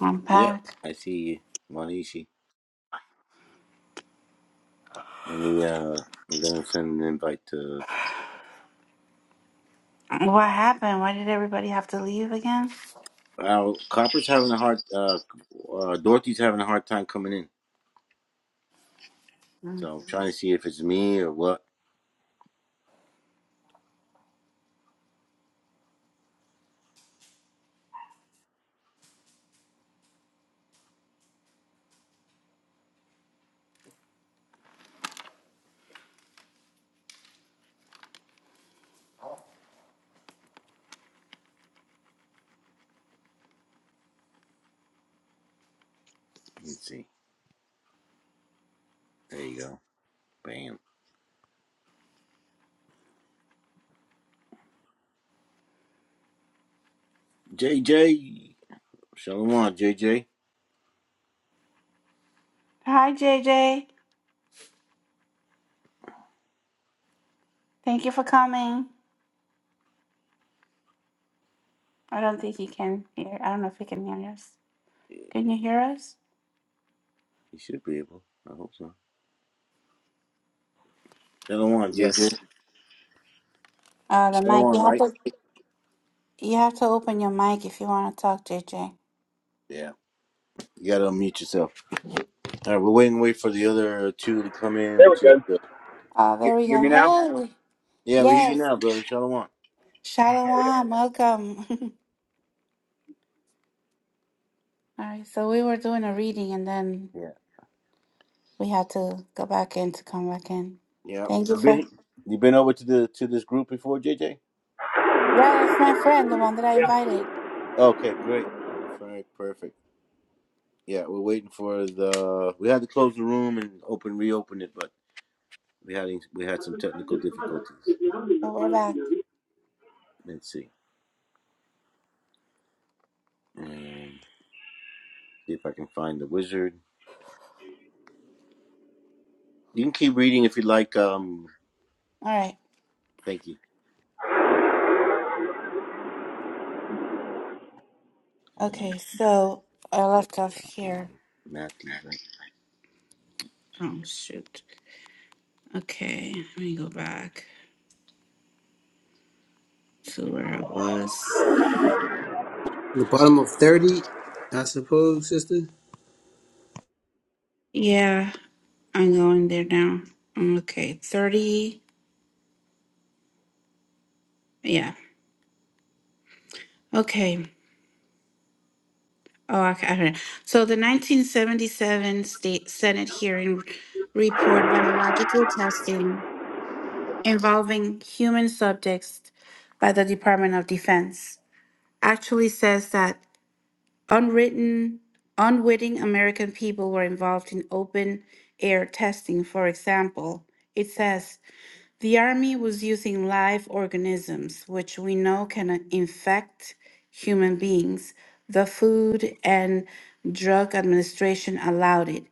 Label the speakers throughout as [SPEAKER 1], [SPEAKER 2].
[SPEAKER 1] I'm
[SPEAKER 2] Yep,
[SPEAKER 1] back.
[SPEAKER 2] I see you, Manishi. Let me, uh, I'm gonna send an invite to.
[SPEAKER 1] What happened? Why did everybody have to leave again?
[SPEAKER 2] Uh, Copper's having a hard. Uh, uh, Dorothy's having a hard time coming in,
[SPEAKER 1] Mm.
[SPEAKER 2] so I'm trying to see if it's me or what. Let's see. There you go. Bam. JJ. Shalom, on, JJ.
[SPEAKER 1] Hi, JJ. Thank you for coming. I don't think he can hear. I don't know if he can hear us. Can you hear us?
[SPEAKER 2] You should be able. I hope so. Shalom, on,
[SPEAKER 3] Yes.
[SPEAKER 2] JJ.
[SPEAKER 1] Uh, the
[SPEAKER 2] Shalom,
[SPEAKER 1] mic.
[SPEAKER 2] on,
[SPEAKER 1] You have
[SPEAKER 2] right?
[SPEAKER 1] to. You have to open your mic if you want to talk, JJ.
[SPEAKER 2] Yeah. You gotta unmute yourself. All right, we're waiting. Wait for the other two to come in,
[SPEAKER 4] There we
[SPEAKER 2] which is.
[SPEAKER 4] go.
[SPEAKER 2] Uh,
[SPEAKER 1] Oh,
[SPEAKER 4] You,
[SPEAKER 1] there we
[SPEAKER 4] hear
[SPEAKER 1] go.
[SPEAKER 4] me now?
[SPEAKER 1] Hey.
[SPEAKER 2] yeah, we hear you
[SPEAKER 1] Yes.
[SPEAKER 2] now, brother. Shalom. on.
[SPEAKER 1] Shalom. Welcome. All right. So we were doing a reading, and then we had to go back in to come back in.
[SPEAKER 2] Yeah.
[SPEAKER 1] Thank you
[SPEAKER 2] You
[SPEAKER 1] for.
[SPEAKER 2] been you been over to the to this group before, JJ?
[SPEAKER 1] Yeah, that's my friend, the one that I
[SPEAKER 4] Yeah.
[SPEAKER 1] invited.
[SPEAKER 2] Okay, great. Frank, perfect. Yeah, we're waiting for the we had to close the room and open reopen it, but we had we had some technical difficulties.
[SPEAKER 1] But we're back.
[SPEAKER 2] Let's see. Um, see if I can find the wizard. You can keep reading if you like, um
[SPEAKER 1] All right.
[SPEAKER 2] thank you. Mm,
[SPEAKER 1] Okay, so I left off here.
[SPEAKER 2] Matthew, right?
[SPEAKER 1] Oh, shoot. Okay, let me go back to where I was.
[SPEAKER 3] The bottom of 30, I suppose, sister?
[SPEAKER 1] Yeah, I'm going there now. Um, Okay, 30. Yeah. Okay. Oh, I ca- I heard. So the 1977 state Senate hearing report biological testing involving human subjects by the Department of Defense actually says that Unwritten, unwitting American people were involved in open air testing, for example. It says the army was using live organisms, which we know can infect human beings. The Food and Drug Administration allowed it.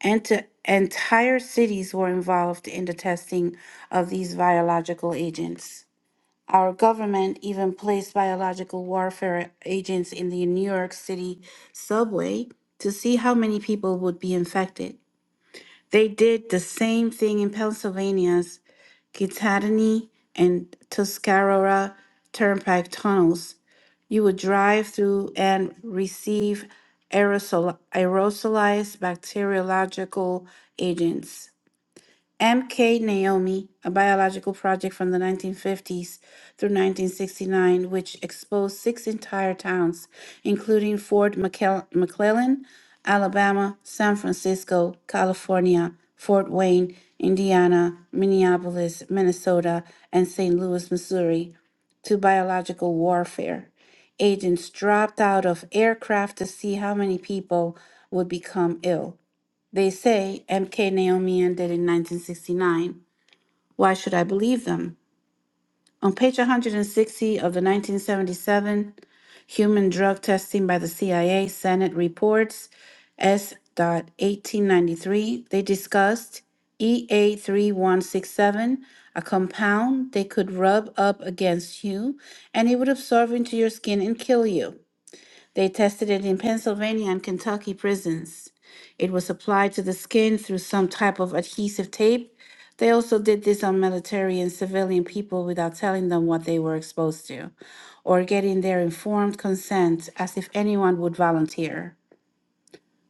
[SPEAKER 1] Ent- entire cities were involved in the testing of these biological agents. Our government even placed biological warfare agents in the New York City subway to see how many people would be infected. They did the same thing in Pennsylvania's Kittatinny and Tuscarora turnpike tunnels. You would drive through and receive aerosol- aerosolized bacteriological agents. M.K. Naomi, a biological project from the 1950s through 1969, which exposed six entire towns, including Fort McClel- McClellan, Alabama, San Francisco, California, Fort Wayne, Indiana, Minneapolis, Minnesota, and St. Louis, Missouri, to biological warfare. Agents dropped out of aircraft to see how many people would become ill. They say MK Naomi did in 1969. Why should I believe them? On page 160 of the 1977 Human Drug Testing by the CIA Senate reports s eighteen ninety-three, they discussed EA3167, a three one six seven, a compound they could rub up against you and it would absorb into your skin and kill you. They tested it in Pennsylvania and Kentucky prisons. It was applied to the skin through some type of adhesive tape. They also did this on military and civilian people without telling them what they were exposed to or getting their informed consent as if anyone would volunteer.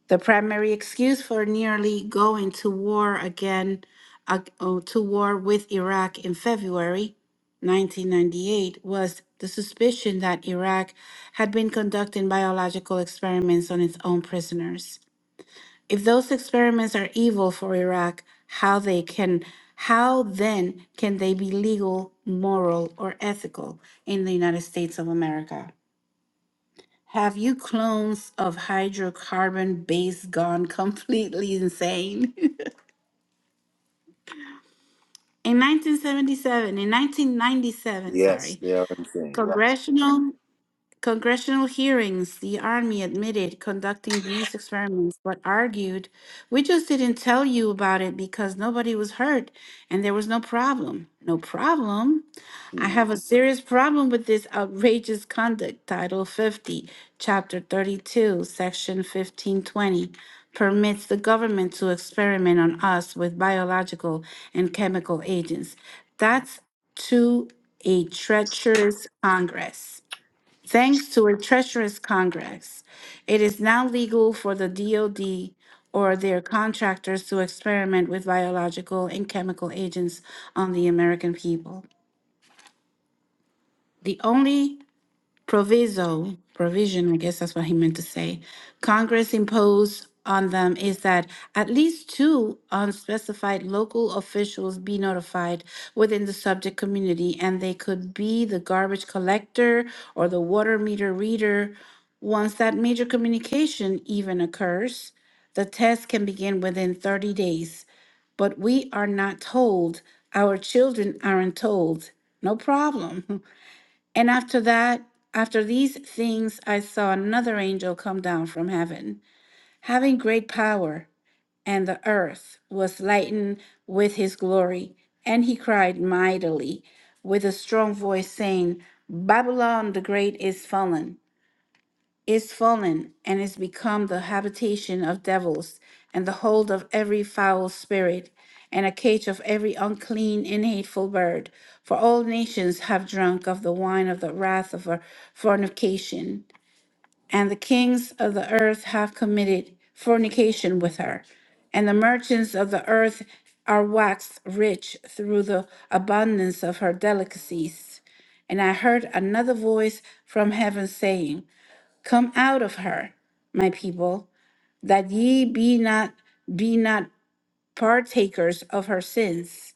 [SPEAKER 1] The primary excuse for nearly going to war again, uh, oh, to war with Iraq in February 1998 was the suspicion that Iraq had been conducting biological experiments on its own prisoners. If those experiments are evil for Iraq, how they can how then can they be legal, moral, or ethical in the United States of America? Have you clones of hydrocarbon base gone completely insane? in 1977, in 1997,
[SPEAKER 2] Yes,
[SPEAKER 1] sorry,
[SPEAKER 2] they are insane.
[SPEAKER 1] congressional congressional hearings, the army admitted conducting these experiments, but argued, "We just didn't tell you about it because nobody was hurt and there was no problem." No problem. I
[SPEAKER 2] Mm.
[SPEAKER 1] have a serious problem with this outrageous conduct, Title 50, Chapter 32, Section 1520, permits the government to experiment on us with biological and chemical agents. That's to a treacherous Congress. Thanks to a treacherous Congress, it is now legal for the DOD or their contractors to experiment with biological and chemical agents on the American people. The only proviso, provision, I guess that's what he meant to say, Congress imposed on them is that at least two unspecified local officials be notified within the subject community, and they could be the garbage collector or the water meter reader. Once that major communication even occurs, the test can begin within 30 days, but we are not told. Our children aren't told. No problem. And after that, after these things, I saw another angel come down from heaven, having great power, and the earth was lightened with his glory. And he cried mightily with a strong voice, saying, Babylon the Great is fallen is fallen and is become the habitation of devils and the hold of every foul spirit and a cage of every unclean and hateful bird for all nations have drunk of the wine of the wrath of her fornication and the kings of the earth have committed fornication with her and the merchants of the earth are waxed rich through the abundance of her delicacies and I heard another voice from heaven saying, Come out of her, my people, that ye be not be not partakers of her sins,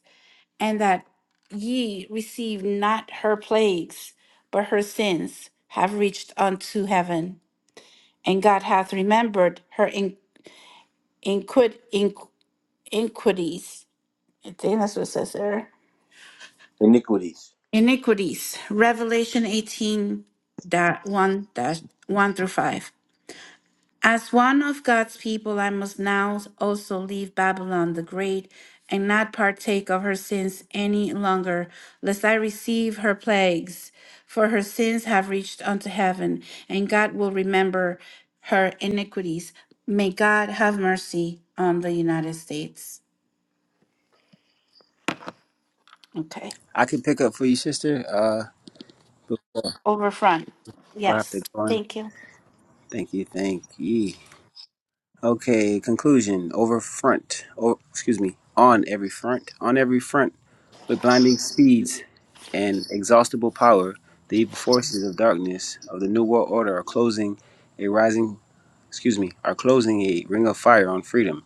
[SPEAKER 1] and that ye receive not her plagues, but her sins have reached unto heaven. And God hath remembered her in, inquid, inqu- iniquities. I think that's what it says there.
[SPEAKER 2] Iniquities.
[SPEAKER 1] Iniquities. Revelation eighteen, one 1 through 5. As one of God's people, I must now also leave Babylon the Great and not partake of her sins any longer, lest I receive her plagues. For her sins have reached unto heaven, and God will remember her iniquities. May God have mercy on the United States. Okay.
[SPEAKER 3] I can pick up for you, sister. Uh,
[SPEAKER 1] Over front.
[SPEAKER 3] before I have to
[SPEAKER 1] Yes.
[SPEAKER 3] go on.
[SPEAKER 1] Thank you.
[SPEAKER 3] Thank you, thank ye. Okay, conclusion. Over front. Oh, excuse me. On every front. On every front. With blinding speeds and exhaustible power, the evil forces of darkness of the New World Order are closing a rising. Excuse me. Are closing a ring of fire on freedom.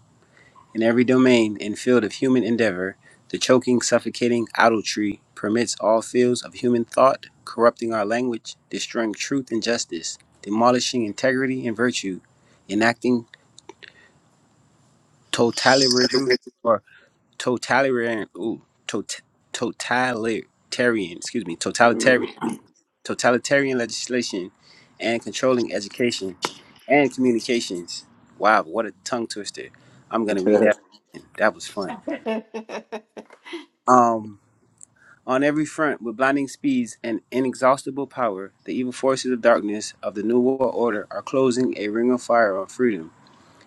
[SPEAKER 3] In every domain and field of human endeavor, the choking, suffocating idol tree permits all fields of human thought, corrupting our language, destroying truth and justice, demolishing integrity and virtue, enacting totalitarianism or totalitarian, ooh, tot- totalitarian, excuse me, totalitarian, totalitarian legislation, and controlling education and communications. Wow, what a tongue twister! I'm gonna read that. That was fun. Um On every front, with blinding speeds and inexhaustible power, the evil forces of darkness of the New World Order are closing a ring of fire on freedom.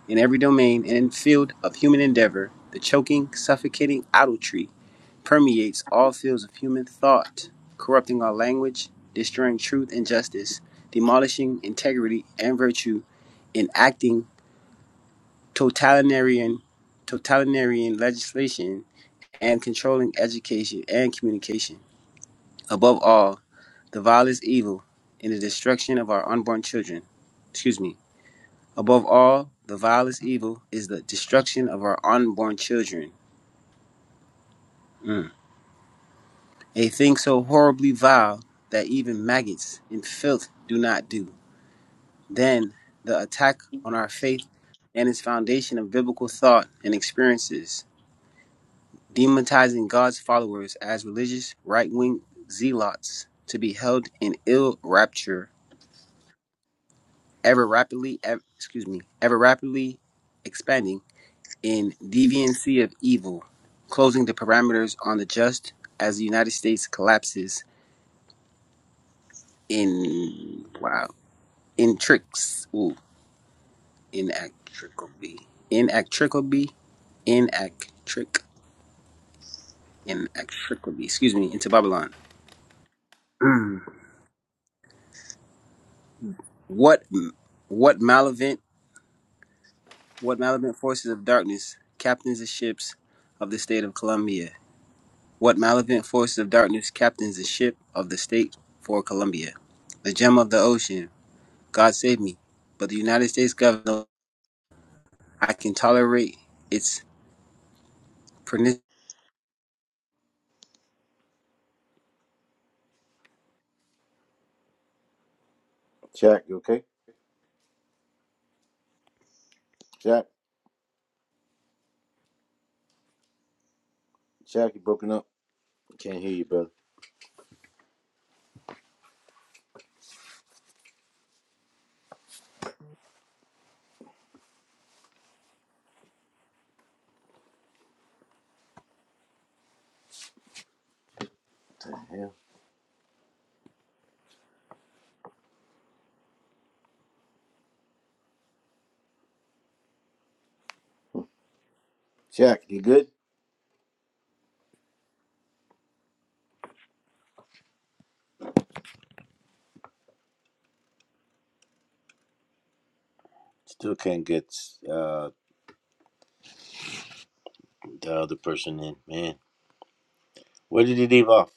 [SPEAKER 3] In every domain and field of human endeavor, the choking, suffocating idolatry permeates all fields of human thought, corrupting our language, destroying truth and justice, demolishing integrity and virtue, enacting totalitarian, totalitarian legislation, and controlling education and communication. Above all, the vilest evil, and the destruction of our unborn children. Excuse me. Above all, the vilest evil is the destruction of our unborn children. Mm. A thing so horribly vile that even maggots and filth do not do. Then the attack on our faith and its foundation of biblical thought and experiences, demonizing God's followers as religious right wing zealots to be held in ill rapture ever rapidly, ev- excuse me, ever rapidly expanding in deviancy of evil, closing the parameters on the just as the United States collapses in wow in tricks, ooh, inactricably, inactricably, inactric, inactricably, excuse me, into Babylon. Mm. What what malevolent what malevolent forces of darkness captains the ships of the state of Columbia? What malevolent forces of darkness captains the ship of the state for Colombia? The gem of the ocean. God save me. But the United States government, I can tolerate its pernicious
[SPEAKER 2] Jack, you okay? Jack, Jack, you broken up. Can't hear you, brother. Jack, you good? Still can't get uh, the other person in. Man, where did he leave off?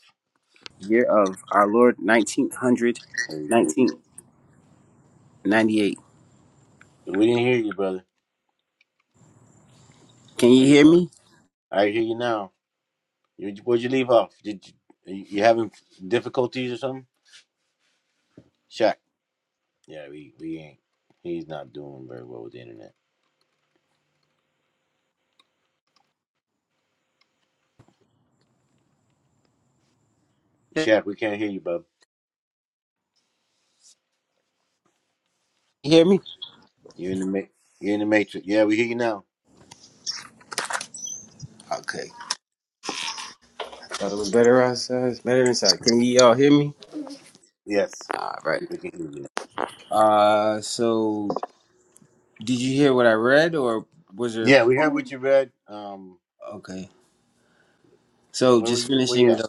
[SPEAKER 3] year of our Lord nineteen hundred
[SPEAKER 2] There you go.
[SPEAKER 3] nineteen ninety-eight.
[SPEAKER 2] We didn't hear you, brother.
[SPEAKER 3] Can you
[SPEAKER 2] There you
[SPEAKER 3] hear
[SPEAKER 2] go.
[SPEAKER 3] me?
[SPEAKER 2] I hear you now. You, where'd you leave off? Did you, you you having difficulties or something? Shaq. Yeah, we, we ain't. He's not doing very well with the internet.
[SPEAKER 3] Can
[SPEAKER 2] Shaq, we can't hear you, bub.
[SPEAKER 3] you hear me?
[SPEAKER 2] You're in the ma- you're in the matrix. Yeah, we hear you now.
[SPEAKER 3] Okay. Thought it was better outside. It's better inside. Can you all hear me?
[SPEAKER 2] Yes,
[SPEAKER 3] All right.
[SPEAKER 2] we can hear you.
[SPEAKER 3] Uh, so did you hear what I read or was there?
[SPEAKER 2] Yeah, we heard what you read. Um,
[SPEAKER 3] Okay. So
[SPEAKER 2] where were
[SPEAKER 3] just
[SPEAKER 2] you? Where you
[SPEAKER 3] finishing
[SPEAKER 2] at?
[SPEAKER 3] the.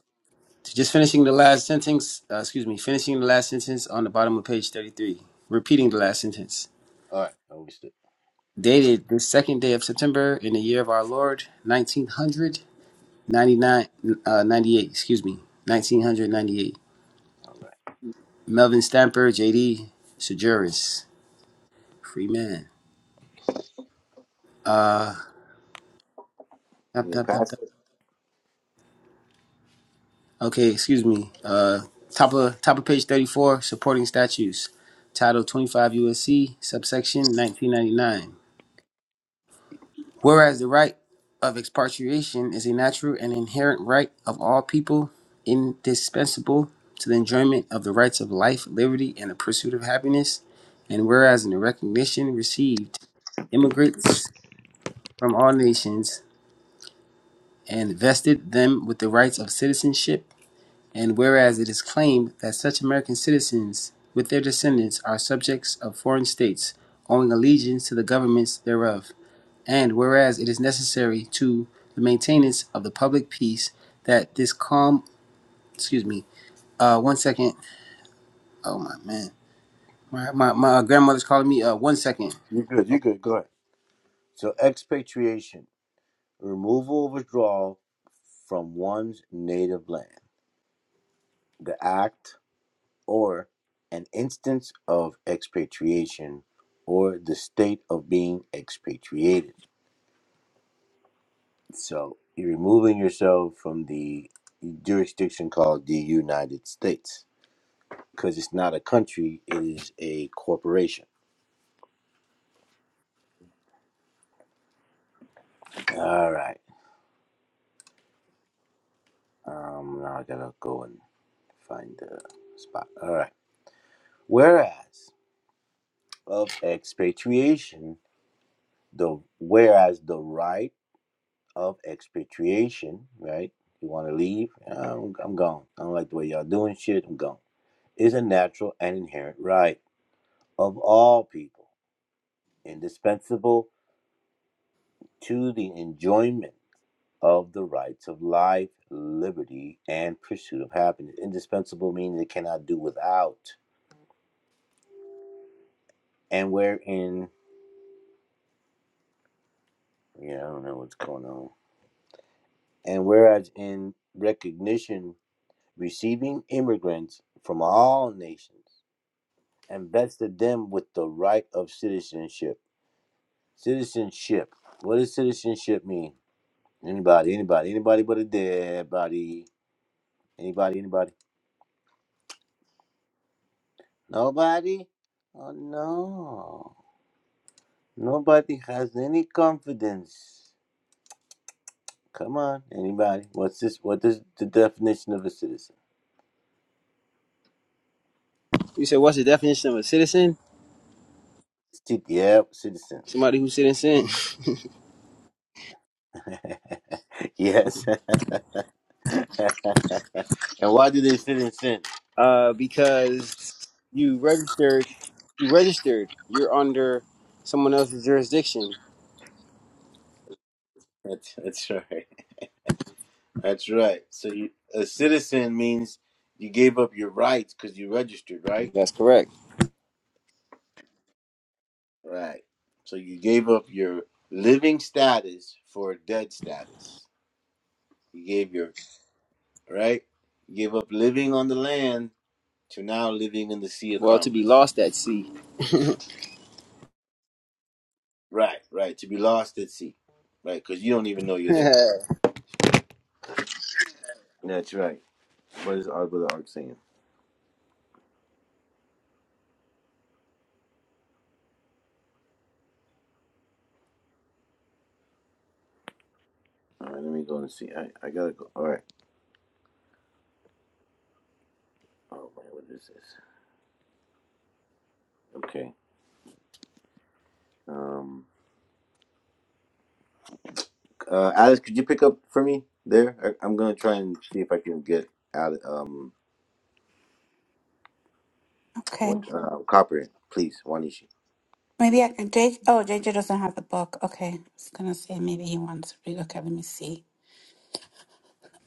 [SPEAKER 3] Just finishing the last sentence, uh, excuse me, finishing the last sentence on the bottom of page 33. Repeating the last sentence.
[SPEAKER 2] All right, I missed it.
[SPEAKER 3] Dated the second day of September in the year of our Lord, 1999, uh, 98, excuse me, 1998.
[SPEAKER 2] All right.
[SPEAKER 3] Melvin Stamper, JD, Sejuris, free man. Uh, tap,
[SPEAKER 2] You know,
[SPEAKER 3] tap, tap, tap.
[SPEAKER 2] Pastor.
[SPEAKER 3] Okay, excuse me. Uh, top of top of page 34, supporting statues. Title 25 USC, subsection 1999. Whereas the right of expatriation is a natural and inherent right of all people, indispensable to the enjoyment of the rights of life, liberty, and the pursuit of happiness. And whereas in the recognition received, immigrants from all nations and vested them with the rights of citizenship. And whereas it is claimed that such American citizens with their descendants are subjects of foreign states, owing allegiance to the governments thereof. And whereas it is necessary to the maintenance of the public peace that this calm, excuse me, uh, one second. Oh my man, my my, my uh, grandmother's calling me. Uh, one second.
[SPEAKER 2] You good?
[SPEAKER 3] Oh,
[SPEAKER 2] You good? Go ahead. So expatriation, removal or withdrawal from one's native land. The act or an instance of expatriation or the state of being expatriated. So you're removing yourself from the jurisdiction called the United States because it's not a country, it is a corporation. All right. Um, now I gotta go and find the spot. All right. Whereas of expatriation, the whereas the right of expatriation, right? You want to leave? I'm, I'm gone. I don't like the way y'all doing shit. I'm gone. Is a natural and inherent right of all people, indispensable to the enjoyment of the rights of life, liberty, and pursuit of happiness. Indispensable means it cannot do without. And wherein, yeah, I don't know what's going on. And whereas in recognition receiving immigrants from all nations, and vested them with the right of citizenship. Citizenship. What does citizenship mean? Anybody, anybody, anybody but a dead body. Anybody, anybody? Nobody? Oh no. Nobody has any confidence. Come on, anybody. What's this what is the definition of a citizen?
[SPEAKER 3] You said what's the definition of a citizen?
[SPEAKER 2] Cit- Yep, citizen.
[SPEAKER 3] Somebody who's citizen.
[SPEAKER 2] yes. and why do they citizen?
[SPEAKER 3] Uh, because you registered, you registered. You're under someone else's jurisdiction.
[SPEAKER 2] That's that's right. That's right. So you, a citizen means you gave up your rights because you registered, right?
[SPEAKER 3] That's correct.
[SPEAKER 2] Right. So you gave up your living status for a dead status. You gave your right. You gave up living on the land to now living in the sea of
[SPEAKER 3] Well, to be
[SPEAKER 2] commerce.
[SPEAKER 3] lost at sea.
[SPEAKER 2] Right. Right. To be lost at sea. Right. Because you don't even know you're there.
[SPEAKER 3] that
[SPEAKER 2] That's right. What is our brother Ark saying? All right. Let me go and see. I I gotta go. All right. Oh man, what is this? Okay. Um. Uh, Alex, could you pick up for me there? I, I'm gonna try and see if I can get Ale um,
[SPEAKER 1] Okay.
[SPEAKER 2] what, uh, copper, please, Wanishi.
[SPEAKER 1] Maybe I can take. Oh, JJ doesn't have the book. Okay. I was going to say maybe he wants to read. Okay, let me see.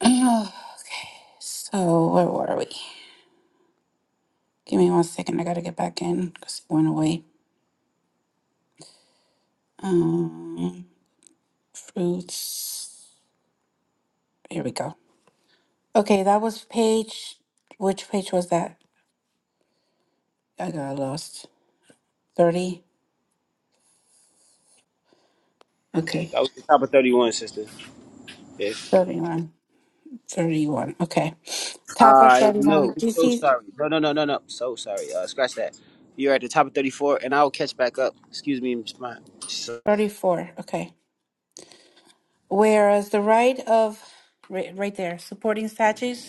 [SPEAKER 1] so, where were we? Give me one second. I got to get back in because it went away. Um, fruits. Here we go. Okay, that was page. Which page was that? I got lost. 30. Okay.
[SPEAKER 3] was the top of thirty-one, sister. If
[SPEAKER 1] 31. 31. Okay. Top of
[SPEAKER 3] I
[SPEAKER 1] 31.
[SPEAKER 3] know. So
[SPEAKER 1] GC
[SPEAKER 3] sorry. No, no, no, no, no. So sorry. Uh, scratch that. You're at the top of 34, and I'll catch back up. Excuse me, my. So,
[SPEAKER 1] 34. Okay. Whereas the right of, right, right there, supporting statues.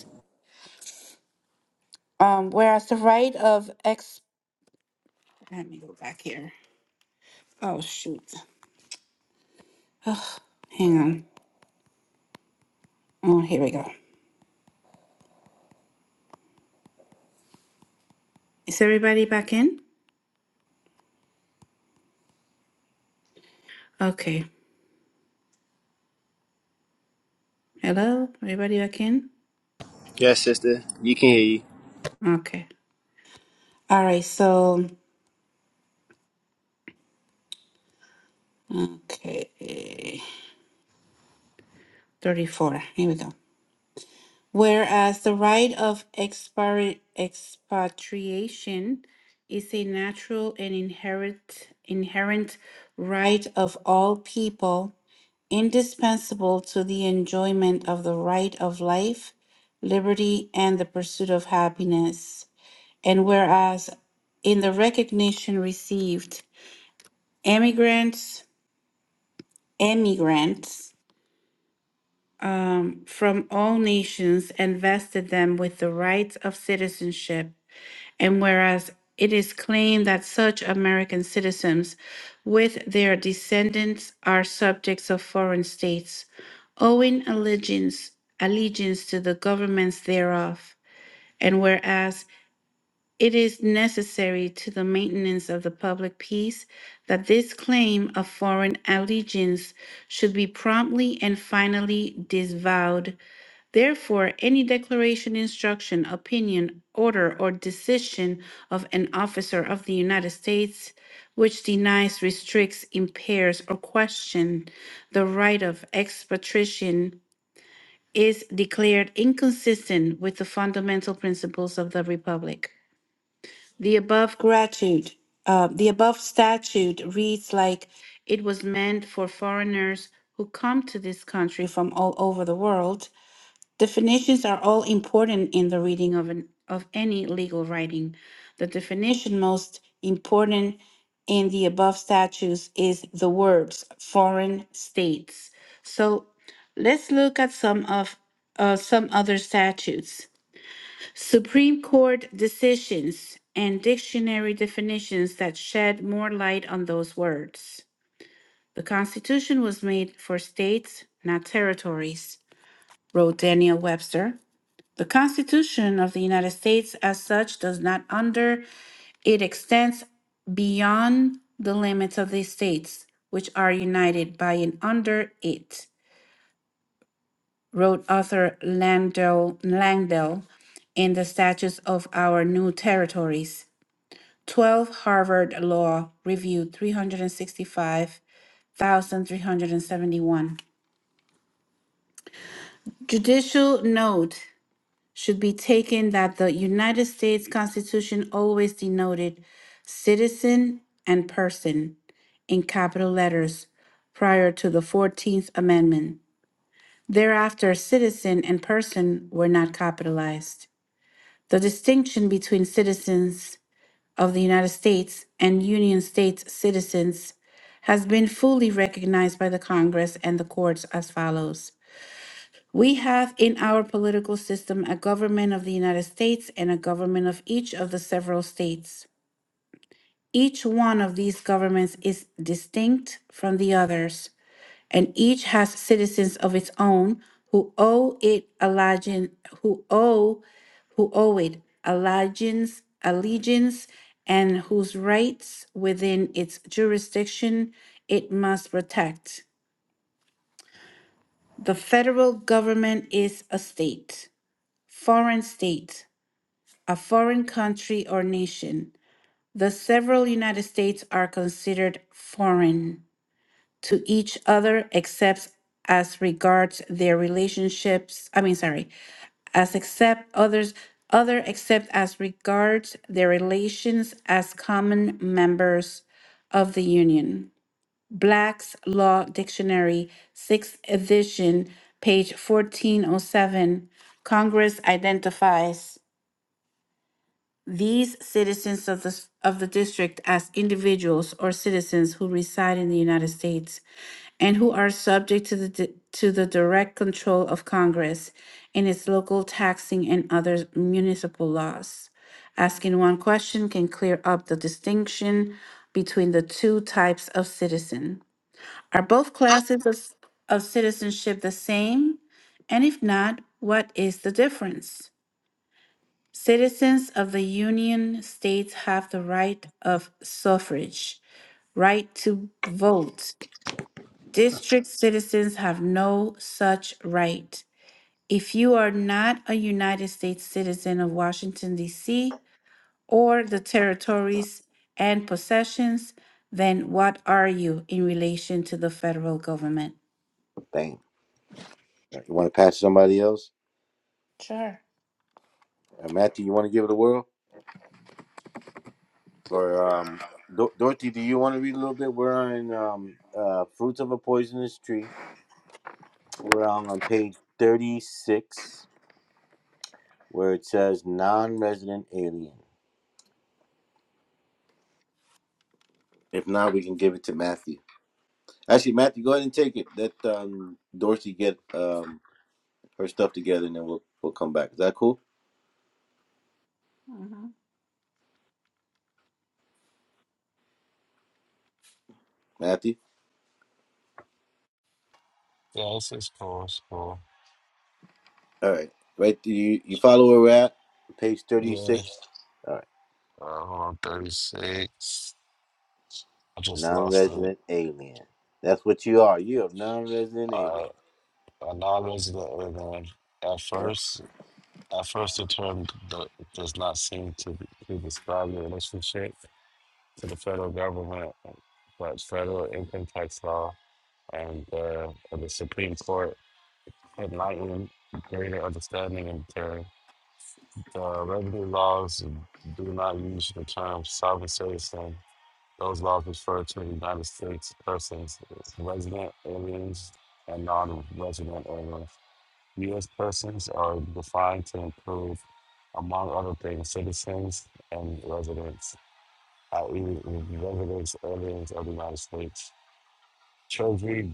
[SPEAKER 1] Um, whereas the right of ex, let me go back here. Oh, shoot. Hang on. Oh, here we go. Is everybody back in? Okay. Hello? Everybody back in?
[SPEAKER 3] yes, sister. You can hear you.
[SPEAKER 1] Okay. All right. So, okay. 34. Here we go. Whereas the right of expari- expatriation is a natural and inherent inherent right of all people indispensable to the enjoyment of the right of life, liberty, and the pursuit of happiness. And whereas in the recognition received, emigrants, emigrants um, from all nations invested them with the rights of citizenship And whereas it is claimed that such American citizens with their descendants are subjects of foreign states, owing allegiance, allegiance to the governments thereof, and whereas it is necessary to the maintenance of the public peace that this claim of foreign allegiance should be promptly and finally disavowed Therefore, any declaration, instruction, opinion, order, or decision of an officer of the United States which denies, restricts, impairs, or questions the right of expatriation is declared inconsistent with the fundamental principles of the Republic. The above gratitude, uh, the above statute reads like it was meant for foreigners who come to this country from all over the world Definitions are all important in the reading of, an, of any legal writing. The definition most important in the above statutes is the words foreign states. So let's look at some of uh, some other statutes. Supreme Court decisions and dictionary definitions that shed more light on those words. The Constitution was made for states, not territories, wrote Daniel Webster. The Constitution of the United States as such does not under it extends beyond the limits of the states which are united by and under it, wrote author Landell, Langdell in the Statutes of Our New Territories. 12 Harvard Law Review 365,371. Judicial Note should be taken that the United States Constitution always denoted citizen and person in capital letters prior to the 14th Amendment. Thereafter, citizen and person were not capitalized. The distinction between citizens of the United States and Union States citizens has been fully recognized by the Congress and the courts as follows. We have in our political system a government of the United States and a government of each of the several states. Each one of these governments is distinct from the others, and each has citizens of its own who owe it allegiance, who owe, who owe it allegiance, allegiance, and whose rights within its jurisdiction it must protect. The federal government is a state. foreign state, a foreign country or nation. The several United States are considered foreign to each other except as regards their relationships, I mean, sorry, as except others, other except as regards their relations as common members of the Union. Black's Law Dictionary, 6th edition, page 1407. Congress identifies these citizens of the, of the district as individuals or citizens who reside in the United States and who are subject to the, di- to the direct control of Congress in its local taxing and other municipal laws. Asking one question can clear up the distinction between the two types of citizen. Are both classes of, of citizenship the same? And if not, what is the difference? Citizens of the Union States have the right of suffrage, right to vote. District citizens have no such right. If you are not a United States citizen of Washington, D.C., or the territories and possessions, then what are you in relation to the federal government?
[SPEAKER 2] Bang. You want to pass to somebody else?
[SPEAKER 1] Sure.
[SPEAKER 2] Uh, Matthew, you want to give it a whirl? Or um, Do- Dorothy, do you want to read a little bit? We're on um, uh, Fruits of a Poisonous Tree. We're on, on page 36, where it says non-resident alien. If not, we can give it to Matthew. Actually, Matthew, go ahead and take it. Let um, Dorothy get um, her stuff together, and then we'll we'll come back. Is that cool, Matthew?
[SPEAKER 5] Yeah, it's, cool. It's cool.
[SPEAKER 2] All right, right. Do you you follow where we're at? Page thirty
[SPEAKER 5] Yeah.
[SPEAKER 2] six. All right,
[SPEAKER 5] Uh, hold on, 36. I just lost it.
[SPEAKER 2] non-resident alien. That's what you are. You're a non-resident alien.
[SPEAKER 5] Uh, a non-resident alien. At
[SPEAKER 2] Yeah.
[SPEAKER 5] first, at first, the term do- does not seem to, be- to describe the relationship to the federal government, but federal income tax law and uh, and the Supreme Court enlightened greater understanding of the, term. the revenue laws do not use the term sovereign citizen Those laws refer to the United States persons, resident aliens, and non-resident aliens. U.S. persons are defined to include, among other things, citizens and residents, i.e., residents, aliens of the United States. Treasury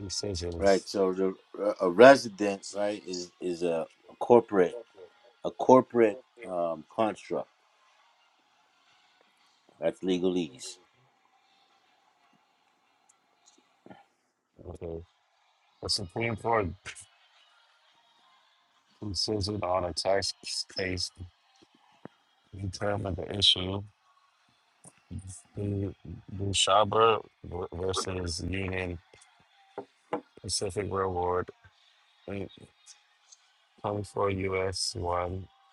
[SPEAKER 5] decisions.
[SPEAKER 2] Right. So the a resident, right, is is a, corporate a corporate um construct. That's legalese.
[SPEAKER 5] Okay. The Supreme Court decision on a tax case determined the issue Mm, Bushaba v- versus Union Pacific Railroad in 24 U.S. 1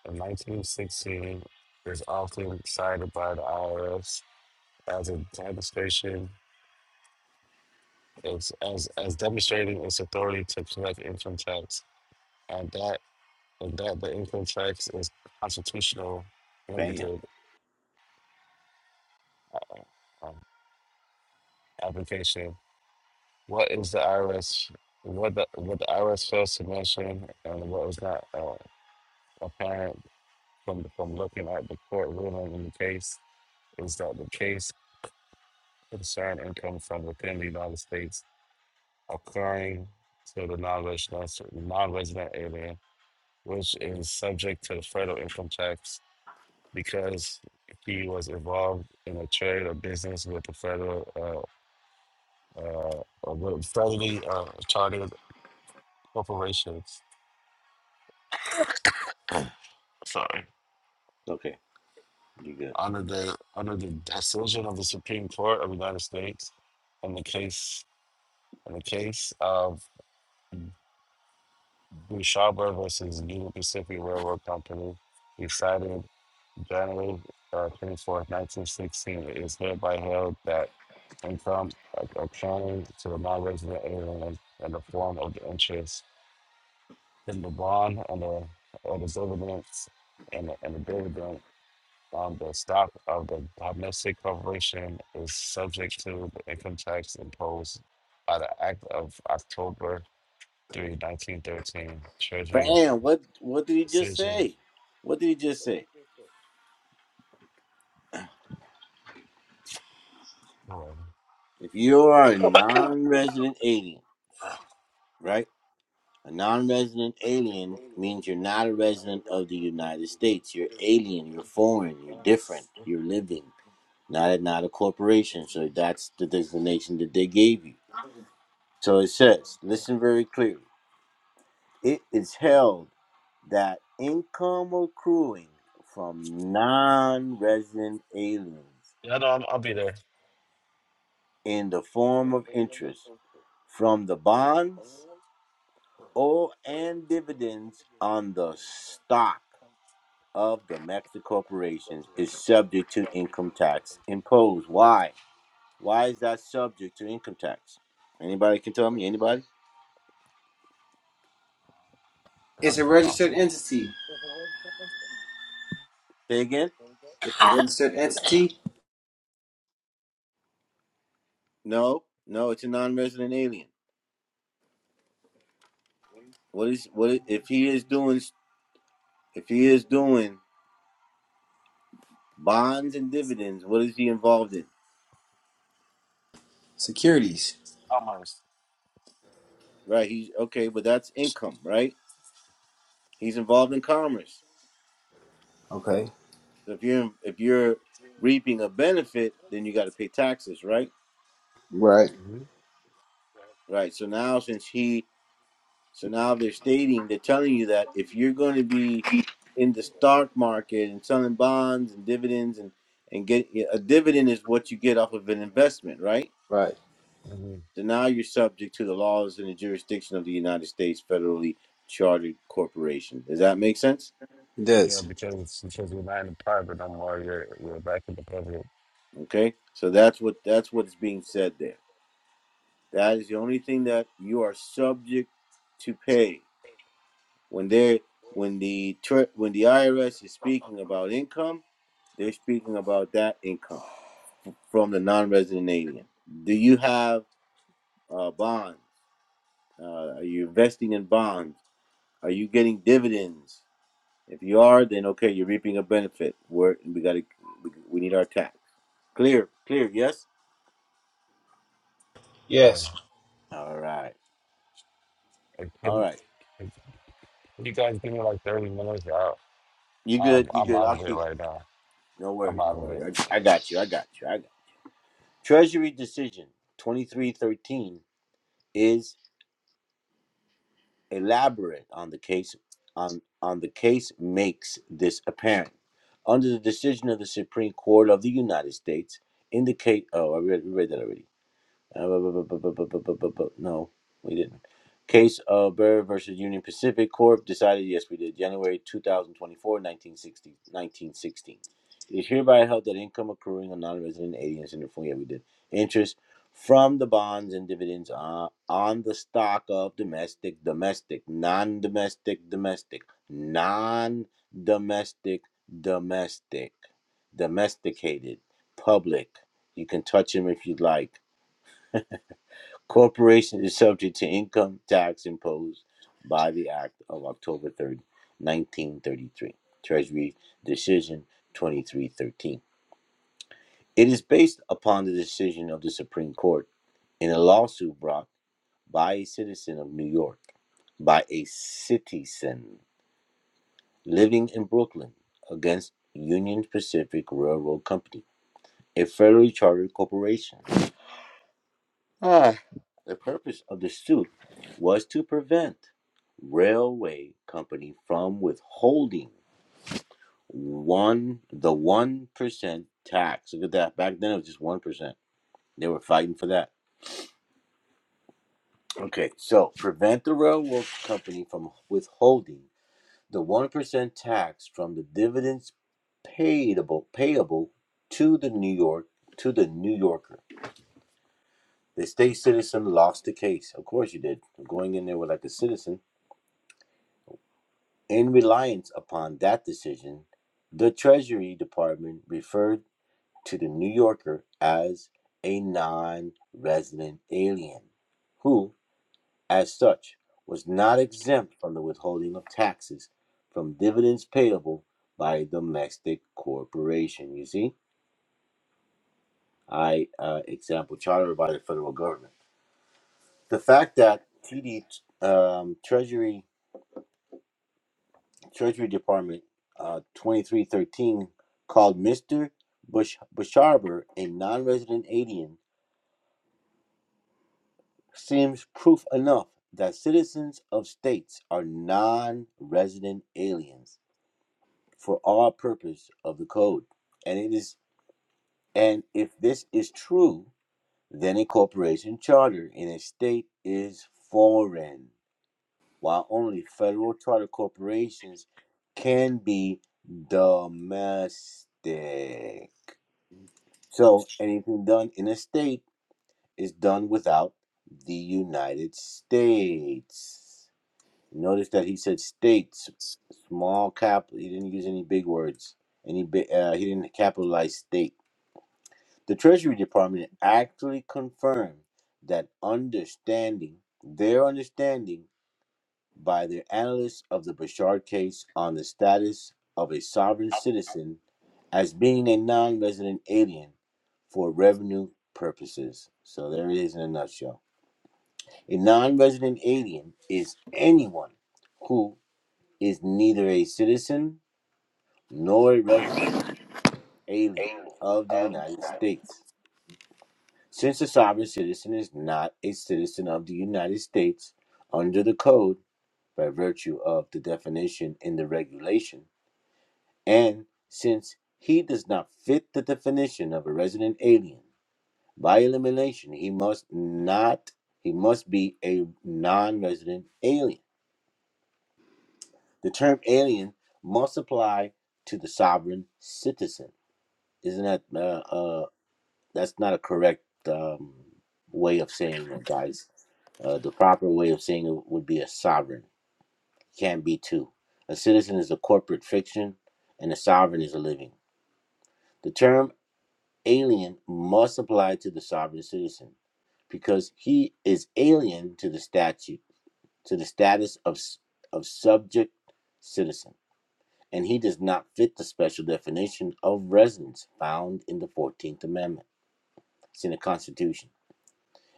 [SPEAKER 5] in 1916 is often cited by the IRS as a demonstration as, as, as demonstrating its authority to collect income tax and that and that the income tax is constitutional
[SPEAKER 2] Bam.
[SPEAKER 5] limited uh, um, application. What is the IRS? What the what the IRS fails to mention and what was not. uh, apparent from from looking at the court ruling in the case is that the case concerned income from within the United States occurring to the non-resident non-resident alien, which is subject to the federal income tax because he was involved in a trade or business with the federal uh, uh, uh, with federally uh, chartered corporations. Sorry.
[SPEAKER 2] Okay. You good.
[SPEAKER 5] Under the under the decision of the Supreme Court of the United States, in the case In the case of Bouchaba versus Union Pacific Railroad Company, decided January uh, 24, 1916, it is hereby held that income accounting to the non-resident alien in the form of the interest in the bond and the, or the dividends and the, and the dividend on the stock of the domestic corporation is subject to the income tax imposed by the Act of October 3 1913 Treasury
[SPEAKER 2] Bam. What what did he just
[SPEAKER 5] decision.
[SPEAKER 2] say? What did he just say?
[SPEAKER 5] Oh,
[SPEAKER 2] If you are a non-resident alien, right? A non resident alien means you're not a resident of the United States. You're alien, you're foreign, you're different, you're living, not a, not a corporation. So that's the designation that they gave you. So it says, listen very clearly. It is held that income accruing from non resident aliens
[SPEAKER 5] yeah, no, I'll, I'll be there.
[SPEAKER 2] in the form of interest from the bonds or and dividends on the stock of domestic corporations is subject to income tax imposed. Why? Why is that subject to income tax? Anybody can tell me. Anybody?
[SPEAKER 3] It's
[SPEAKER 5] I'm
[SPEAKER 3] a
[SPEAKER 5] for
[SPEAKER 3] registered
[SPEAKER 5] confident.
[SPEAKER 3] entity.
[SPEAKER 2] Say again?
[SPEAKER 3] It's a registered entity.
[SPEAKER 2] No, no. It's a non-resident alien. What is what is- if he is doing? If he is doing bonds and dividends, what is he involved in?
[SPEAKER 3] Securities.
[SPEAKER 5] Almost.
[SPEAKER 2] Right. He's okay, but that's income, right? He's involved in commerce.
[SPEAKER 3] Okay.
[SPEAKER 2] So if you're if you're reaping a benefit, then you got to pay taxes, right?
[SPEAKER 3] Right.
[SPEAKER 2] Right. So now since he So now they're stating, they're telling you that if you're going to be in the stock market and selling bonds and dividends and and get yeah, a dividend is what you get off of an investment, right?
[SPEAKER 3] Right.
[SPEAKER 5] Mm-hmm.
[SPEAKER 2] So now you're subject to the laws and the jurisdiction of the United States federally chartered corporation. Does that make sense?
[SPEAKER 3] It
[SPEAKER 5] Yeah,
[SPEAKER 3] does.
[SPEAKER 5] because because we're not in the private no more. You're you're back in the public.
[SPEAKER 2] Okay, so that's what that's what is being said there. That is the only thing that you are subject to pay When they when the tr- when the IRS is speaking about income, they're speaking about that income f- from the non-resident alien. Do you have uh, bonds? Uh, are you investing in bonds? Are you getting dividends? If you are, then okay, you're reaping a benefit. We're, we got to we, we need our tax clear, clear. Yes.
[SPEAKER 5] Uh,
[SPEAKER 3] Yes.
[SPEAKER 2] All right,
[SPEAKER 5] like,
[SPEAKER 2] all
[SPEAKER 5] can,
[SPEAKER 2] right.
[SPEAKER 5] can you guys give me like thirty minutes? I,
[SPEAKER 2] You
[SPEAKER 5] I'm
[SPEAKER 2] good? You
[SPEAKER 5] I'm
[SPEAKER 2] good?
[SPEAKER 5] out
[SPEAKER 2] I'll
[SPEAKER 5] of it
[SPEAKER 2] keep.
[SPEAKER 5] right now.
[SPEAKER 2] No
[SPEAKER 5] I'm
[SPEAKER 2] worries,
[SPEAKER 5] out
[SPEAKER 2] no
[SPEAKER 5] of
[SPEAKER 2] worries.
[SPEAKER 5] it.
[SPEAKER 2] I, I got you. I got you. I got. You. Treasury decision twenty three thirteen is. elaborate on the case on, on the case makes this apparent. Under the decision of the Supreme Court of the United States, indicate oh I read, we read that already uh, No, we didn't. Case of Burr versus Union Pacific Corp. Decided, yes, we did. January 2024, 1960, It is hereby held that income accruing on non-resident aliens in the form, yeah, we did. Interest from the bonds and dividends on, on the stock of domestic, domestic, non-domestic, domestic, non-domestic, domestic, domesticated, public. You can touch them if you'd like Corporation is subject to income tax imposed by the Act of October 3rd, 1933, Treasury Decision 2313. It is based upon the decision of the Supreme Court in a lawsuit brought by a citizen of New York, by a citizen living in Brooklyn against Union Pacific Railroad Company, a federally chartered corporation. Ah. The purpose of the suit was to prevent railway company from withholding one the one percent tax. Look at that. Back then it was just one percent. They were fighting for that. Okay, so prevent the railroad company from withholding the one percent tax from the dividends payable payable to the New York to the New Yorker. The state citizen lost the case. Of course you did. Going in there with like a citizen In reliance upon that decision, the Treasury Department referred to the New Yorker as a non resident alien, who, as such, was not exempt from the withholding of taxes from dividends payable by a domestic corporation. You see, I uh, example chartered by the federal government. The fact that TD um, Treasury Treasury Department uh, 2313 called Mr. Bush- Busharber a non resident alien seems proof enough that citizens of states are non resident aliens for all purpose of the code. And it is and if this is true, then a corporation charter in a state is foreign, while only federal charter corporations can be domestic. So anything done in a state is done without the United States. Notice that he said states, small cap. He didn't use any big words. Any big, uh, he didn't capitalize state. The Treasury Department actually confirmed that understanding their understanding by their analysts of the Bashar case on the status of a sovereign citizen as being a non-resident alien for revenue purposes. So there it is in a nutshell. A non-resident alien is anyone who is neither a citizen nor a resident alien of the United States. Since a sovereign citizen is not a citizen of the United States under the code by virtue of the definition in the regulation, and since he does not fit the definition of a resident alien, By elimination, he must not he must be a non-resident alien. The term alien must apply to the sovereign citizen. Isn't that uh, uh that's not a correct um way of saying it, guys. Uh, the proper way of saying it would be a sovereign. Can't be two. A citizen is a corporate fiction and a sovereign is a living. The term alien must apply to the sovereign citizen because he is alien to the statute, to the status of, of subject citizen, and he does not fit the special definition of residence found in the 14th Amendment. It's in the Constitution.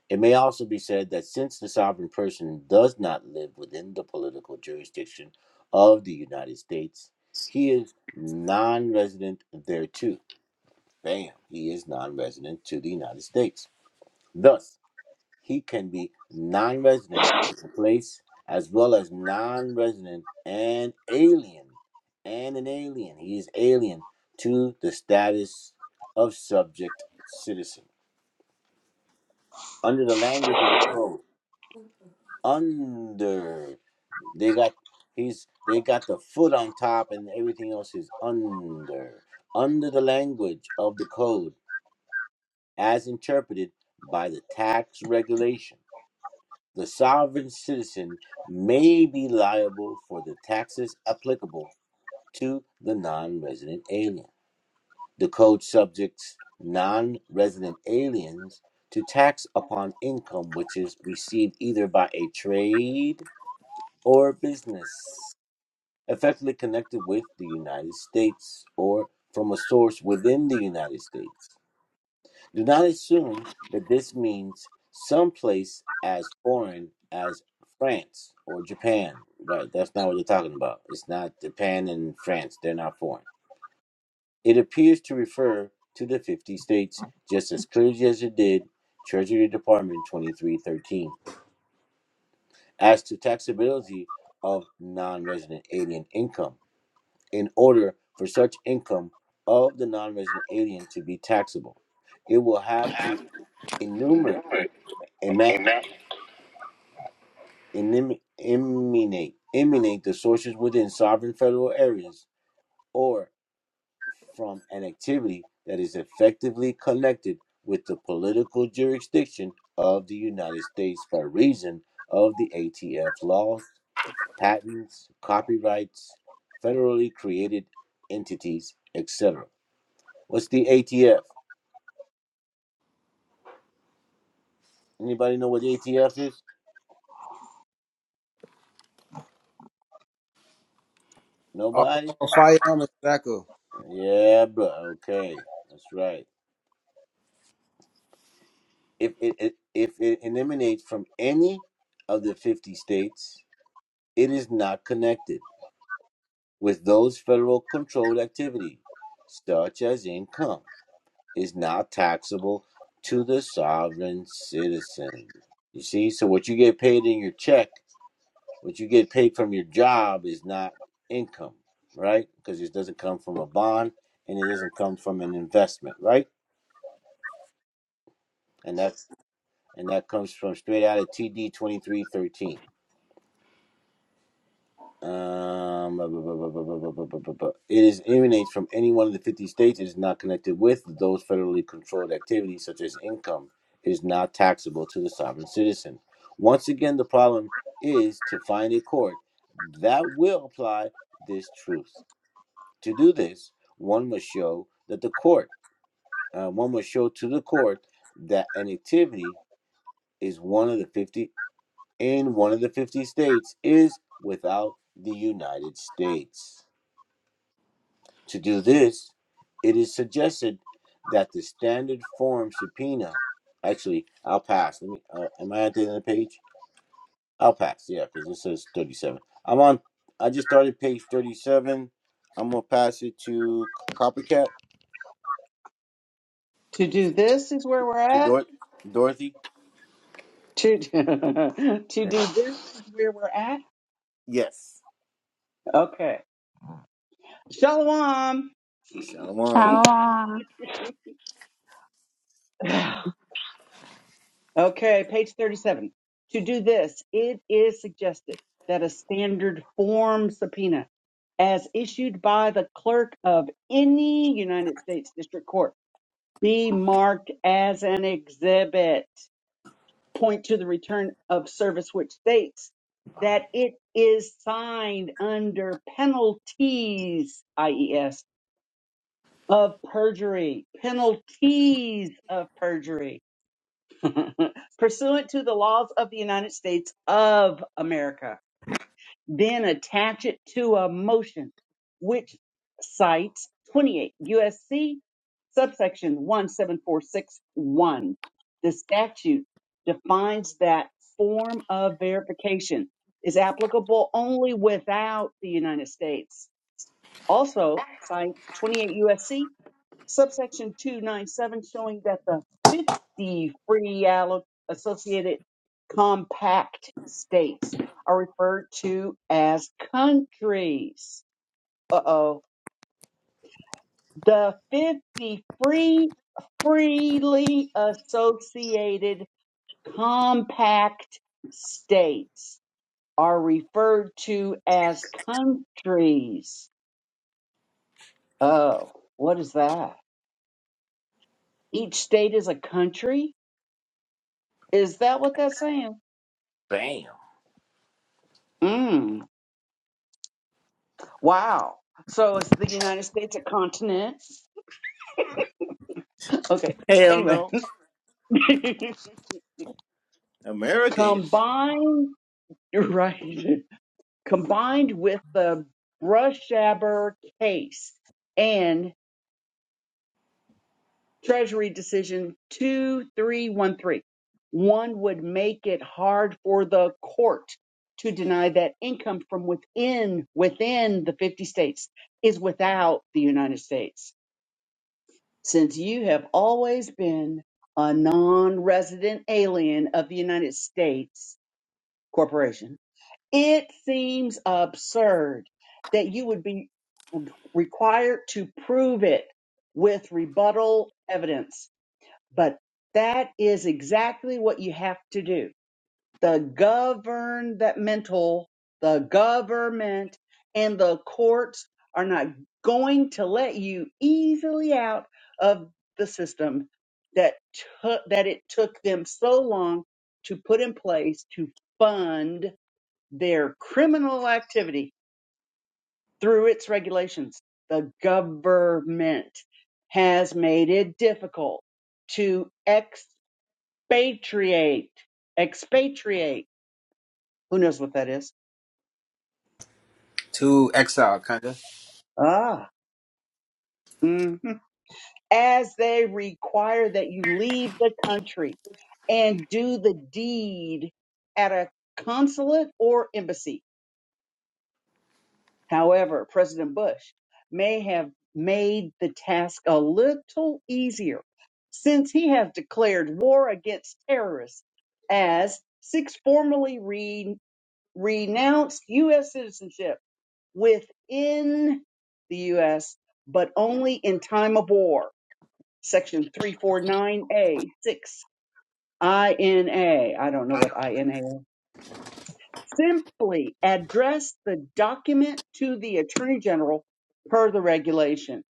[SPEAKER 2] It may also be said that since the sovereign person does not live within the political jurisdiction of the United States, he is non resident thereto. Bam, he is non resident to the United States. Thus, he can be non resident to the place as well as non resident and alien. And an alien. He is alien to the status of subject citizen. Under the language of the code. Under. They got he's they got the foot on top and everything else is under. Under the language of the code as interpreted by the tax regulation. The sovereign citizen may be liable for the taxes applicable to the non resident alien. The code subjects non resident aliens to tax upon income which is received either by a trade or business effectively connected with the United States or from a source within the United States do not assume that this means some place as foreign as France or Japan. Right, that's not what they're talking about. It's not Japan and France, they're not foreign. It appears to refer to the 50 states just as clearly as it did Treasury Department 2313 as to taxability of non resident alien income in order for such income of the non resident alien to be taxable. It will have to enumerate.
[SPEAKER 1] Amen.
[SPEAKER 2] elim- emanate, emanate the sources within sovereign federal areas or from an activity that is effectively connected with the political jurisdiction of the United States by reason of the ATF laws, patents, copyrights, federally created entities, etc. What's the ATF? Anybody know what the ATF is? Nobody?
[SPEAKER 3] Alcohol, firearm, and tobacco.
[SPEAKER 2] Yeah, bro. Okay. That's right. if it, it if it emanates from any of the 50 states it is not connected with those federal controlled activity such as income is not taxable to the sovereign citizen you see so what you get paid in your check what you get paid from your job is not income right because it doesn't come from a bond and it doesn't come from an investment right and that's and that comes from straight out of td 2313 Um, blah, blah, blah, blah, blah, blah, blah, blah, blah, blah. It is emanates from any one of the 50 states. It is not connected with those federally controlled activities, such as income. It is not taxable to the sovereign citizen. Once again, the problem is to find a court that will apply this truth. To do this, one must show that the court, uh, one must show to the court that an activity is one of the 50 in one of the 50 states is without the United States. To do this, it is suggested that the standard form subpoena. Actually, I'll pass. Let me. Uh, am I at the end of the page? I'll pass. Yeah, because this says thirty-seven. I'm on. I just started page thirty-seven. I'm gonna pass it to Copycat
[SPEAKER 6] To do this is where we're
[SPEAKER 2] to
[SPEAKER 6] at.
[SPEAKER 2] Dor- Dorothy.
[SPEAKER 6] To to do this is where we're at.
[SPEAKER 2] yes.
[SPEAKER 6] Okay. Shalom.
[SPEAKER 2] Shalom.
[SPEAKER 6] Okay, page 37. To do this, it is suggested that a standard form subpoena, as issued by the clerk of any United States District Court, be marked as an exhibit. point to the return of service, which states that it is signed under penalties, IES, of perjury, penalties of perjury, pursuant to the laws of the United States of America then attach it to a motion which cites 28 USC subsection 17461. The statute defines that form of verification is applicable only without the United States. Also, cite 28 USC subsection 297 showing that the the free allo- associated compact states are referred to as countries. Uh-oh. The 50 free freely associated compact states are referred to as countries. Oh, what is that? Each state is a country? Is that what that's saying?
[SPEAKER 2] Bam.
[SPEAKER 6] Mm. Wow. So is the United States a continent? Okay.
[SPEAKER 2] Hell
[SPEAKER 6] Anyway,
[SPEAKER 2] no. America is.
[SPEAKER 6] combined, you're right. Combined with the Brushaber case and Treasury decision Two Three One Three, one would make it hard for the court to deny that income from within within the 50 states is without the United States since you have always been a non-resident alien of the United States Corporation. It seems absurd that you would be re- required to prove it with rebuttal evidence, but that is exactly what you have to do the governmental, the government, and the courts are not going to let you easily out of the system that took that it took them so long to put in place to fund their criminal activity through its regulations. The government has made it difficult to expatriate, expatriate. Who knows what that is?
[SPEAKER 3] To exile, kinda.
[SPEAKER 6] Ah. mhm. As they require that you leave the country and do the deed at a consulate or embassy. However, President Bush may have made the task a little easier since he has declared war against terrorists as six formerly re- renounced U.S. citizenship within the U.S., but only in time of war Section 349A, 6, INA, I don't know what INA is, simply address the document to the Attorney General per the regulation.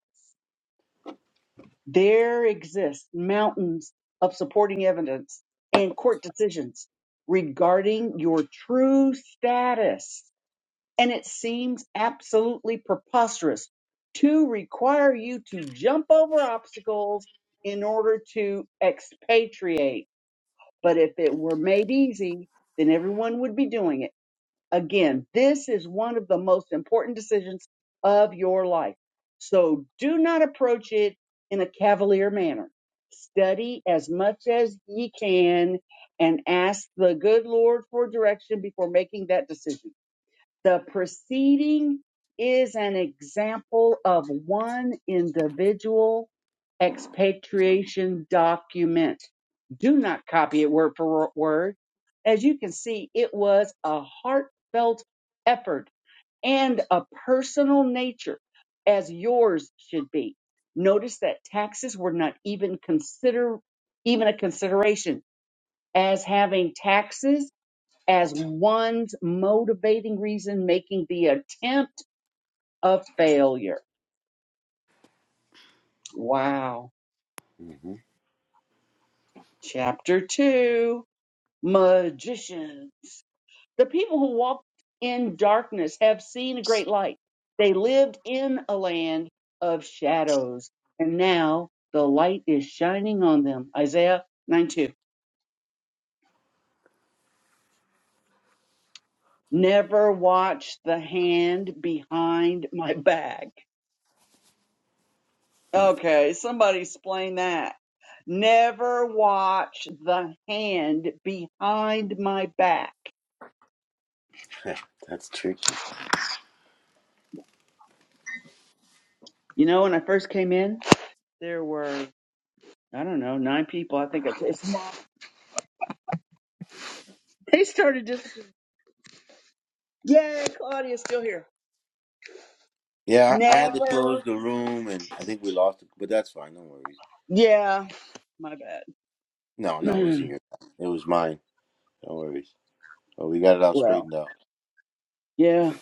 [SPEAKER 6] There exist mountains of supporting evidence and court decisions regarding your true status. And it seems absolutely preposterous to require you to jump over obstacles in order to expatriate But if it were made easy, then everyone would be doing it. Again, this is one of the most important decisions of your life. So do not approach it in a cavalier manner. Study as much as ye can and ask the good Lord for direction before making that decision the proceeding is an example of one individual expatriation document. Do not copy it word for word. As you can see, it was a heartfelt effort and a personal nature, as yours should be. Notice that taxes were not even consider even a consideration, as having taxes as one's motivating reason, making the attempt a failure. Wow.
[SPEAKER 2] hmm
[SPEAKER 6] Chapter two Magicians. The people who walked in darkness have seen a great light. They lived in a land of shadows, and now the light is shining on them. Isaiah 9 2. Never watch the hand behind my back. Okay, somebody explain that. Never watch the hand behind my back.
[SPEAKER 2] that's tricky.
[SPEAKER 6] You know, when I first came in, there were, I don't know, nine people. I think it's, they started just, yeah, Claudia's still here.
[SPEAKER 2] Yeah, I I had to
[SPEAKER 6] Never,
[SPEAKER 2] close the room, and I think we lost it, but that's fine. No worries.
[SPEAKER 6] yeah, my bad.
[SPEAKER 2] No, no, it wasn't your. time. It was mine. No worries. But we got it all
[SPEAKER 6] well,
[SPEAKER 2] straightened out.
[SPEAKER 6] yeah.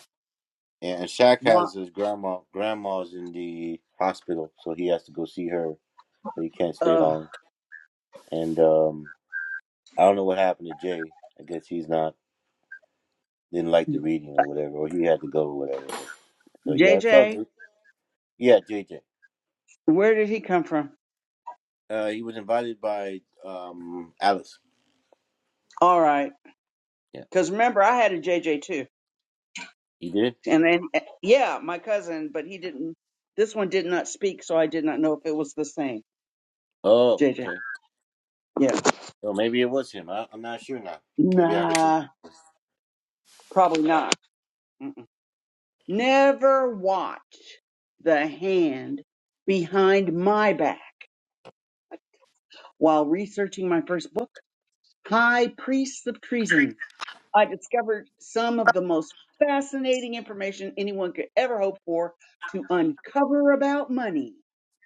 [SPEAKER 2] And and Shaq has
[SPEAKER 6] Wa-
[SPEAKER 2] his grandma. Grandma's in the hospital, so he has to go see her. So he can't stay
[SPEAKER 6] Uh,
[SPEAKER 2] long. And um, I don't know what happened to Jay. I guess he's not didn't like the reading or whatever, or he had to go or whatever. But so yeah, it's all
[SPEAKER 6] JJ,
[SPEAKER 2] good. Yeah, JJ.
[SPEAKER 6] where did he come from?
[SPEAKER 2] Uh, he was invited by um Alice.
[SPEAKER 6] All right.
[SPEAKER 2] Yeah,
[SPEAKER 6] Because remember, I had a JJ too.
[SPEAKER 2] he did.
[SPEAKER 6] And then, eh, yeah, my cousin, but he didn't. This one did not speak, so I did not know if it was the same.
[SPEAKER 2] Oh,
[SPEAKER 6] JJ,
[SPEAKER 2] okay.
[SPEAKER 6] yeah,
[SPEAKER 2] So maybe it was him. I, I'm not sure now. Maybe I heard him.
[SPEAKER 6] nah, probably not. Mm-mm.
[SPEAKER 2] Okay.
[SPEAKER 6] Never watch the hand behind my back. While researching my first book, High Priests of Treason, I discovered some of the most fascinating information anyone could ever hope for to uncover about money,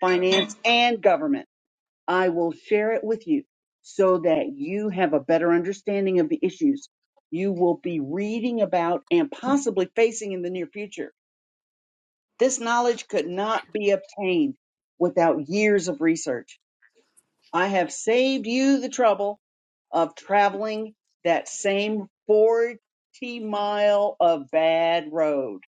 [SPEAKER 6] finance, and government. I will share it with you so that you have a better understanding of the issues you will be reading about and possibly facing in the near future. This knowledge could not be obtained without years of research. I have saved you the trouble of traveling that same 40 mile of bad road.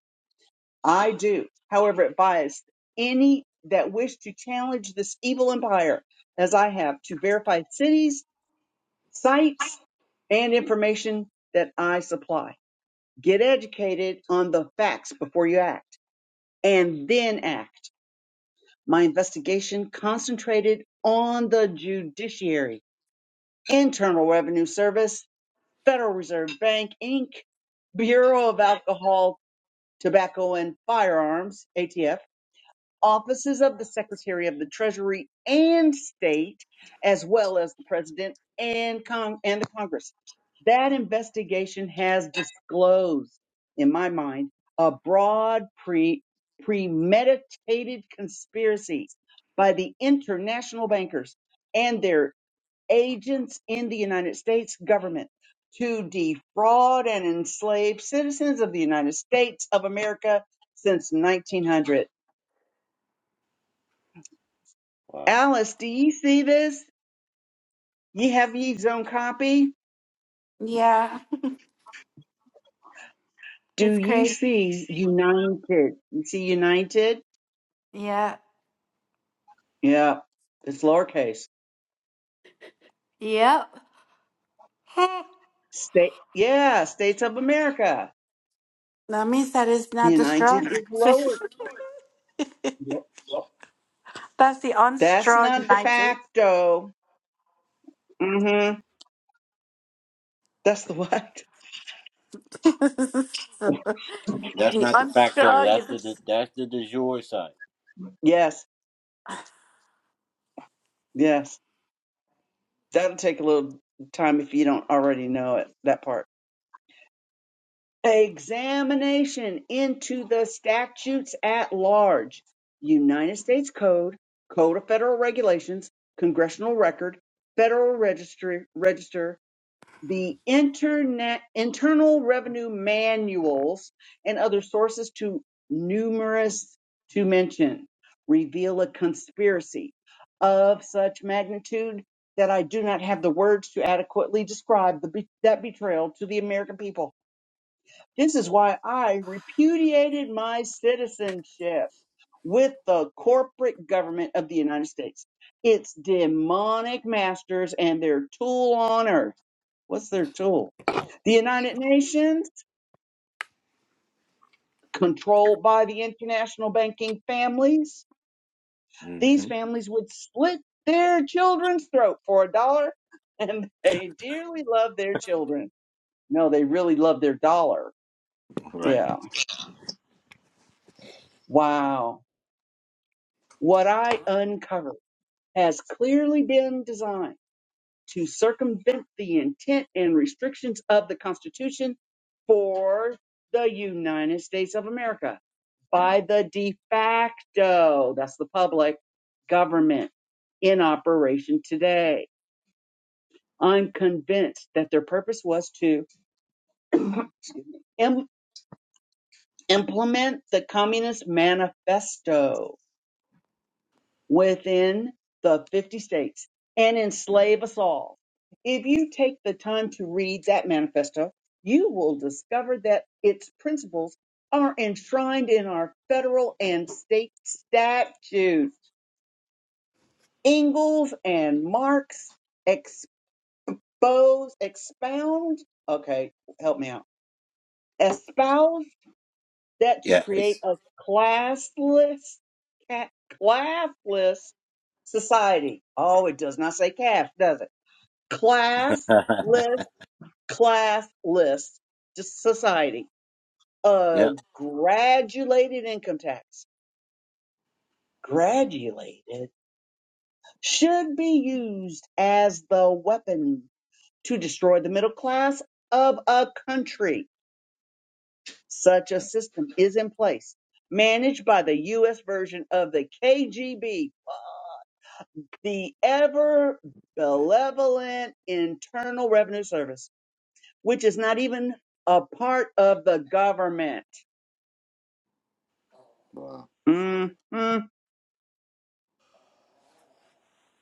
[SPEAKER 6] I do, however, advise any that wish to challenge this evil empire, as I have, to verify cities sites, and information that I supply. Get educated on the facts before you act and then act. My investigation concentrated on the judiciary, Internal Revenue Service, Federal Reserve Bank, Inc., Bureau of Alcohol, Tobacco, and Firearms, ATF, offices of the Secretary of the Treasury and State, as well as the President and Cong- and the Congress. That investigation has disclosed, in my mind, a broad pre- premeditated conspiracy by the international bankers and their agents in the United States government to defraud and enslave citizens of the United States of America since 1900.
[SPEAKER 2] Wow.
[SPEAKER 6] Alice, do ye see this? Ye have ye's own copy.
[SPEAKER 1] Yeah,
[SPEAKER 6] Do
[SPEAKER 1] it's
[SPEAKER 6] ye
[SPEAKER 1] crazy.
[SPEAKER 6] see united? You see united?
[SPEAKER 1] Yeah.
[SPEAKER 6] Yeah, it's lowercase.
[SPEAKER 1] Yep.
[SPEAKER 6] State, yeah, states of America.
[SPEAKER 1] That means that is not the straw.
[SPEAKER 6] United is lower. Yep.
[SPEAKER 1] That's the
[SPEAKER 6] That's
[SPEAKER 1] unstraw
[SPEAKER 6] not de
[SPEAKER 1] united.
[SPEAKER 6] facto. Mm-hmm. That's the what?
[SPEAKER 1] the
[SPEAKER 2] That's not the fact though.
[SPEAKER 1] unstraw
[SPEAKER 2] That's the,
[SPEAKER 1] united.
[SPEAKER 2] the that's the de jure side.
[SPEAKER 6] Yes, yes. That'll take a little time if you don't already know it. That part. examination into the statutes at large, United States Code, Code of Federal Regulations, Congressional Record, Federal Register, Register, the Internet Internal Revenue Manuals, and other sources to numerous to mention, reveal a conspiracy of such magnitude that I do not have the words to adequately describe the, be- that betrayal to the American people this is why I repudiated my citizenship with the corporate government of the United States. It's demonic masters and their tool on earth. What's their tool? The United Nations, controlled by the international banking families. These
[SPEAKER 2] hmm
[SPEAKER 6] families would split their children's throat for a dollar, and they dearly love their children. No, they really love their dollar.
[SPEAKER 2] Right.
[SPEAKER 6] Yeah. Wow. What I uncovered. has clearly been designed to circumvent the intent and restrictions of the Constitution for the United States of America by the de facto, that's the public government in operation today. I'm convinced that their purpose was to im- implement the Communist Manifesto within the 50 states and enslave us all. If you take the time to read that manifesto, you will discover that its principles are enshrined in our federal and state statutes. Ingalls and Marx expose, expound, okay, help me out, espouse that to
[SPEAKER 2] Yeah.
[SPEAKER 6] create
[SPEAKER 2] It's
[SPEAKER 6] a classless ca- classless society. Oh, it does not say cash, does it? Classless, classless just society. A
[SPEAKER 2] yep.
[SPEAKER 6] graduated income tax, graduated, should be used as the weapon to destroy the middle class of a country. Such a system is in place, managed by the U.S. version of the KGB the ever benevolent Internal Revenue Service, which is not even a part of the government.
[SPEAKER 2] Wow.
[SPEAKER 6] hmm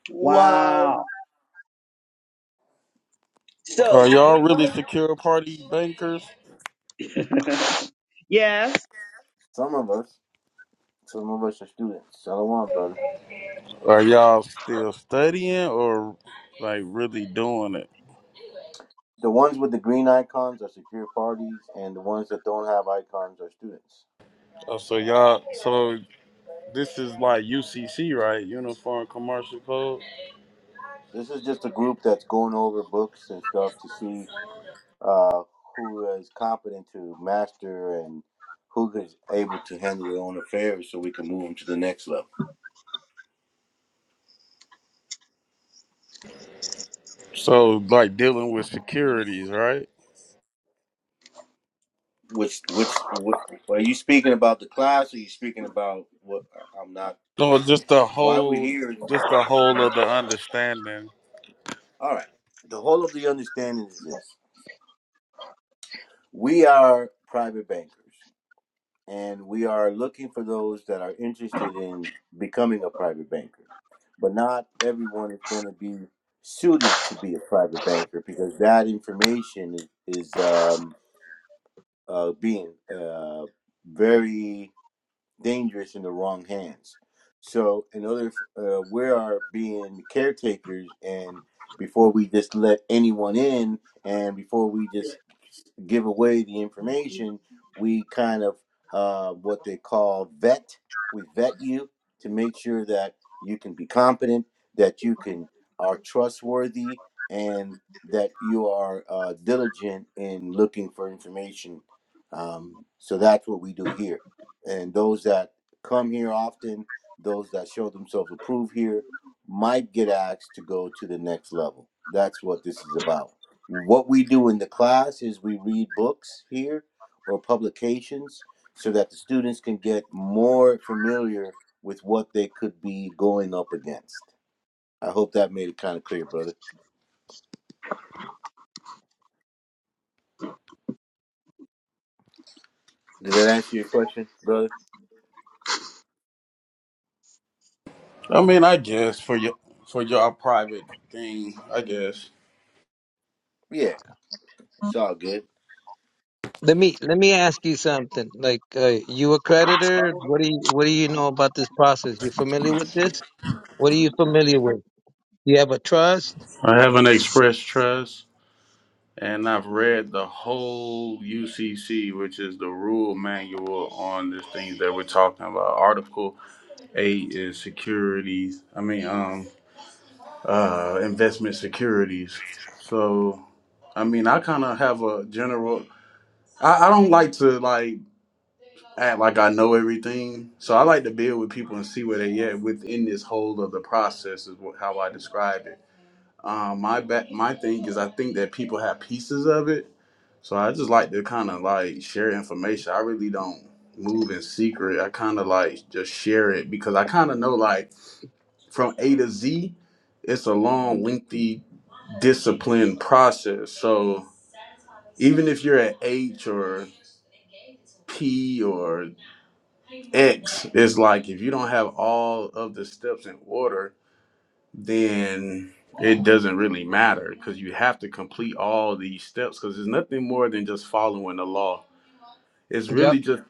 [SPEAKER 2] Wow.
[SPEAKER 6] Wow.
[SPEAKER 7] Are
[SPEAKER 6] So
[SPEAKER 7] y'all
[SPEAKER 6] we
[SPEAKER 7] really secure party bankers?
[SPEAKER 6] know. yes.
[SPEAKER 2] Some of us, some of us are students. Shalom, brother.
[SPEAKER 7] Are y'all still studying or like really doing it?
[SPEAKER 2] The ones with the green icons are secure parties, and the ones that don't have icons are students.
[SPEAKER 7] Oh, so y'all, so this is like UCC, right? Uniform Commercial Code.
[SPEAKER 2] This is just a group that's going over books and stuff to see uh, who is competent to master and who is able to handle their own affairs so we can move them to the next level.
[SPEAKER 7] So like dealing with securities, right?
[SPEAKER 2] Which which what, are you speaking about the class? Or are you speaking about what? I'm not.
[SPEAKER 7] So just the
[SPEAKER 2] Why we're
[SPEAKER 7] whole,
[SPEAKER 2] here? is-
[SPEAKER 7] just the whole of the understanding.
[SPEAKER 2] All right. The whole of the understanding is this: we are private bankers, and we are looking for those that are interested in becoming a private banker. But not everyone is going to be suited to be a private banker because that information is, is um, uh, being uh, very dangerous in the wrong hands. So, in order, uh, we are being caretakers, and before we just let anyone in, and before we just give away the information, we kind of uh, what they call vet. We vet you to make sure that you can be competent, that you can are trustworthy, and that you are uh, diligent in looking for information. Um, so that's what we do here and those that come here often, those that show themselves approved here, might get asked to go to the next level. That's what this is about. What we do in the class is we read books here or publications so that the students can get more familiar with what they could be going up against. I hope that made it kind of clear, brother. Did that answer your question, brother?
[SPEAKER 7] I mean, I guess for your for your private thing, I guess.
[SPEAKER 2] Yeah, it's all good.
[SPEAKER 8] Let me let me ask you something. Like, uh, you a creditor? What do you What do you know about this process? You familiar with this? What are you familiar with? You have a trust?
[SPEAKER 7] Or having express trust. And I've read the whole UCC, which is the rule manual on this thing that we're talking about. Article 8 is securities, I mean, um, uh, investment securities. So, I mean, I kind of have a general, I, I don't like to like act like I know everything. So I like to build with people and see where they at within this whole of the process is what, how I describe it. Um, my ba- my thing is I think that people have pieces of it So I just like to kind of like share information. I really don't move in secret. I kind of like just share it because I kind of know like from A to Z, it's a long, lengthy, disciplined process. So even if you're at H or P or X, it's like if you don't have all of the steps in order, then it doesn't really matter because you have to complete all these steps because it's nothing more than just following the law it's
[SPEAKER 8] Yep.
[SPEAKER 7] really just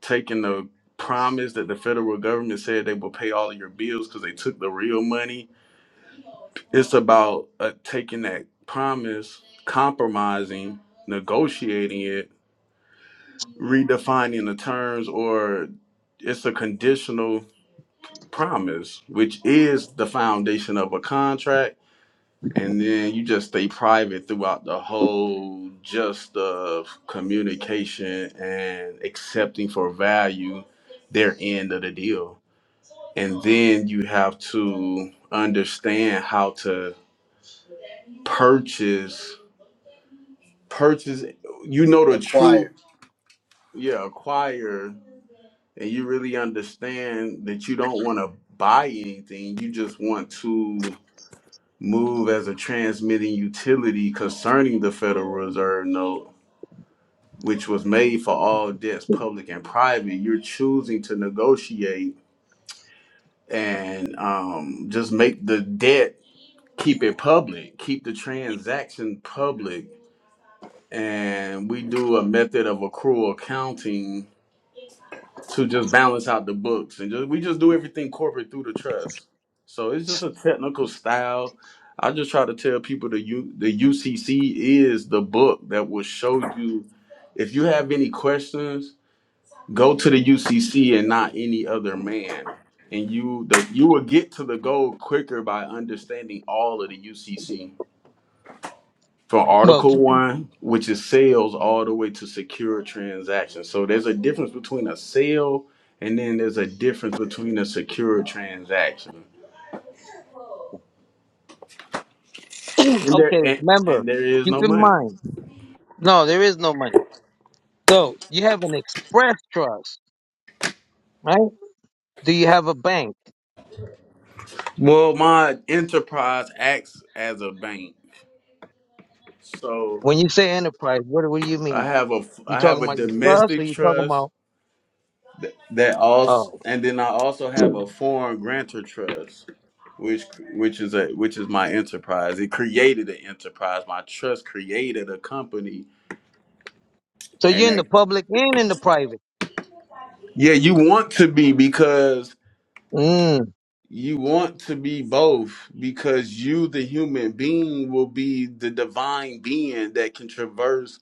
[SPEAKER 7] taking the promise that the federal government said they will pay all of your bills because they took the real money. It's about uh, taking that promise, compromising, negotiating it, redefining the terms, or it's a conditional promise, which is the foundation of a contract and then you just stay private throughout the whole just of communication and accepting for value their end of the deal and then you have to understand how to purchase purchase you know the truth
[SPEAKER 2] Acquired.
[SPEAKER 7] yeah acquire and you really understand that you don't want to buy anything you just want to move as a transmitting utility concerning the federal reserve note which was made for all debts, public and private, you're choosing to negotiate and um, just make the debt keep it public, keep the transaction public, and we do a method of accrual accounting to just balance out the books and just we just do everything corporate through the trust. So it's just a technical style. I just try to tell people the U, the UCC is the book that will show you if you have any questions go to the UCC and not any other man. And you the you will get to the goal quicker by understanding all of the UCC from
[SPEAKER 8] Well,
[SPEAKER 7] Article One, which is sales, all the way to secure transactions. So there's a difference between a sale and then there's a difference between a secure transaction.
[SPEAKER 8] keep-
[SPEAKER 7] And there
[SPEAKER 8] okay.
[SPEAKER 7] and,
[SPEAKER 8] Remember,
[SPEAKER 7] and there is
[SPEAKER 8] keep
[SPEAKER 7] no
[SPEAKER 8] in
[SPEAKER 7] money.
[SPEAKER 8] mind. No, there is no money. So you have an express trust, right? Do you have a bank?
[SPEAKER 7] Well, my enterprise acts as a bank, so
[SPEAKER 8] When you say enterprise, what what do you
[SPEAKER 7] I
[SPEAKER 8] mean?
[SPEAKER 7] have a
[SPEAKER 8] You
[SPEAKER 7] I have
[SPEAKER 8] talking
[SPEAKER 7] a
[SPEAKER 8] about your trust, or
[SPEAKER 7] domestic
[SPEAKER 8] you talking
[SPEAKER 7] trust
[SPEAKER 8] about?
[SPEAKER 7] Th- That also,
[SPEAKER 8] Oh,
[SPEAKER 7] and then I also have a foreign grantor trust, which which is a which is my enterprise. It created an enterprise. My trust created a company,
[SPEAKER 8] so
[SPEAKER 7] and
[SPEAKER 8] you're in
[SPEAKER 7] that
[SPEAKER 8] the public and in the private.
[SPEAKER 7] yeah, you want to be because
[SPEAKER 8] Mm.
[SPEAKER 7] you want to be both because you, the human being, will be the divine being that can traverse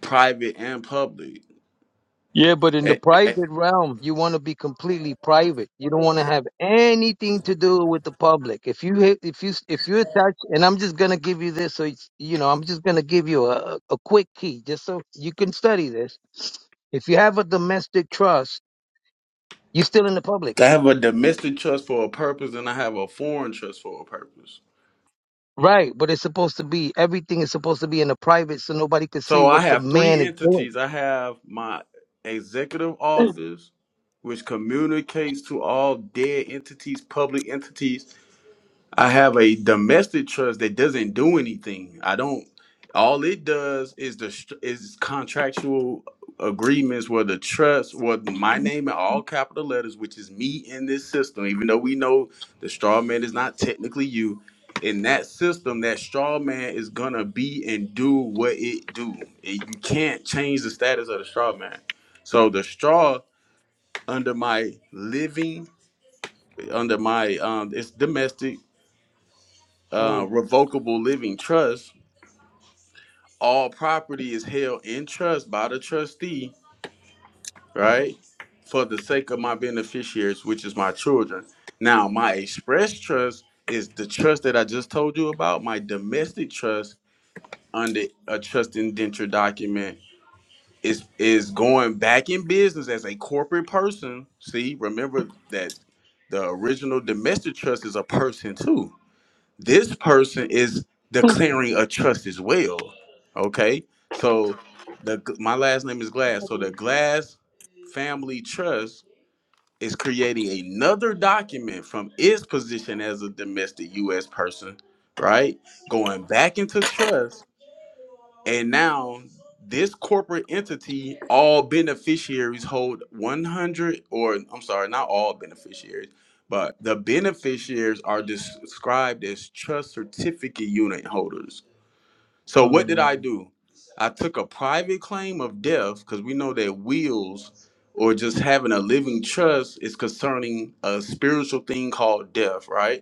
[SPEAKER 7] private and public.
[SPEAKER 8] Yeah, but in the
[SPEAKER 7] Eh, eh,
[SPEAKER 8] private realm, you want to be completely private. You don't want to have anything to do with the public. If you hit, if you if you attach, and I'm just gonna give you this, so it's, you know, I'm just gonna give you a a quick key, just so you can study this. If you have a domestic trust, you're still in the public,
[SPEAKER 7] I have a domestic trust for a purpose, and I have a foreign trust for a purpose.
[SPEAKER 8] right? But it's supposed to be everything is supposed to be in the private, so nobody can see
[SPEAKER 7] So I
[SPEAKER 8] what the
[SPEAKER 7] have three
[SPEAKER 8] man is doing.
[SPEAKER 7] entities. I have my executive office, which communicates to all dead entities, public entities, I have a domestic trust that doesn't do anything. I don't. All it does is the str- is contractual agreements where the trust, where my name in all capital letters, which is me in this system. Even though we know the straw man is not technically you, in that system, that straw man is gonna be and do what it do. It- you can't change the status of the straw man. So the straw under my living, under my um, it's domestic uh,
[SPEAKER 8] Mm,
[SPEAKER 7] revocable living trust, all property is held in trust by the trustee, right? For the sake of my beneficiaries, which is my children. Now, my express trust is the trust that I just told you about. My domestic trust under a trust indenture document is is going back in business as a corporate person. See, remember that the original domestic trust is a person too this person is declaring a trust as well. Okay, so the my last name is Glass. So the Glass Family Trust is creating another document from its position as a domestic U.S. person, right? Going back into trust and now this corporate entity, all beneficiaries hold 100, or I'm sorry, not all beneficiaries, but the beneficiaries are des- described as trust certificate unit holders. So what did
[SPEAKER 8] mm.
[SPEAKER 7] I do? I took a private claim of death because we know that wills or just having a living trust is concerning a spiritual thing called death, right?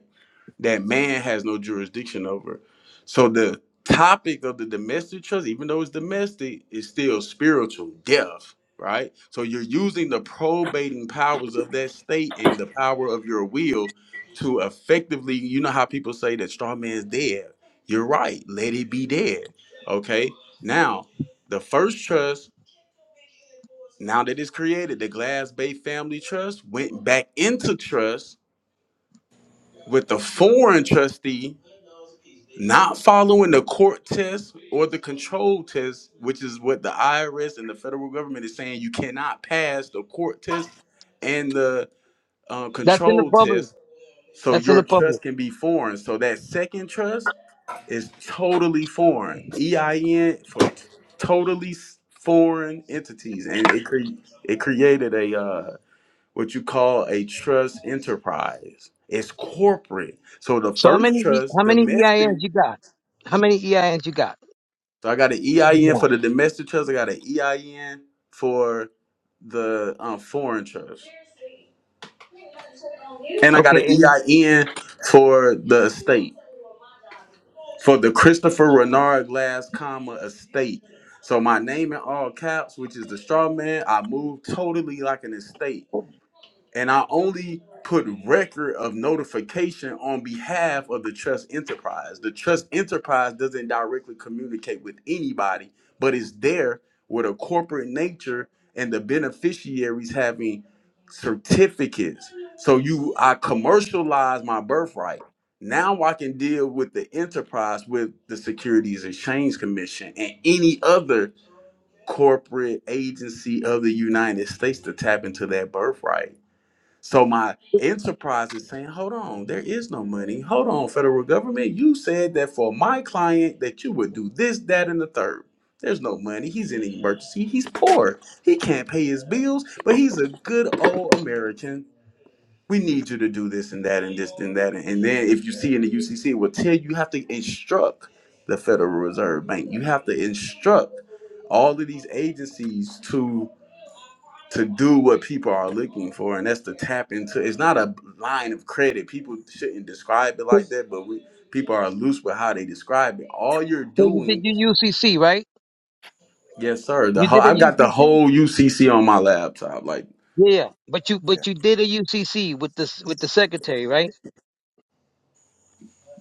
[SPEAKER 7] that man has no jurisdiction over. So the topic of the domestic trust, even though it's domestic, is still spiritual death, right? So you're using the probating powers of that state and the power of your will to effectively, you know how people say that straw man's dead. You're right, let it be dead. Okay. Now, the first trust, now that it's created, the Glass Bay Family Trust went back into trust with the foreign trustee not following the court test or the control test, which is what the IRS and the federal government is saying, you cannot pass the court test and the uh,
[SPEAKER 8] That's in the
[SPEAKER 7] control
[SPEAKER 8] public.
[SPEAKER 7] test, so
[SPEAKER 8] That's in
[SPEAKER 7] your
[SPEAKER 8] the public.
[SPEAKER 7] trust can be foreign. So that second trust is totally foreign. EIN for t- totally s- foreign entities, and it cre- it created a uh, what you call a trust enterprise. It's corporate. So the
[SPEAKER 8] So how
[SPEAKER 7] first
[SPEAKER 8] many E-
[SPEAKER 7] trust,
[SPEAKER 8] how many
[SPEAKER 7] domestic.
[SPEAKER 8] EINs you got? How many EINs you got?
[SPEAKER 7] So I got an
[SPEAKER 8] Yeah.
[SPEAKER 7] EIN for the domestic trust. I got an EIN for the um, foreign trust, and I got an
[SPEAKER 8] Okay, and
[SPEAKER 7] EIN for the estate for the Christopher Renard Glass, comma estate. So my name in all caps, which is the straw man, I move totally like an estate and I only put record of notification on behalf of the trust enterprise. The trust enterprise doesn't directly communicate with anybody, but it's there with a corporate nature and the beneficiaries having certificates. So you I commercialize my birthright. Now I can deal with the enterprise with the Securities Exchange Commission and any other corporate agency of the United States to tap into that birthright so my enterprise is saying, hold on, there is no money. Hold on, federal government. You said that for my client that you would do this, that, and the third. There's no money. He's in an emergency. He's poor. He can't pay his bills, but he's a good old American. We need you to do this and that and this and that. And then if you see in the UCC, it will tell you you have to instruct the Federal Reserve Bank. You have to instruct all of these agencies to to do what people are looking for, and that's to tap into. It's not a line of credit. People shouldn't describe it like that, but we people are loose with how they describe it. All you're
[SPEAKER 8] so you did
[SPEAKER 7] doing,
[SPEAKER 8] your UCC, right?
[SPEAKER 7] yes, sir. The
[SPEAKER 8] You
[SPEAKER 7] whole,
[SPEAKER 8] did a
[SPEAKER 7] I've got the
[SPEAKER 8] UCC?
[SPEAKER 7] whole UCC on my laptop. Like,
[SPEAKER 8] Yeah, but you
[SPEAKER 2] Yeah.
[SPEAKER 8] but you did a UCC with this with the secretary, right?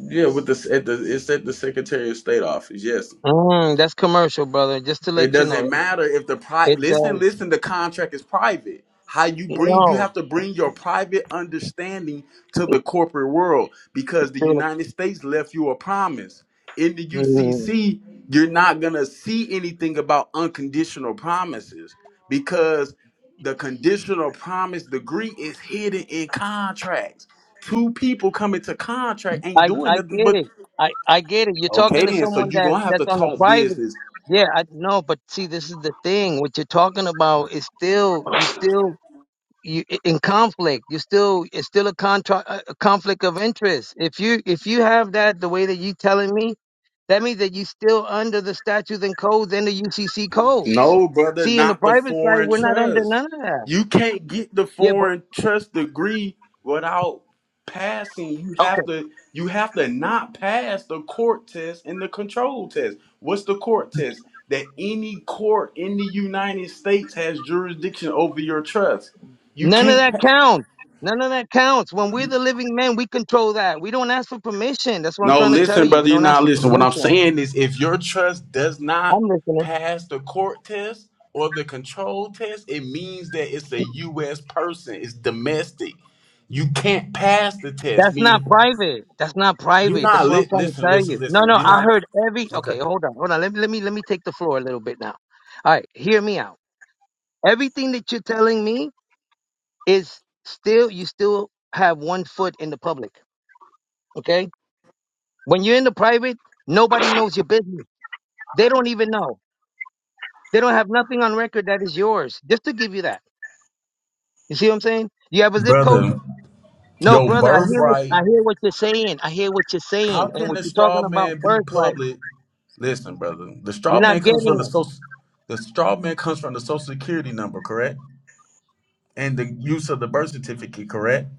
[SPEAKER 7] yeah, with the at the it's at the Secretary of State office. Yes,
[SPEAKER 8] Mm, that's commercial, brother. Just to
[SPEAKER 7] It
[SPEAKER 8] let you know,
[SPEAKER 7] doesn't matter if the pri
[SPEAKER 8] it
[SPEAKER 7] listen,
[SPEAKER 8] does.
[SPEAKER 7] listen, the contract is private. How you bring you
[SPEAKER 8] No,
[SPEAKER 7] have to bring your private understanding to the
[SPEAKER 8] it's
[SPEAKER 7] corporate world because the
[SPEAKER 8] still.
[SPEAKER 7] United States left you a promise. In the
[SPEAKER 8] Mm,
[SPEAKER 7] UCC, you're not going to see anything about unconditional promises because the conditional promise degree is hidden in contracts. Two people come into contract ain't
[SPEAKER 8] I
[SPEAKER 7] doing
[SPEAKER 8] I
[SPEAKER 7] nothing
[SPEAKER 8] get
[SPEAKER 7] but
[SPEAKER 8] it. I I get it. You're talking
[SPEAKER 7] okay
[SPEAKER 8] to
[SPEAKER 7] then. So
[SPEAKER 8] someone
[SPEAKER 7] you're
[SPEAKER 8] that
[SPEAKER 7] gonna have
[SPEAKER 8] that's
[SPEAKER 7] to
[SPEAKER 8] on a
[SPEAKER 7] talk
[SPEAKER 8] private.
[SPEAKER 7] business
[SPEAKER 8] Yeah, I know, but see, this is the thing. What you're talking about is still you still you in conflict you still it's still a contract a conflict of interest if you if you have that the way that you telling me that means that you still under the statutes and codes and the ucc codes
[SPEAKER 7] No, brother,
[SPEAKER 8] see in the
[SPEAKER 7] not the
[SPEAKER 8] private side
[SPEAKER 7] foreign
[SPEAKER 8] we're not under
[SPEAKER 7] trust.
[SPEAKER 8] none of that
[SPEAKER 7] You can't get the
[SPEAKER 8] yeah but
[SPEAKER 7] foreign trust degree without passing. You have
[SPEAKER 8] okay
[SPEAKER 7] to you have to not pass the court test and the control test. What's the court test? That any court in the United States has jurisdiction over your trust. You
[SPEAKER 8] none of
[SPEAKER 7] can't
[SPEAKER 8] that
[SPEAKER 7] pass.
[SPEAKER 8] counts none of that counts when we're the living men we control that we don't ask for permission that's what i'm
[SPEAKER 7] No,
[SPEAKER 8] trying to tell
[SPEAKER 7] listen,
[SPEAKER 8] you we
[SPEAKER 7] brother, you're
[SPEAKER 8] don't ask
[SPEAKER 7] not
[SPEAKER 8] for
[SPEAKER 7] listening. What I'm
[SPEAKER 8] permission
[SPEAKER 7] saying is if your trust does
[SPEAKER 8] i'm
[SPEAKER 7] not
[SPEAKER 8] listening
[SPEAKER 7] pass the court test or the control test, it means that it's a US person. It's domestic. You can't pass the test.
[SPEAKER 8] That's not
[SPEAKER 7] Meaning
[SPEAKER 8] private. That's not
[SPEAKER 7] you're
[SPEAKER 8] private. That's
[SPEAKER 7] not
[SPEAKER 8] what I'm
[SPEAKER 7] li-
[SPEAKER 8] trying to
[SPEAKER 7] listen,
[SPEAKER 8] tell
[SPEAKER 7] listen,
[SPEAKER 8] you. No, no,
[SPEAKER 7] listen. You're
[SPEAKER 8] I
[SPEAKER 7] not
[SPEAKER 8] heard every
[SPEAKER 7] Okay.
[SPEAKER 8] okay, hold on, hold on. Let me let me let me take the floor a little bit now. All right, hear me out. Everything that you're telling me is still you still have one foot in the public. Okay? When you're in the private, nobody knows your business. They don't even know. They don't have nothing on record that is yours. Just to give you that. You see what I'm saying? You have a zip code?
[SPEAKER 7] Brother,
[SPEAKER 8] No,
[SPEAKER 7] your
[SPEAKER 8] brother, I hear what
[SPEAKER 7] birthright,
[SPEAKER 8] I hear what you're saying. I hear what you're
[SPEAKER 7] how
[SPEAKER 8] saying and
[SPEAKER 7] can
[SPEAKER 8] what
[SPEAKER 7] the
[SPEAKER 8] you're talking
[SPEAKER 7] straw
[SPEAKER 8] about
[SPEAKER 7] man be
[SPEAKER 8] birthright.
[SPEAKER 7] public? Listen, brother, the
[SPEAKER 8] You're
[SPEAKER 7] straw
[SPEAKER 8] not
[SPEAKER 7] man comes
[SPEAKER 8] getting
[SPEAKER 7] from the
[SPEAKER 8] it.
[SPEAKER 7] social the straw man comes from the social security number, correct? and the use of the birth certificate, correct?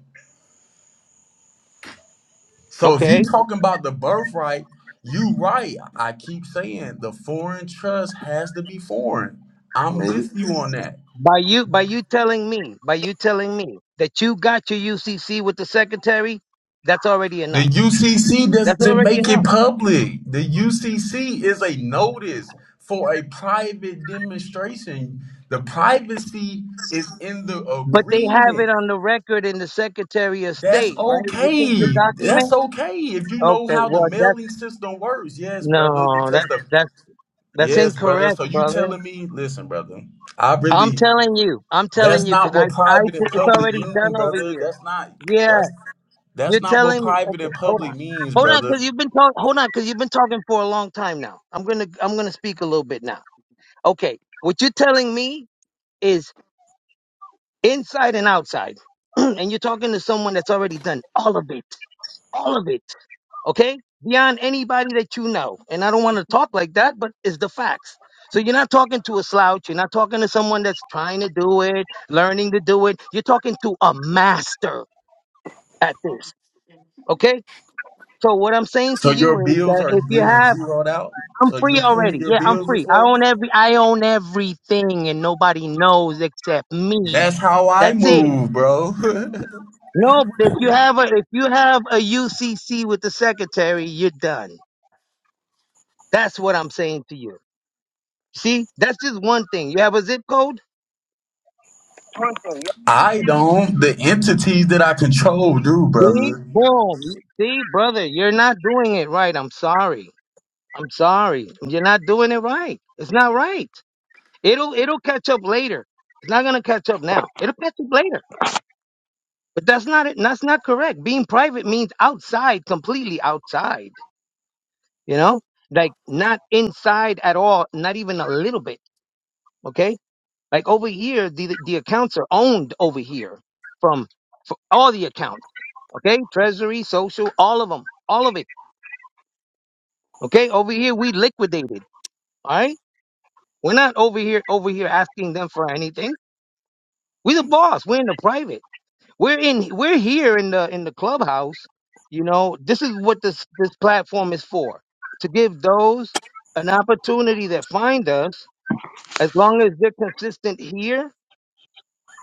[SPEAKER 7] So if you
[SPEAKER 8] Okay.
[SPEAKER 7] talking about the birthright, you right. I keep saying the foreign trust has to be foreign. I'm with you on that.
[SPEAKER 8] By you by you telling me, by you telling me that you got your UCC with the secretary, that's already
[SPEAKER 7] The
[SPEAKER 8] enough.
[SPEAKER 7] UCC
[SPEAKER 8] That's
[SPEAKER 7] doesn't
[SPEAKER 8] already
[SPEAKER 7] make it
[SPEAKER 8] enough.
[SPEAKER 7] public. The UCC is a notice for a private demonstration. The privacy is in the
[SPEAKER 8] But they have it
[SPEAKER 7] agreement.
[SPEAKER 8] on the record in the Secretary of
[SPEAKER 7] That's
[SPEAKER 8] State, right? You did your
[SPEAKER 7] okay. That's
[SPEAKER 8] document?
[SPEAKER 7] okay if you know
[SPEAKER 8] Okay,
[SPEAKER 7] how the
[SPEAKER 8] well that's
[SPEAKER 7] mailing system works. Yes, brother,
[SPEAKER 8] no,
[SPEAKER 7] because
[SPEAKER 8] that's
[SPEAKER 7] the
[SPEAKER 8] that's that's
[SPEAKER 7] Yes, brother.
[SPEAKER 8] incorrect,
[SPEAKER 7] So you
[SPEAKER 8] brother.
[SPEAKER 7] telling me, listen, brother, I
[SPEAKER 8] I'm
[SPEAKER 7] really
[SPEAKER 8] telling you. I'm telling
[SPEAKER 7] that's
[SPEAKER 8] you cuz
[SPEAKER 7] not
[SPEAKER 8] I
[SPEAKER 7] what
[SPEAKER 8] I
[SPEAKER 7] private and
[SPEAKER 8] di- it's
[SPEAKER 7] public
[SPEAKER 8] already
[SPEAKER 7] mean,
[SPEAKER 8] done over
[SPEAKER 7] brother.
[SPEAKER 8] here.
[SPEAKER 7] That's not
[SPEAKER 8] Yeah,
[SPEAKER 7] that's that's
[SPEAKER 8] you're
[SPEAKER 7] not what
[SPEAKER 8] telling me.
[SPEAKER 7] private
[SPEAKER 8] Okay,
[SPEAKER 7] and
[SPEAKER 8] hold on.
[SPEAKER 7] public means,
[SPEAKER 8] Hold on,
[SPEAKER 7] brother.
[SPEAKER 8] cause you've been talking. Hold on, cause you've been talking for a long time now. I'm gonna, I'm gonna speak a little bit now. Okay, what you're telling me is inside and outside. and you're talking to someone that's already done all of it. All of it. Okay? Beyond anybody that you know. And I don't want to talk like that, but it's the facts. So you're not talking to a slouch. You're not talking to someone that's trying to do it, learning to do it. You're talking to a master at this. Okay? So what I'm saying to
[SPEAKER 7] So
[SPEAKER 8] you
[SPEAKER 7] your
[SPEAKER 8] is
[SPEAKER 7] bills
[SPEAKER 8] that
[SPEAKER 7] are
[SPEAKER 8] if you
[SPEAKER 7] being
[SPEAKER 8] have
[SPEAKER 7] zeroed out.
[SPEAKER 8] I'm
[SPEAKER 7] So
[SPEAKER 8] free
[SPEAKER 7] you're
[SPEAKER 8] already.
[SPEAKER 7] paying your
[SPEAKER 8] Yeah, I'm
[SPEAKER 7] bills
[SPEAKER 8] free.
[SPEAKER 7] this
[SPEAKER 8] I
[SPEAKER 7] way?
[SPEAKER 8] own every I own everything and nobody knows except me.
[SPEAKER 7] That's how I
[SPEAKER 8] That's it.
[SPEAKER 7] move, bro.
[SPEAKER 8] No, but if you have a if you have a UCC with the secretary, you're done. That's what I'm saying to you. See? That's just one thing. You have a zip code?
[SPEAKER 7] I don't. The entities that I control do,
[SPEAKER 8] See?
[SPEAKER 7] brother.
[SPEAKER 8] Boom. You- See, brother, you're not doing it right. I'm sorry. I'm sorry. You're not doing it right. It's not right. It'll it'll catch up later. It's not going to catch up now. It'll catch up later. But that's not it. That's not correct. Being private means outside, completely outside. You know, like not inside at all, not even a little bit. Okay, like over here, the the accounts are owned over here from for all the accounts. Okay, Treasury, Social, all of them, all of it. Okay, over here we liquidated. All right, we're not over here over here asking them for anything. We're the boss. We're in the private. We're in we're here in the in the clubhouse. You know, this is what this this platform is for. To give those an opportunity that find us, as long as they're consistent here,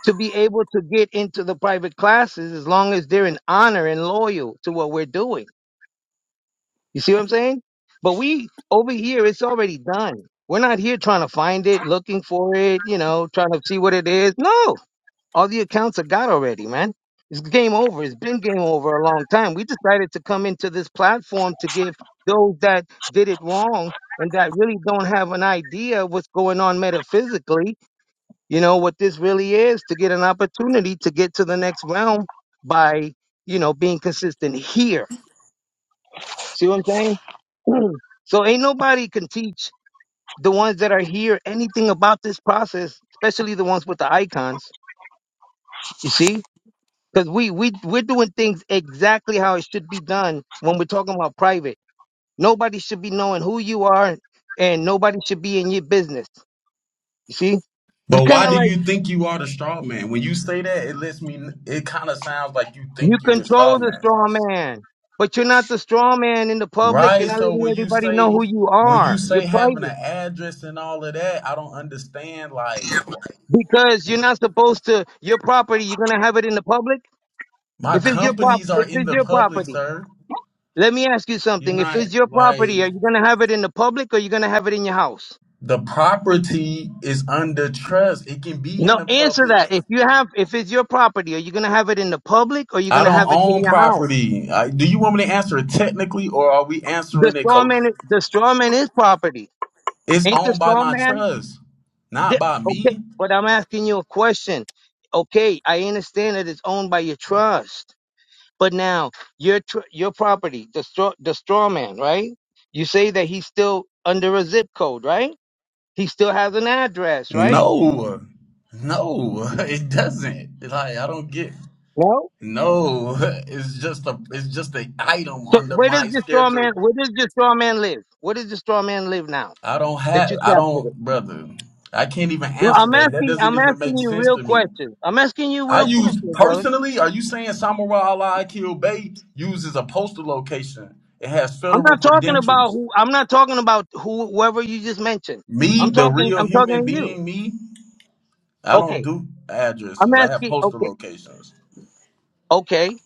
[SPEAKER 8] to be able to get into the private classes as long as they're in honor and loyal to what we're doing. You see what I'm saying? But we over here it's already done. We're not here trying to find it, looking for it, you know, trying to see what it is. No. All the accounts are got already, man. It's game over. It's been game over a long time. We decided to come into this platform to give those that did it wrong and that really don't have an idea what's going on metaphysically, you know, what this really is, to get an opportunity to get to the next realm by, you know, being consistent here. See what I'm saying? Mm. So ain't nobody can teach the ones that are here anything about this process, especially the ones with the icons. You see? Because we we we're doing things exactly how it should be done when we're talking about private. Nobody should be knowing who you are, and nobody should be in your business. You see, it's
[SPEAKER 7] But
[SPEAKER 8] kind
[SPEAKER 7] why
[SPEAKER 8] of
[SPEAKER 7] do
[SPEAKER 8] like
[SPEAKER 7] you think you are the straw man? When you say that, it lets me. It kind of sounds like you
[SPEAKER 8] you
[SPEAKER 7] think you the straw
[SPEAKER 8] control the
[SPEAKER 7] man.
[SPEAKER 8] straw man, but you're not the straw man in the public. You're
[SPEAKER 7] Right.
[SPEAKER 8] not
[SPEAKER 7] So
[SPEAKER 8] letting
[SPEAKER 7] when you
[SPEAKER 8] everybody know
[SPEAKER 7] say
[SPEAKER 8] who you
[SPEAKER 7] when you
[SPEAKER 8] are. You're
[SPEAKER 7] say having
[SPEAKER 8] private
[SPEAKER 7] an address and all of that, I don't understand. Like wh-
[SPEAKER 8] because you're not supposed to. Your property, you're gonna have it in the public.
[SPEAKER 7] my
[SPEAKER 8] If it's your prop,
[SPEAKER 7] companies are
[SPEAKER 8] if
[SPEAKER 7] in
[SPEAKER 8] it's
[SPEAKER 7] the
[SPEAKER 8] your
[SPEAKER 7] public,
[SPEAKER 8] property,
[SPEAKER 7] sir.
[SPEAKER 8] let me ask you
[SPEAKER 7] You're
[SPEAKER 8] something. If
[SPEAKER 7] not
[SPEAKER 8] it's your
[SPEAKER 7] like
[SPEAKER 8] property, are you gonna have it in the public or you gonna have it in your house?
[SPEAKER 7] the property is under trust. It can be in
[SPEAKER 8] No,
[SPEAKER 7] the
[SPEAKER 8] answer
[SPEAKER 7] public.
[SPEAKER 8] that. If you have, if it's your property, are you gonna have it in the public or are you
[SPEAKER 7] I
[SPEAKER 8] gonna
[SPEAKER 7] don't
[SPEAKER 8] have it
[SPEAKER 7] own
[SPEAKER 8] in your house?
[SPEAKER 7] property. I, do you want me to answer it technically, or are we
[SPEAKER 8] The
[SPEAKER 7] answering it?
[SPEAKER 8] straw
[SPEAKER 7] Co-
[SPEAKER 8] man, the straw man is property.
[SPEAKER 7] it's
[SPEAKER 8] Ain't the
[SPEAKER 7] owned by
[SPEAKER 8] straw
[SPEAKER 7] my
[SPEAKER 8] man?
[SPEAKER 7] trust, not
[SPEAKER 8] Yeah,
[SPEAKER 7] by
[SPEAKER 8] okay,
[SPEAKER 7] me.
[SPEAKER 8] but I'm asking you a question. Okay, I understand that it's owned by your trust, but now your tr- your property, the straw the straw man, right? You say that he's still under a zip code, right? He still has an address, right?
[SPEAKER 7] No, no, it doesn't. Like I don't get.
[SPEAKER 8] No.
[SPEAKER 7] No, it's just a it's just an item
[SPEAKER 8] So
[SPEAKER 7] under
[SPEAKER 8] where does
[SPEAKER 7] my
[SPEAKER 8] the straw
[SPEAKER 7] schedule.
[SPEAKER 8] man? Where does the straw man live? Where does the straw man live now?
[SPEAKER 7] I don't
[SPEAKER 8] that you
[SPEAKER 7] have I
[SPEAKER 8] captured
[SPEAKER 7] don't
[SPEAKER 8] it.
[SPEAKER 7] brother. I can't even
[SPEAKER 8] Well,
[SPEAKER 7] answer
[SPEAKER 8] I'm
[SPEAKER 7] that. That
[SPEAKER 8] asking,
[SPEAKER 7] doesn't
[SPEAKER 8] I'm
[SPEAKER 7] even
[SPEAKER 8] asking
[SPEAKER 7] make
[SPEAKER 8] you
[SPEAKER 7] sense
[SPEAKER 8] real
[SPEAKER 7] to me.
[SPEAKER 8] questions. I'm asking you
[SPEAKER 7] I
[SPEAKER 8] real
[SPEAKER 7] use
[SPEAKER 8] questions, brother.
[SPEAKER 7] personally, are you saying Samurai Allah Akil Bay uses a postal location? It has
[SPEAKER 8] I'm
[SPEAKER 7] federal
[SPEAKER 8] not talking about
[SPEAKER 7] credentials.
[SPEAKER 8] who. I'm not talking about who, whoever you just mentioned.
[SPEAKER 7] Me,
[SPEAKER 8] I'm
[SPEAKER 7] the
[SPEAKER 8] talking,
[SPEAKER 7] real
[SPEAKER 8] I'm
[SPEAKER 7] human
[SPEAKER 8] talking to you.
[SPEAKER 7] being, me, I don't
[SPEAKER 8] Okay,
[SPEAKER 7] do
[SPEAKER 8] I'm
[SPEAKER 7] addresses. I have
[SPEAKER 8] asking.
[SPEAKER 7] postal
[SPEAKER 8] Okay,
[SPEAKER 7] locations.
[SPEAKER 8] okay,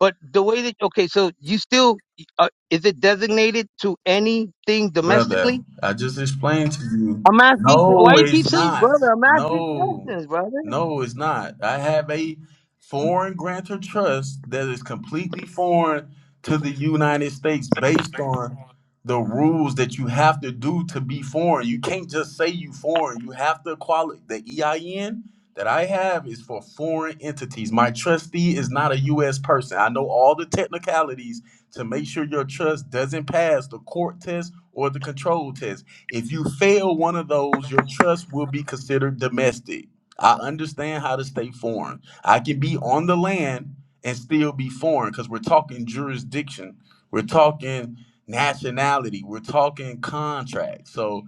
[SPEAKER 8] but the way that okay, so you still uh, is it designated to anything
[SPEAKER 7] Brother,
[SPEAKER 8] domestically?
[SPEAKER 7] I just explained to you.
[SPEAKER 8] I'm asking. Why
[SPEAKER 7] No,
[SPEAKER 8] you keep
[SPEAKER 7] it's
[SPEAKER 8] saying,
[SPEAKER 7] not.
[SPEAKER 8] brother? I'm asking
[SPEAKER 7] No,
[SPEAKER 8] questions, brother.
[SPEAKER 7] no, it's not. I have a foreign grantor trust that is completely foreign to the United States based on the rules that you have to do to be foreign. You can't just say you foreign. You have to qualify. The EIN that I have is for foreign entities. My trustee is not a U.S. person. I know all the technicalities to make sure your trust doesn't pass the court test or the control test. If you fail one of those, your trust will be considered domestic. I understand how to stay foreign. I can be on the land and still be foreign because we're talking jurisdiction. We're talking nationality. We're talking contract. So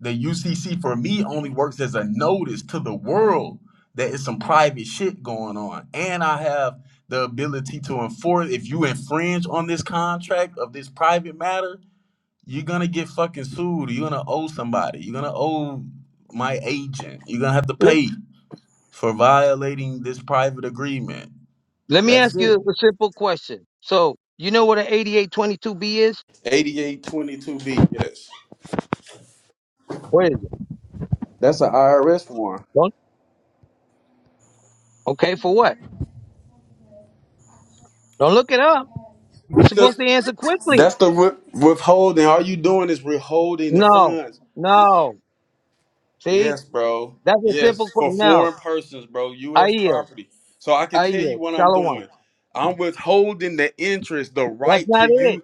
[SPEAKER 7] the UCC for me only works as a notice to the world that it's some private shit going on. And I have the ability to enforce if you infringe on this contract of this private matter, you're gonna get fucking sued. You're gonna owe somebody. You're gonna owe my agent. You're gonna have to
[SPEAKER 8] Let,
[SPEAKER 7] pay for violating this private agreement.
[SPEAKER 8] let me
[SPEAKER 7] That's
[SPEAKER 8] ask you
[SPEAKER 7] it.
[SPEAKER 8] a simple question. So you know what an 8822B is?
[SPEAKER 7] 8822B, yes.
[SPEAKER 8] What is
[SPEAKER 7] That's an IRS one.
[SPEAKER 8] it? Okay, for what? Don't look it up. You're
[SPEAKER 7] Because
[SPEAKER 8] supposed to answer quickly.
[SPEAKER 7] That's the wi- withholding. All you doing is withholding the
[SPEAKER 8] No,
[SPEAKER 7] funds.
[SPEAKER 8] no. See,
[SPEAKER 7] Yes, bro.
[SPEAKER 8] that's a
[SPEAKER 7] Yes,
[SPEAKER 8] simple
[SPEAKER 7] for
[SPEAKER 8] question. No,
[SPEAKER 7] foreign persons, bro.
[SPEAKER 8] I
[SPEAKER 7] U.S.
[SPEAKER 8] yield.
[SPEAKER 7] property. So I can
[SPEAKER 8] I
[SPEAKER 7] tell you
[SPEAKER 8] yield.
[SPEAKER 7] what I'm
[SPEAKER 8] Shalom.
[SPEAKER 7] doing. I'm withholding the interest, the
[SPEAKER 8] That's
[SPEAKER 7] right to
[SPEAKER 8] not it.
[SPEAKER 7] you.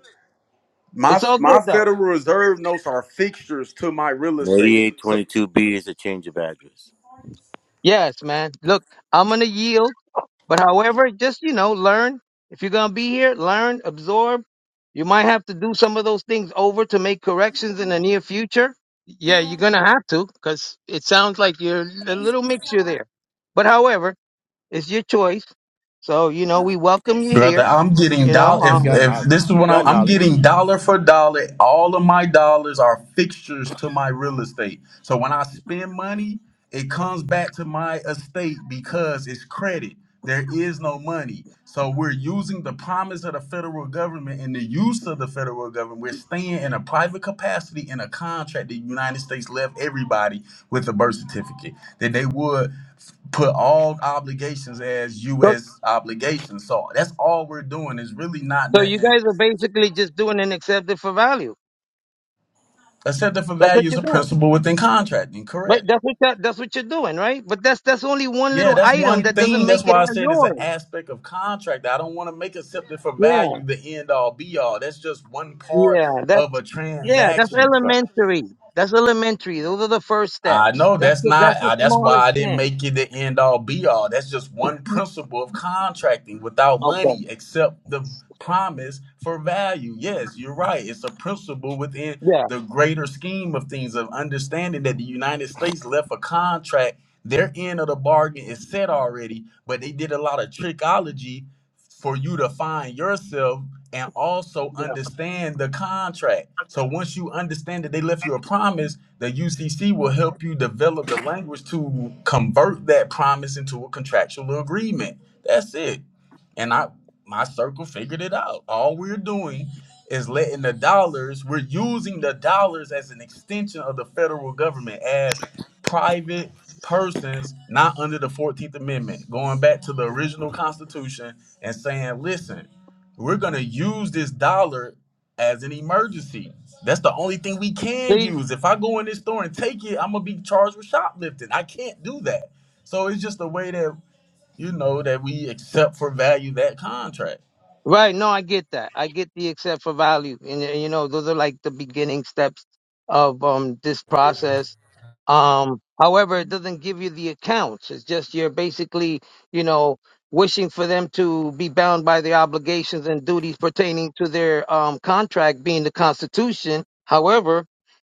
[SPEAKER 7] My
[SPEAKER 8] It's all
[SPEAKER 7] my
[SPEAKER 8] good though.
[SPEAKER 7] Federal Reserve notes are fixtures to my real estate. So
[SPEAKER 2] 8822B is a change of address.
[SPEAKER 8] Yes, man. Look, I'm gonna yield, but however, just you know, learn. If you're gonna be here, learn, absorb. You might have to do some of those things over to make corrections in the near future. Yeah, you're gonna have to, because it sounds like you're a little mixture there. But however, It's your choice. So, you know, we welcome you
[SPEAKER 7] Brother,
[SPEAKER 8] here,
[SPEAKER 7] I'm getting
[SPEAKER 8] you know.
[SPEAKER 7] dollar. If
[SPEAKER 2] He got
[SPEAKER 8] Um,
[SPEAKER 7] if
[SPEAKER 2] knowledge.
[SPEAKER 7] this is
[SPEAKER 2] He
[SPEAKER 7] what I'm,
[SPEAKER 2] got
[SPEAKER 7] I'm
[SPEAKER 2] knowledge.
[SPEAKER 7] getting dollar for dollar. All of my dollars are fixtures to my real estate. So when I spend money, it comes back to my estate because it's credit. There is no money. So we're using the promise to the federal government and the use of the federal government, we're staying in a private capacity in a contract. The United States left everybody with a birth certificate that they would f- put all obligations as
[SPEAKER 8] so,
[SPEAKER 7] U.S. obligations. So that's all we're doing is really not
[SPEAKER 8] so you
[SPEAKER 7] nothing
[SPEAKER 8] guys are basically just doing an accepted for value.
[SPEAKER 7] except that for
[SPEAKER 8] That's what
[SPEAKER 7] values
[SPEAKER 8] you're
[SPEAKER 7] of
[SPEAKER 8] doing.
[SPEAKER 7] principle within contracting.
[SPEAKER 8] Right?
[SPEAKER 7] Correct.
[SPEAKER 8] That's what that, that's what you're doing, right? But that's that's only one
[SPEAKER 7] Yeah,
[SPEAKER 8] little
[SPEAKER 7] that's
[SPEAKER 8] item
[SPEAKER 7] one
[SPEAKER 8] that doesn't
[SPEAKER 7] thing. That's
[SPEAKER 8] make it
[SPEAKER 7] why I
[SPEAKER 8] all
[SPEAKER 7] said it's an
[SPEAKER 8] yours.
[SPEAKER 7] aspect of contract. I don't want to make accepted for
[SPEAKER 8] Yeah,
[SPEAKER 7] value the end all be all. That's just one part
[SPEAKER 8] yeah. That's
[SPEAKER 7] of a
[SPEAKER 8] yeah, that's
[SPEAKER 7] transaction.
[SPEAKER 2] Right.
[SPEAKER 8] elementary. That's elementary. Those are the first
[SPEAKER 7] I
[SPEAKER 8] steps.
[SPEAKER 7] know
[SPEAKER 8] That's
[SPEAKER 7] that's
[SPEAKER 8] the
[SPEAKER 7] not,
[SPEAKER 8] that's the
[SPEAKER 7] uh, that's why
[SPEAKER 8] smallest
[SPEAKER 7] I didn't
[SPEAKER 8] thing.
[SPEAKER 7] make it the end all be all. That's just one principle of contracting without
[SPEAKER 8] Okay.
[SPEAKER 7] money, except the promise for value. Yes, you're right. It's a principle within
[SPEAKER 8] Yeah.
[SPEAKER 7] the greater scheme of things, of understanding that the United States left a contract. Their end of the bargain is set already, but they did a lot of trickology for you to find yourself and also
[SPEAKER 8] Yeah.
[SPEAKER 7] understand the contract. So once you understand that they left you a promise, the UCC will help you develop the language to convert that promise into a contractual agreement. That's it and I my circle figured it out. All we're doing is letting the dollars, we're using the dollars as an extension of the federal government as private persons not under the 14th Amendment, going back to the original Constitution and saying, listen, we're going to use this dollar as an emergency. That's the only thing we can
[SPEAKER 8] See.
[SPEAKER 7] use. If I go in this store and take it, I'm going to be charged with shoplifting. I can't do that. So it's just the way that you know, that we accept for value that contract.
[SPEAKER 8] Right. No, I get that. I get the except for value. And, uh, you know, those are like the beginning steps of um this process. Um, however, it doesn't give you the accounts. It's just you're basically, you know, wishing for them to be bound by the obligations and duties pertaining to their um contract being the constitution. However,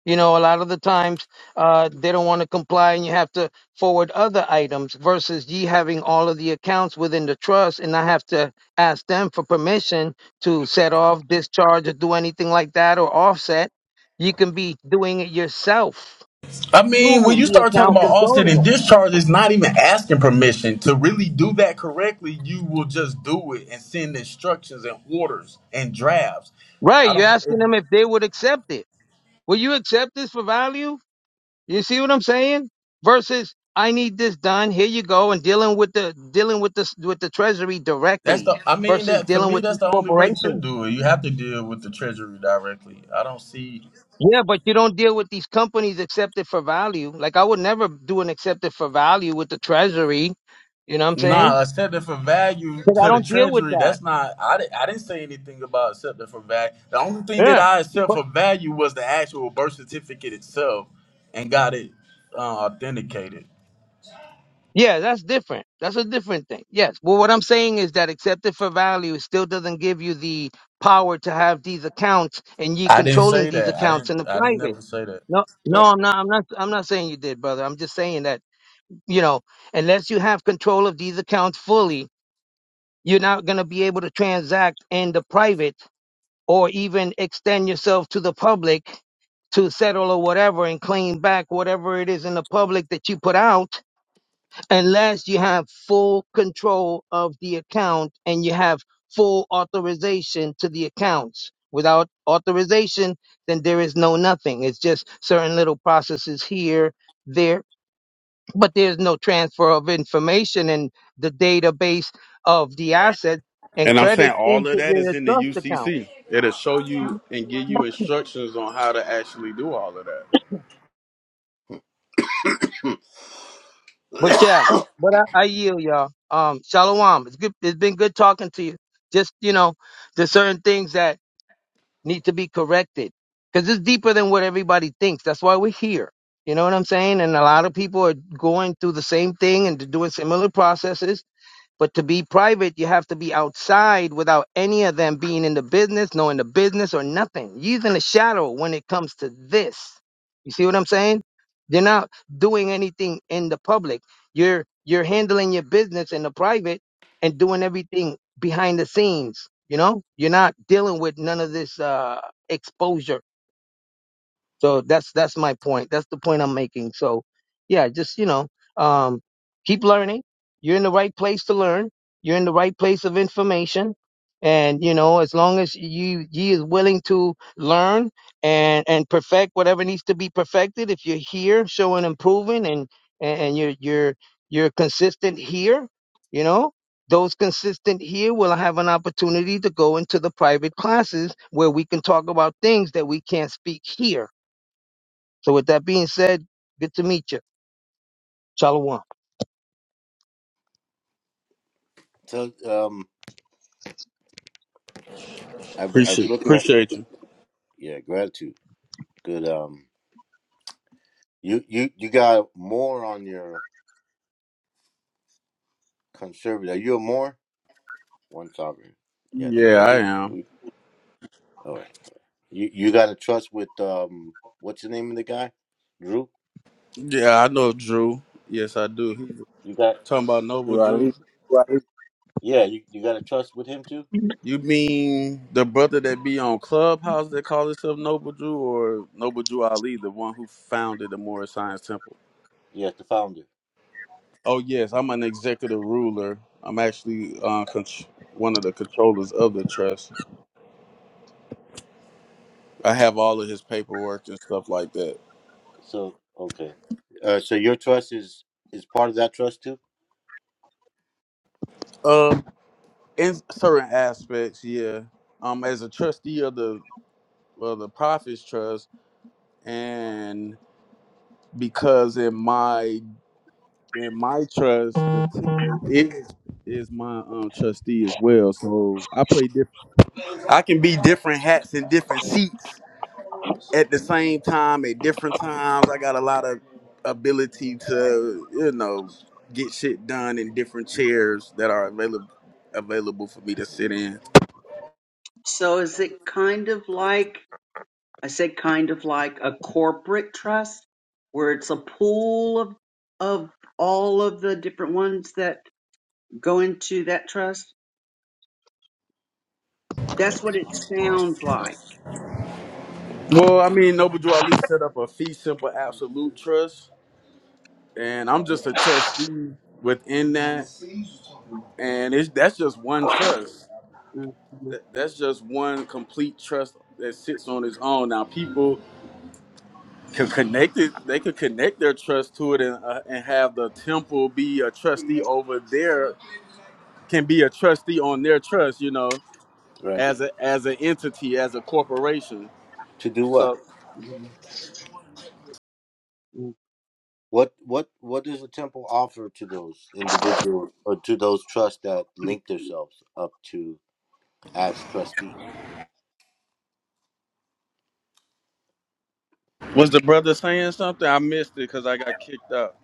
[SPEAKER 8] you know, a lot of the times uh, they don't want to comply, and you have to forward other items versus you having all of the accounts within the trust, and I have to ask them for permission to set off, discharge, or do anything like that, or offset. You can be doing it yourself
[SPEAKER 7] I mean, when
[SPEAKER 8] through
[SPEAKER 7] you
[SPEAKER 8] the
[SPEAKER 7] start talking
[SPEAKER 8] account
[SPEAKER 7] about offset
[SPEAKER 8] controller.
[SPEAKER 7] and discharge, it's not even asking permission. To really do that correctly, you will just do it and send instructions and orders and drafts.
[SPEAKER 8] Right,
[SPEAKER 7] I
[SPEAKER 8] you're
[SPEAKER 7] don't. It,
[SPEAKER 8] asking them if they would accept it. Will you accept this for value? You see what I'm saying? Versus I need this done. Here you go, and dealing with the dealing with the with the treasury
[SPEAKER 7] that's
[SPEAKER 8] directly
[SPEAKER 7] the. I mean,
[SPEAKER 8] versus
[SPEAKER 7] that to
[SPEAKER 8] dealing
[SPEAKER 7] me,
[SPEAKER 8] with
[SPEAKER 7] that's
[SPEAKER 8] these
[SPEAKER 7] the only way to
[SPEAKER 8] corporations.
[SPEAKER 7] do it. You have to deal with the treasury directly. I don't see.
[SPEAKER 8] Yeah, but you don't deal with these companies accepted for value. Like I would never do an accepted for value with the treasury. You know what I'm saying?
[SPEAKER 7] Nah, accepting for value
[SPEAKER 8] Because I
[SPEAKER 7] to the
[SPEAKER 8] don't deal with
[SPEAKER 7] treasury.
[SPEAKER 8] that.
[SPEAKER 7] That's not. I, di- I didn't say anything about accepting for value. The only thing that
[SPEAKER 8] Yeah. But
[SPEAKER 7] I accept for value was the actual birth certificate itself, and got it uh, authenticated.
[SPEAKER 8] Yeah, that's different. That's a different thing. Yes. Well, what I'm saying is that accepted for value still doesn't give you the power to have these accounts and you
[SPEAKER 7] I didn't
[SPEAKER 8] controlling
[SPEAKER 7] say
[SPEAKER 8] these
[SPEAKER 7] that. I
[SPEAKER 8] accounts
[SPEAKER 7] didn't.
[SPEAKER 8] in the
[SPEAKER 7] I didn't
[SPEAKER 8] private.
[SPEAKER 7] never say that.
[SPEAKER 8] No, no,
[SPEAKER 2] Right.
[SPEAKER 8] I'm not. I'm not. I'm not saying you did, brother. I'm just saying that you know, unless you have control of these accounts fully, you're not going to be able to transact in the private or even extend yourself to the public to settle or whatever and claim back whatever it is in the public that you put out unless you have full control of the account and you have full authorization to the accounts. Without authorization, then there is no nothing. It's just certain little processes here, there, but there's no transfer of information in the database of the asset and
[SPEAKER 7] And I'm
[SPEAKER 8] credit
[SPEAKER 7] saying all
[SPEAKER 8] into
[SPEAKER 7] of that is
[SPEAKER 8] the
[SPEAKER 7] in the
[SPEAKER 8] trust account.
[SPEAKER 7] UCC. It'll show you and give you instructions on how to actually do all of that.
[SPEAKER 8] But yeah, but I, I yield y'all. Um, Shalom. It's good. It's been good talking to you. Just, you know, there's certain things that need to be corrected because it's deeper than what everybody thinks. That's why we're here. You know what I'm saying? And a lot of people are going through the same thing and doing similar processes but to be private, you have to be outside without any of them being in the business, knowing the business or nothing. Using the shadow when it comes to this. You see what I'm saying? You're not doing anything in the public. You're you're handling your business in the private and doing everything behind the scenes. You know, you're not dealing with none of this uh, exposure so that's that's my point. That's the point I'm making. So yeah, just you know, um, keep learning. You're in the right place to learn. You're in the right place of information. And you know, as long as you you is willing to learn and and perfect whatever needs to be perfected, if you're here showing improving and and, and you're you're you're consistent here, you know, those consistent here will have an opportunity to go into the private classes where we can talk about things that we can't speak here so with that being said, good to meet you. Shalom.
[SPEAKER 2] So um, I, I was
[SPEAKER 7] Appreciate
[SPEAKER 2] looking at
[SPEAKER 7] appreciate you.
[SPEAKER 2] yeah gratitude. Good. Um, you you you got more on your conservative. Are you a more one sovereign? Yeah, I think
[SPEAKER 7] Yeah,
[SPEAKER 2] I
[SPEAKER 7] I
[SPEAKER 2] think
[SPEAKER 7] am.
[SPEAKER 2] we. All right. You you got to trust with um. What's the name of the guy? Drew.
[SPEAKER 7] Yeah, I know Drew. Yes, I do. He's
[SPEAKER 2] You got
[SPEAKER 7] talking about Noble Drew.
[SPEAKER 3] Right.
[SPEAKER 2] yeah. You you got to trust with him too.
[SPEAKER 7] You mean the brother that be on Clubhouse that call himself Noble Jew or Noble Jew Ali, the one who founded the Morris Science Temple?
[SPEAKER 2] Yeah, the founder.
[SPEAKER 7] Oh, yes, I'm an executive ruler. I'm actually uh, con- one of the controllers of the trust. I have all of his paperwork and stuff like that.
[SPEAKER 2] So okay. Uh, so your trust is is part of that trust too.
[SPEAKER 7] Um, in certain aspects, yeah. Um, as a trustee of the of the Prophets Trust, and because in my Then my trust, the team is is my um trustee as well. So I play different. I can be different hats and different seats at the same time at different times. I got a lot of ability to you know get shit done in different chairs that are available available for me to sit in.
[SPEAKER 6] So is
[SPEAKER 2] All
[SPEAKER 6] it
[SPEAKER 2] Right.
[SPEAKER 6] kind of like, I say kind of like a corporate trust where it's a pool of, of all of the different ones that go into that trust? That's what it sounds like.
[SPEAKER 7] Well, I mean, Noble Drew Ali set up a fee simple absolute trust, and I'm just a trustee within that, and it's that's just one trust.
[SPEAKER 6] Mhm,
[SPEAKER 7] That, that's just one complete trust that sits on its own. Now people can connect it. They could connect their trust to it and uh, and have the temple be a trustee over their can be a trustee on their trust. You know,
[SPEAKER 2] Right.
[SPEAKER 7] as a as an entity, as a corporation.
[SPEAKER 2] To do what?
[SPEAKER 7] So
[SPEAKER 6] mhm,
[SPEAKER 2] What what what does the temple offer to those individuals or to those trusts that link themselves up to as trustee?
[SPEAKER 7] was the brother saying something? I missed it because I got kicked out.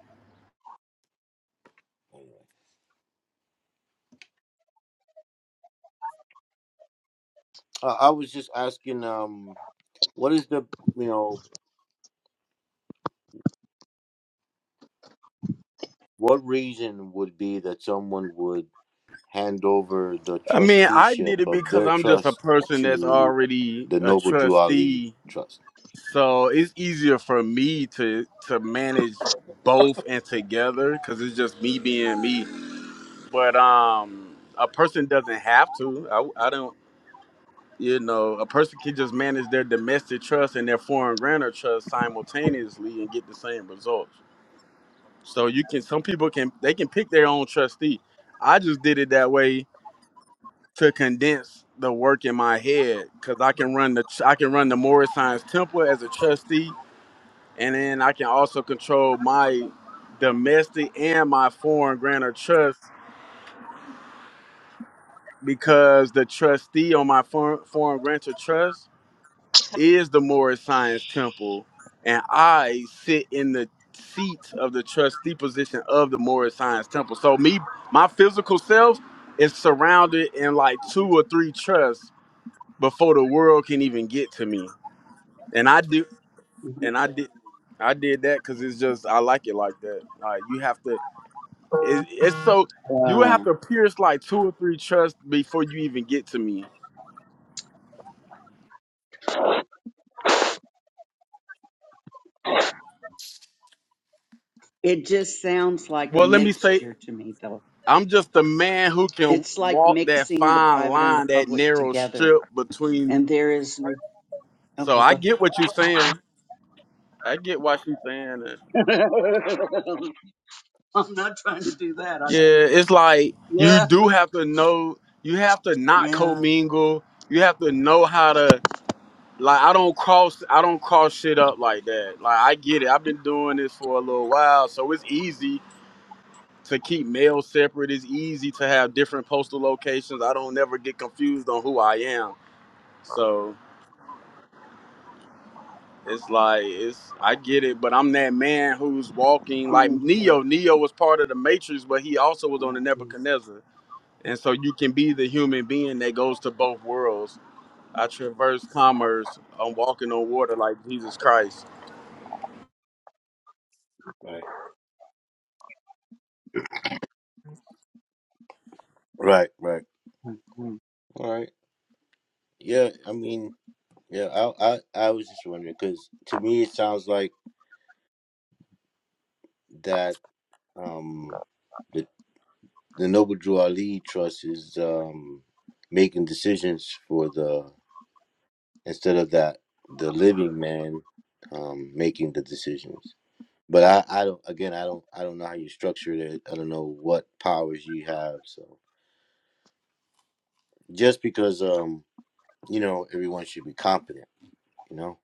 [SPEAKER 2] Uh, I was just asking, um, what is the you know what reason would be that someone would hand over the
[SPEAKER 7] I mean, I
[SPEAKER 2] trusteeship
[SPEAKER 7] did it
[SPEAKER 2] of
[SPEAKER 7] because
[SPEAKER 2] their
[SPEAKER 7] I'm just a
[SPEAKER 2] trust
[SPEAKER 7] person that's
[SPEAKER 2] to
[SPEAKER 7] already
[SPEAKER 2] the
[SPEAKER 7] a
[SPEAKER 2] Noble Drew Ali
[SPEAKER 7] trustee
[SPEAKER 2] Trust?
[SPEAKER 7] So it's easier for me to to manage both and together because it's just me being me. But um, a person doesn't have to. I, I don't. You know, a person can just manage their domestic trust and their foreign grantor trust simultaneously and get the same results. So you can. Some people can. They can pick their own trustee. I just did it that way to condense the work in my head because I can run the I can run the Morris Science Temple as a trustee and then I can also control my domestic and my foreign grantor trust because the trustee on my foreign, foreign grantor trust is the Morris Science Temple, and I sit in the seats of the trustee position of the Morris Science Temple. So me, my physical self is surrounded in like two or three trusts before the world can even get to me, and I do,
[SPEAKER 6] mhm.
[SPEAKER 7] and I did. I did that because it's just I like it like that. Like you have to It, it's so you would have
[SPEAKER 6] Wow.
[SPEAKER 7] to pierce like two or three trusts before you even get to me.
[SPEAKER 6] It just sounds like a
[SPEAKER 7] Well, let me say,
[SPEAKER 6] mixture to me, though.
[SPEAKER 7] I'm just a man who can
[SPEAKER 6] It's like
[SPEAKER 7] walk that
[SPEAKER 6] mixing the
[SPEAKER 7] fine
[SPEAKER 6] private and the
[SPEAKER 7] line, that
[SPEAKER 6] public
[SPEAKER 7] narrow
[SPEAKER 6] together.
[SPEAKER 7] strip between.
[SPEAKER 6] And there is no.
[SPEAKER 7] So
[SPEAKER 6] Okay,
[SPEAKER 7] I
[SPEAKER 6] go
[SPEAKER 7] get what you're saying. I get what she's saying. and
[SPEAKER 6] ahead. I'm not trying to do that. I
[SPEAKER 7] Yeah,
[SPEAKER 6] think.
[SPEAKER 7] it's like you
[SPEAKER 6] Yeah.
[SPEAKER 7] do have to know. You have to not
[SPEAKER 6] Yeah.
[SPEAKER 7] commingle. You have to know how to. Like I don't cross. I don't cross shit up like that. Like I get it. I've been doing this for a little while, so it's easy to keep mail separate. It's easy to have different postal locations. I don't never get confused on who I am. So it's like it's I get it, but I'm that man who's walking like
[SPEAKER 6] Mhm, mhm,
[SPEAKER 7] Neo. Neo was part of the Matrix, but he also was on the
[SPEAKER 6] mhm,
[SPEAKER 7] Nebuchadnezzar. And so you can be the human being that goes to both worlds. I traverse commerce. I'm walking on water like Jesus Christ.
[SPEAKER 2] Right. Right, right,
[SPEAKER 6] mhm,
[SPEAKER 2] all right. Yeah, I mean, yeah, I I, I was just wondering because to me it sounds like that um. the. the Noble Drew Ali Trust is um, making decisions for the instead of that the living man um, making the decisions. But I, I don't again I don't I don't know how you structured it. I don't know what powers you have. So just because um you know everyone should be competent, you know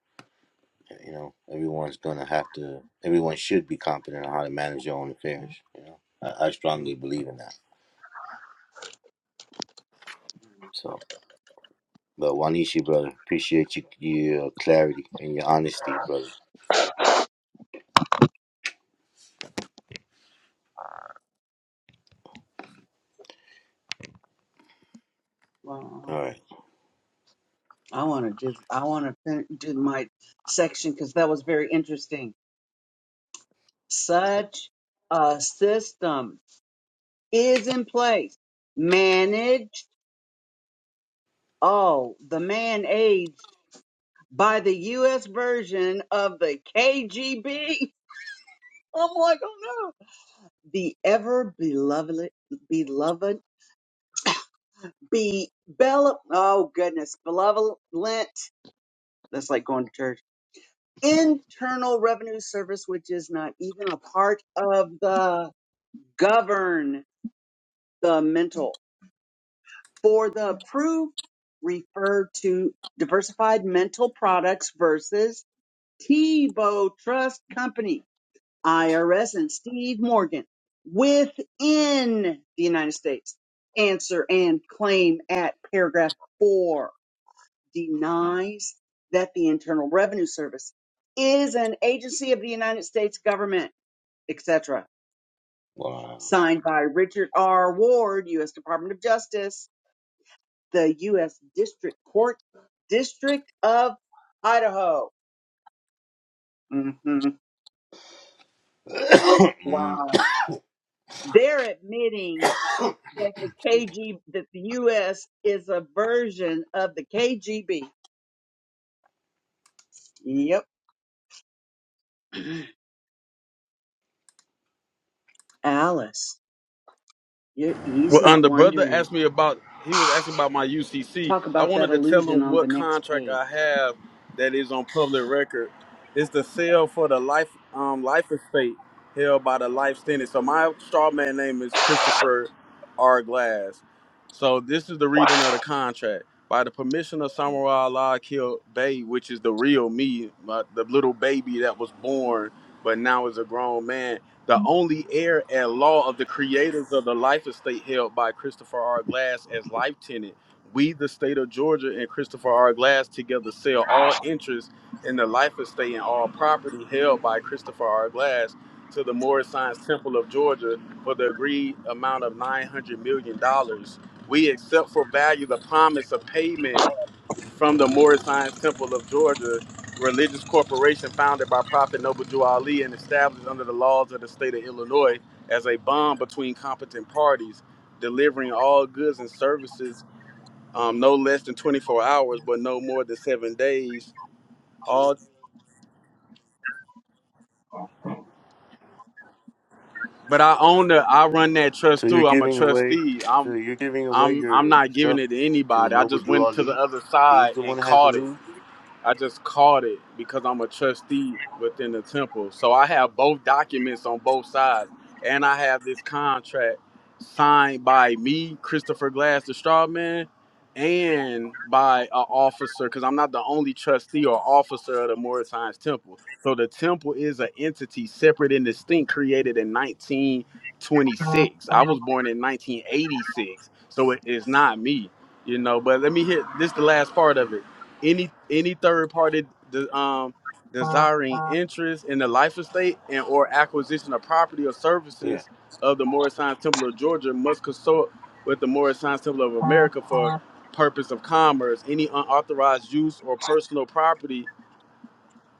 [SPEAKER 2] Eh, you know everyone's gonna have to everyone should be competent on how to manage their own affairs. You know I, I strongly
[SPEAKER 6] mhm.
[SPEAKER 2] believe in that. So. But Wanishi, brother, appreciate you, your clarity and your honesty, brother.
[SPEAKER 6] Wow.
[SPEAKER 2] All right.
[SPEAKER 6] I want to just, I want to do my section because that was very interesting. Such a system is in place, managed. Oh, the man aids by the US version of the KGB. I'm like, oh no. The ever beloved, beloved, be, bella, oh goodness, beloved, that's like going to church. Internal Revenue Service, which is not even a part of the govern the mental. For the approved, refer to diversified mental products versus Tebow Trust Company IRS and Steve Morgan within the United States. Answer and claim at paragraph four denies that the Internal Revenue Service is an agency of the United States government, etc.
[SPEAKER 2] Wow.
[SPEAKER 6] Signed by Richard R. Ward, U.S. Department of Justice, the U.S. District Court, District of Idaho. hmm
[SPEAKER 2] Mm.
[SPEAKER 6] Wow. They're admitting
[SPEAKER 2] so
[SPEAKER 6] that the KG that the US is a version of the KGB. Yep. Alice, you he's
[SPEAKER 7] Well, um,
[SPEAKER 6] not
[SPEAKER 7] the brother
[SPEAKER 6] wondering.
[SPEAKER 7] asked me about. He was asking about my UCC.
[SPEAKER 6] Talk
[SPEAKER 7] I
[SPEAKER 6] about
[SPEAKER 7] wanted
[SPEAKER 6] that
[SPEAKER 7] to tell
[SPEAKER 6] illusion
[SPEAKER 7] him
[SPEAKER 6] on the
[SPEAKER 7] what
[SPEAKER 6] next
[SPEAKER 7] contract
[SPEAKER 6] page.
[SPEAKER 7] I have that is on public record. It's the sale for the life um, life estate held by the life sentence. So my straw man name is Christopher R. Glass. So this is the reading of the contract. By the permission of Samurai Allah Kill Bay, which is the real me, my, the little baby that was born but now is a grown man the only heir at law of the creators of the life estate held by Christopher R. Glass as life tenant. We, the state of Georgia, and Christopher R. Glass together sell all interest in the life estate and all property held by Christopher R. Glass to the Morris Science Temple of Georgia for the agreed amount of $900 million. dollars. We accept for value the promise of payment from the Morris Science Temple of Georgia religious corporation founded by Prophet Noble Jew Ali and established under the laws of the state of Illinois as a bond between competent parties, delivering all goods and services um, no less than 24 hours, but no more than seven days. All, but I own the, I run that trust
[SPEAKER 2] you're
[SPEAKER 7] too. I'm a
[SPEAKER 2] giving away,
[SPEAKER 7] trustee.
[SPEAKER 2] so
[SPEAKER 7] I'm,
[SPEAKER 2] you're giving away
[SPEAKER 7] I'm, I'm
[SPEAKER 2] your
[SPEAKER 7] not giving
[SPEAKER 2] stuff
[SPEAKER 7] it to
[SPEAKER 2] to
[SPEAKER 7] anybody. I
[SPEAKER 2] Noble
[SPEAKER 7] just
[SPEAKER 2] Drew
[SPEAKER 7] went to the
[SPEAKER 2] Ali.
[SPEAKER 7] other
[SPEAKER 2] He's
[SPEAKER 7] side
[SPEAKER 2] the one
[SPEAKER 7] and
[SPEAKER 2] that has to
[SPEAKER 7] caught it.
[SPEAKER 2] lose.
[SPEAKER 7] I just caught it because I'm a trustee within the temple. So I have both documents on both sides. And I have this contract signed by me, Christopher Glass, the straw man, and by an officer, because I'm not the only trustee or officer of the Morris Hines Temple. So the temple is an entity separate and distinct created in 1926. I was born in 1986. So it is not me, you know. But let me hit this the last part of it any any third party de- um, desiring interest in the life estate and or acquisition of property or
[SPEAKER 2] Yeah.
[SPEAKER 7] services of the Morris Science Temple of Georgia must consult with the Morris Science Temple of America for purpose of commerce. Any unauthorized use or personal property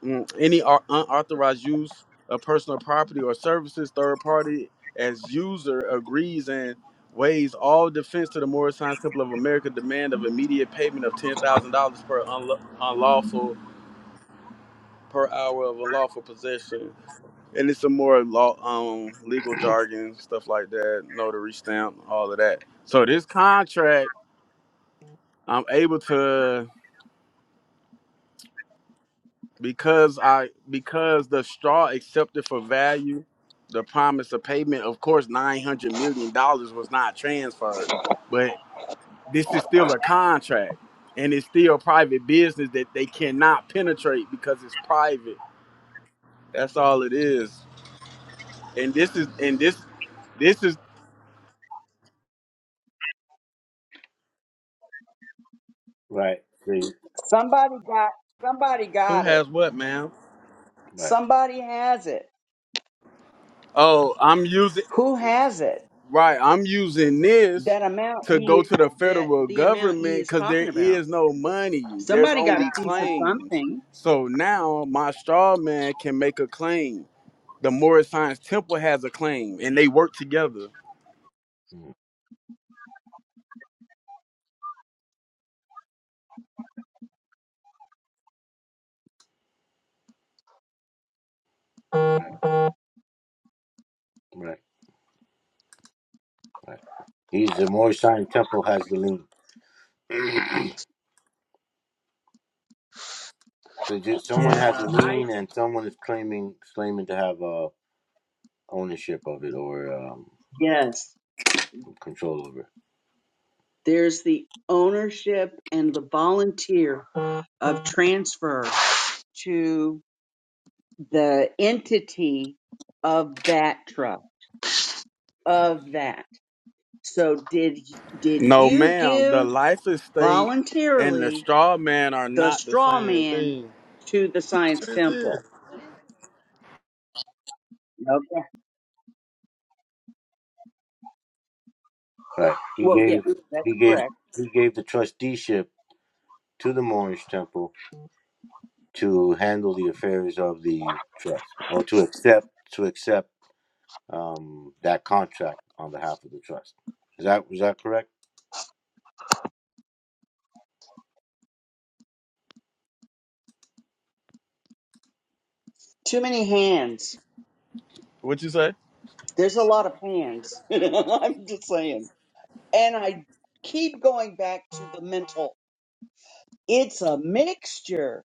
[SPEAKER 7] Mm, any au- unauthorized use of personal property or services, third party as user agrees and waives all defense to the Morris Science Temple of America demand of immediate payment of ten thousand dollars per unla- unlawful per hour of unlawful possession. And it's some more law, um, legal jargon stuff like that, notary stamp, all of that. So this contract, I'm able to. because I because the straw accepted for value the promise of payment. Of course, nine hundred million dollars was not transferred, but this is still a contract, and it's still private business that they cannot penetrate because it's private. That's all it is. And this is and this this is
[SPEAKER 2] Right. See.
[SPEAKER 6] Somebody got somebody
[SPEAKER 7] who
[SPEAKER 6] got it.
[SPEAKER 7] has what, ma'am?
[SPEAKER 2] Right.
[SPEAKER 6] Somebody has it.
[SPEAKER 7] Oh, I'm using.
[SPEAKER 6] Who has it?
[SPEAKER 7] Right. I'm using this
[SPEAKER 6] That amount
[SPEAKER 7] to go
[SPEAKER 6] he
[SPEAKER 7] to the
[SPEAKER 6] that
[SPEAKER 7] federal
[SPEAKER 6] the amount he
[SPEAKER 7] government
[SPEAKER 6] is
[SPEAKER 7] because there
[SPEAKER 6] talking about.
[SPEAKER 7] is no money. There's
[SPEAKER 6] Somebody got
[SPEAKER 7] only
[SPEAKER 6] a piece of
[SPEAKER 7] claims.
[SPEAKER 6] something.
[SPEAKER 7] So now my straw man can make a claim. The Morris Science Temple has a claim and they work together.
[SPEAKER 2] Mm. Right. Right. Right. He's the Morishan temple has the lean. so just, someone has
[SPEAKER 6] Yeah,
[SPEAKER 2] a
[SPEAKER 6] I
[SPEAKER 2] lien, and someone is claiming claiming to have uh, ownership of it or um,
[SPEAKER 6] yes.
[SPEAKER 2] control over it.
[SPEAKER 6] There's the ownership and the volunteer of transfer to the entity of that trust of that. So did did
[SPEAKER 7] No,
[SPEAKER 6] you
[SPEAKER 7] ma'am. The
[SPEAKER 6] give
[SPEAKER 7] life estate and the
[SPEAKER 6] voluntarily
[SPEAKER 7] straw man are
[SPEAKER 6] the
[SPEAKER 7] not the
[SPEAKER 6] straw
[SPEAKER 7] same
[SPEAKER 6] man
[SPEAKER 7] thing.
[SPEAKER 6] to the science
[SPEAKER 7] What is this?
[SPEAKER 6] temple? Okay.
[SPEAKER 2] Right. He
[SPEAKER 6] Well, yeah,
[SPEAKER 2] gave
[SPEAKER 6] that's
[SPEAKER 2] he gave
[SPEAKER 6] correct.
[SPEAKER 2] he gave the trusteeship to the Moorish temple to handle the affairs of the trust or to accept to accept um, that contract on behalf of the trust. Is that was that correct?
[SPEAKER 6] Too many hands.
[SPEAKER 7] What you say?
[SPEAKER 6] There's a lot of hands. I'm just saying. And I keep going back to the mental It's a mixture,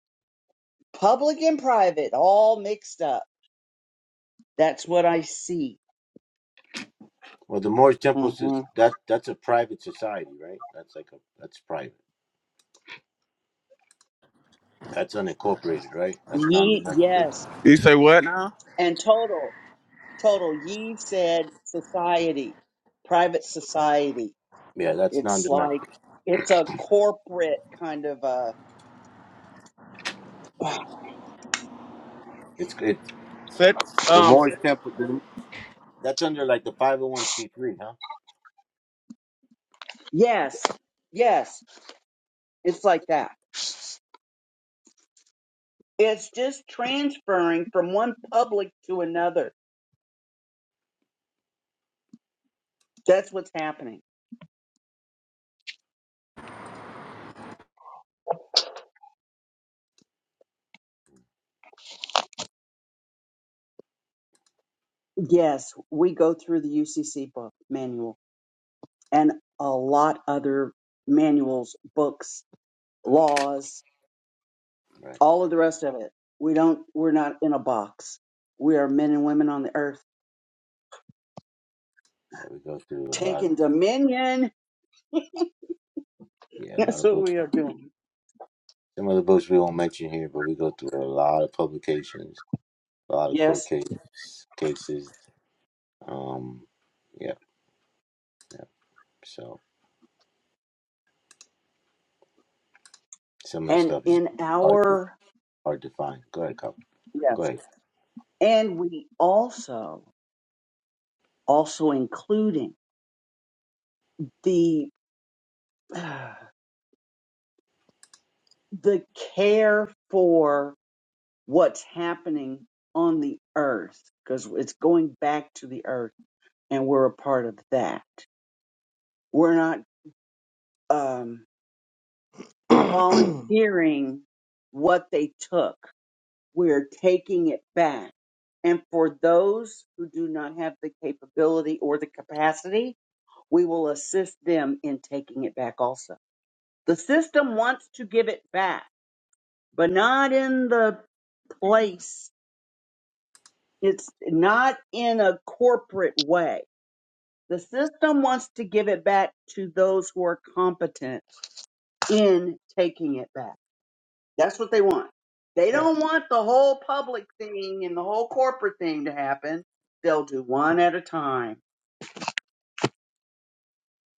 [SPEAKER 6] public and private, all mixed up. That's what I see.
[SPEAKER 2] Well, the Moorish temple is
[SPEAKER 6] hmm
[SPEAKER 2] that that's a private society, right? That's like a that's private. That's unincorporated, right? That's
[SPEAKER 6] Ye,
[SPEAKER 2] non-domestic.
[SPEAKER 6] yes,
[SPEAKER 7] You say what now?
[SPEAKER 6] and total, total. Ye said society, private society.
[SPEAKER 2] Yeah, that's
[SPEAKER 6] It's like
[SPEAKER 2] non-domestic.
[SPEAKER 6] it's a corporate kind of a.
[SPEAKER 2] It's it's
[SPEAKER 7] Set
[SPEAKER 2] the
[SPEAKER 7] um
[SPEAKER 2] Moorish temple. The, that's under like the five hundred one c three, huh?
[SPEAKER 6] Yes, yes, it's like that. It's just transferring from one public to another. That's what's happening. Yes, we go through the UCC book manual. and a lot other manuals, books, laws,
[SPEAKER 2] Right.
[SPEAKER 6] all of the rest of it. We don't we're not in a box. We are men and women on the earth
[SPEAKER 2] Yeah, we go through a lot.
[SPEAKER 6] taking dominion.
[SPEAKER 2] Yeah, a lot
[SPEAKER 6] That's
[SPEAKER 2] of
[SPEAKER 6] what
[SPEAKER 2] books.
[SPEAKER 6] we are doing.
[SPEAKER 2] Some of the books we won't mention here, but we go through a lot of publications, a lot of court
[SPEAKER 6] Yes.
[SPEAKER 2] case, cases. Um, yeah, yeah. So some of the
[SPEAKER 6] And
[SPEAKER 2] stuff is
[SPEAKER 6] in
[SPEAKER 2] hard to
[SPEAKER 6] our
[SPEAKER 2] hard to find. Go ahead, Colin. Go
[SPEAKER 6] yes.
[SPEAKER 2] ahead.
[SPEAKER 6] And we also also including the uh, the care for what's happening on the earth because it's going back to the earth and we're a part of that We're not um, volunteering what they took. We're taking it back. And for those who do not have the capability or the capacity, we will assist them in taking it back also. The system wants to give it back, but not in the place. It's not in a corporate way. The system wants to give it back to those who are competent in taking it back. That's what they want. They
[SPEAKER 2] Right.
[SPEAKER 6] don't want the whole public thing and the whole corporate thing to happen. They'll do one at a time.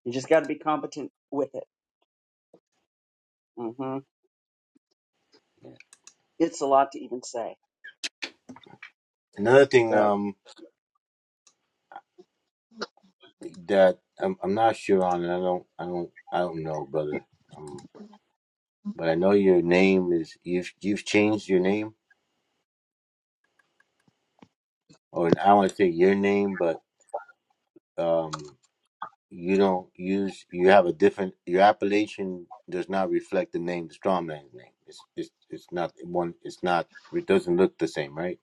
[SPEAKER 6] You just got to be competent with it. hmm
[SPEAKER 2] Yeah.
[SPEAKER 6] It's a lot to even say,
[SPEAKER 2] Another thing
[SPEAKER 6] but
[SPEAKER 2] um that I'm I'm not sure on, and I don't I don't I don't know, brother. Um, but I know your name is you've you've changed your name, or I want to say your name, but um. You don't use. You have a different. Your appellation does not reflect the name, the strong man's name. It's it's it's not one. It's not. It doesn't look the same, right?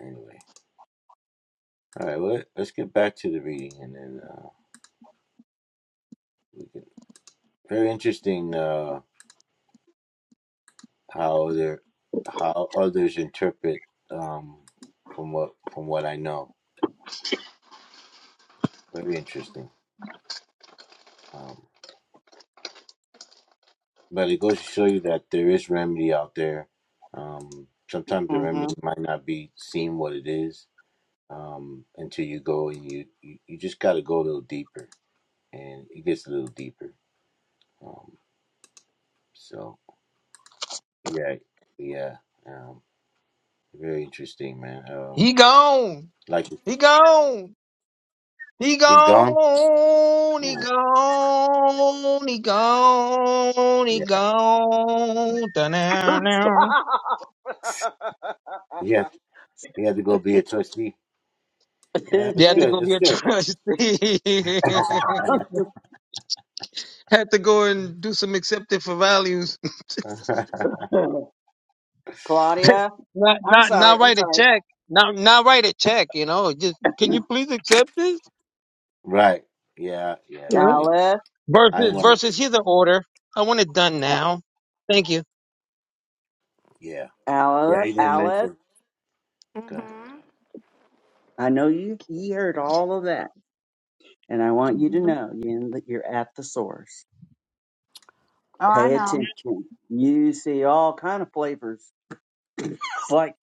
[SPEAKER 2] Anyway, all right. Well, let's get back to the reading, and then uh, we can. Very interesting. Uh, how other how others interpret. Um, from what from what I know, very interesting. Um, but it goes to show you that there is remedy out there. Um, sometimes the
[SPEAKER 6] hmm
[SPEAKER 2] remedy might not be seen what it is um, until you go and you you, you just got to go a little deeper, and it gets a little deeper. Um, so yeah, yeah, um, very interesting, man. Um,
[SPEAKER 8] he gone.
[SPEAKER 2] like
[SPEAKER 8] He gone. He
[SPEAKER 2] he's gone.
[SPEAKER 8] gone, he
[SPEAKER 2] Mm,
[SPEAKER 8] gone, he gone, he
[SPEAKER 2] Yeah,
[SPEAKER 8] gone. Da-na-na.
[SPEAKER 2] he had he had to go be a trustee. Yeah,
[SPEAKER 8] You
[SPEAKER 2] it's
[SPEAKER 8] have to
[SPEAKER 2] good.
[SPEAKER 8] go
[SPEAKER 6] stop.
[SPEAKER 8] be
[SPEAKER 2] It's
[SPEAKER 8] a
[SPEAKER 2] good.
[SPEAKER 8] trustee. have to go and do some accepted for values.
[SPEAKER 6] Claudia,
[SPEAKER 8] not,
[SPEAKER 6] I'm
[SPEAKER 8] not,
[SPEAKER 6] sorry.
[SPEAKER 8] not
[SPEAKER 6] I'm
[SPEAKER 8] write a
[SPEAKER 6] sorry.
[SPEAKER 8] check. Not, not write a check. You know, just can you please accept this?
[SPEAKER 2] right. Yeah. Yeah.
[SPEAKER 8] You
[SPEAKER 2] I
[SPEAKER 8] know,
[SPEAKER 2] didn't.
[SPEAKER 6] Alice,
[SPEAKER 2] I didn't
[SPEAKER 8] versus,
[SPEAKER 2] want to.
[SPEAKER 8] versus here's an order. I want it done now. Thank you.
[SPEAKER 2] Yeah. Yeah.
[SPEAKER 6] Alice,
[SPEAKER 2] He didn't
[SPEAKER 6] Alice.
[SPEAKER 2] mention. Good.
[SPEAKER 1] hmm
[SPEAKER 6] I know you. You heard all of that, and I want you to
[SPEAKER 1] hmm
[SPEAKER 6] know you you're at the source.
[SPEAKER 1] Oh, I
[SPEAKER 6] Pay
[SPEAKER 1] know.
[SPEAKER 6] attention. You see all kind of flavors. It's like,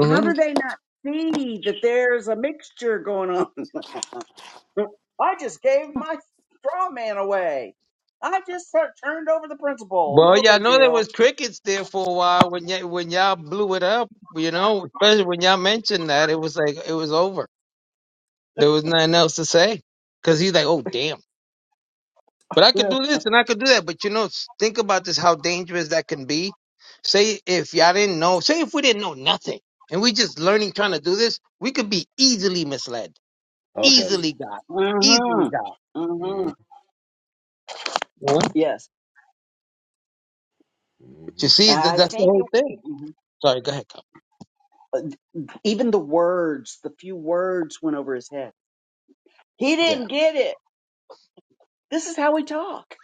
[SPEAKER 6] how do they not see that there's a mixture going on? I just gave my straw man away. I just tur- turned over the principal.
[SPEAKER 8] Well,
[SPEAKER 6] No
[SPEAKER 8] y'all
[SPEAKER 6] big
[SPEAKER 8] know there
[SPEAKER 6] deal.
[SPEAKER 8] was crickets there for a while when y- when y'all blew it up. You know, especially when y'all mentioned that, it was like it was over. There was nothing else to say because he's like, "Oh, damn!" But I could
[SPEAKER 6] Yeah.
[SPEAKER 8] do this and I could do that. But you know, s- think about this: how dangerous that can be. Say if y'all didn't know, say if we didn't know nothing and we just learning trying to do this, we could be easily misled,
[SPEAKER 2] Oh hell yeah.
[SPEAKER 8] easily got, easily
[SPEAKER 6] Mhm.
[SPEAKER 8] got.
[SPEAKER 2] hmm
[SPEAKER 6] Mhm.
[SPEAKER 8] You know?
[SPEAKER 6] Yes.
[SPEAKER 8] But you
[SPEAKER 2] hmm
[SPEAKER 8] see, th-
[SPEAKER 6] I
[SPEAKER 8] that's the
[SPEAKER 6] think
[SPEAKER 8] whole
[SPEAKER 6] it.
[SPEAKER 8] thing.
[SPEAKER 6] mhm.
[SPEAKER 8] Sorry, go ahead. Kyle.
[SPEAKER 6] Uh, Even the words, the few words went over his head. He
[SPEAKER 8] Yeah,
[SPEAKER 6] didn't get it. This is how we talk.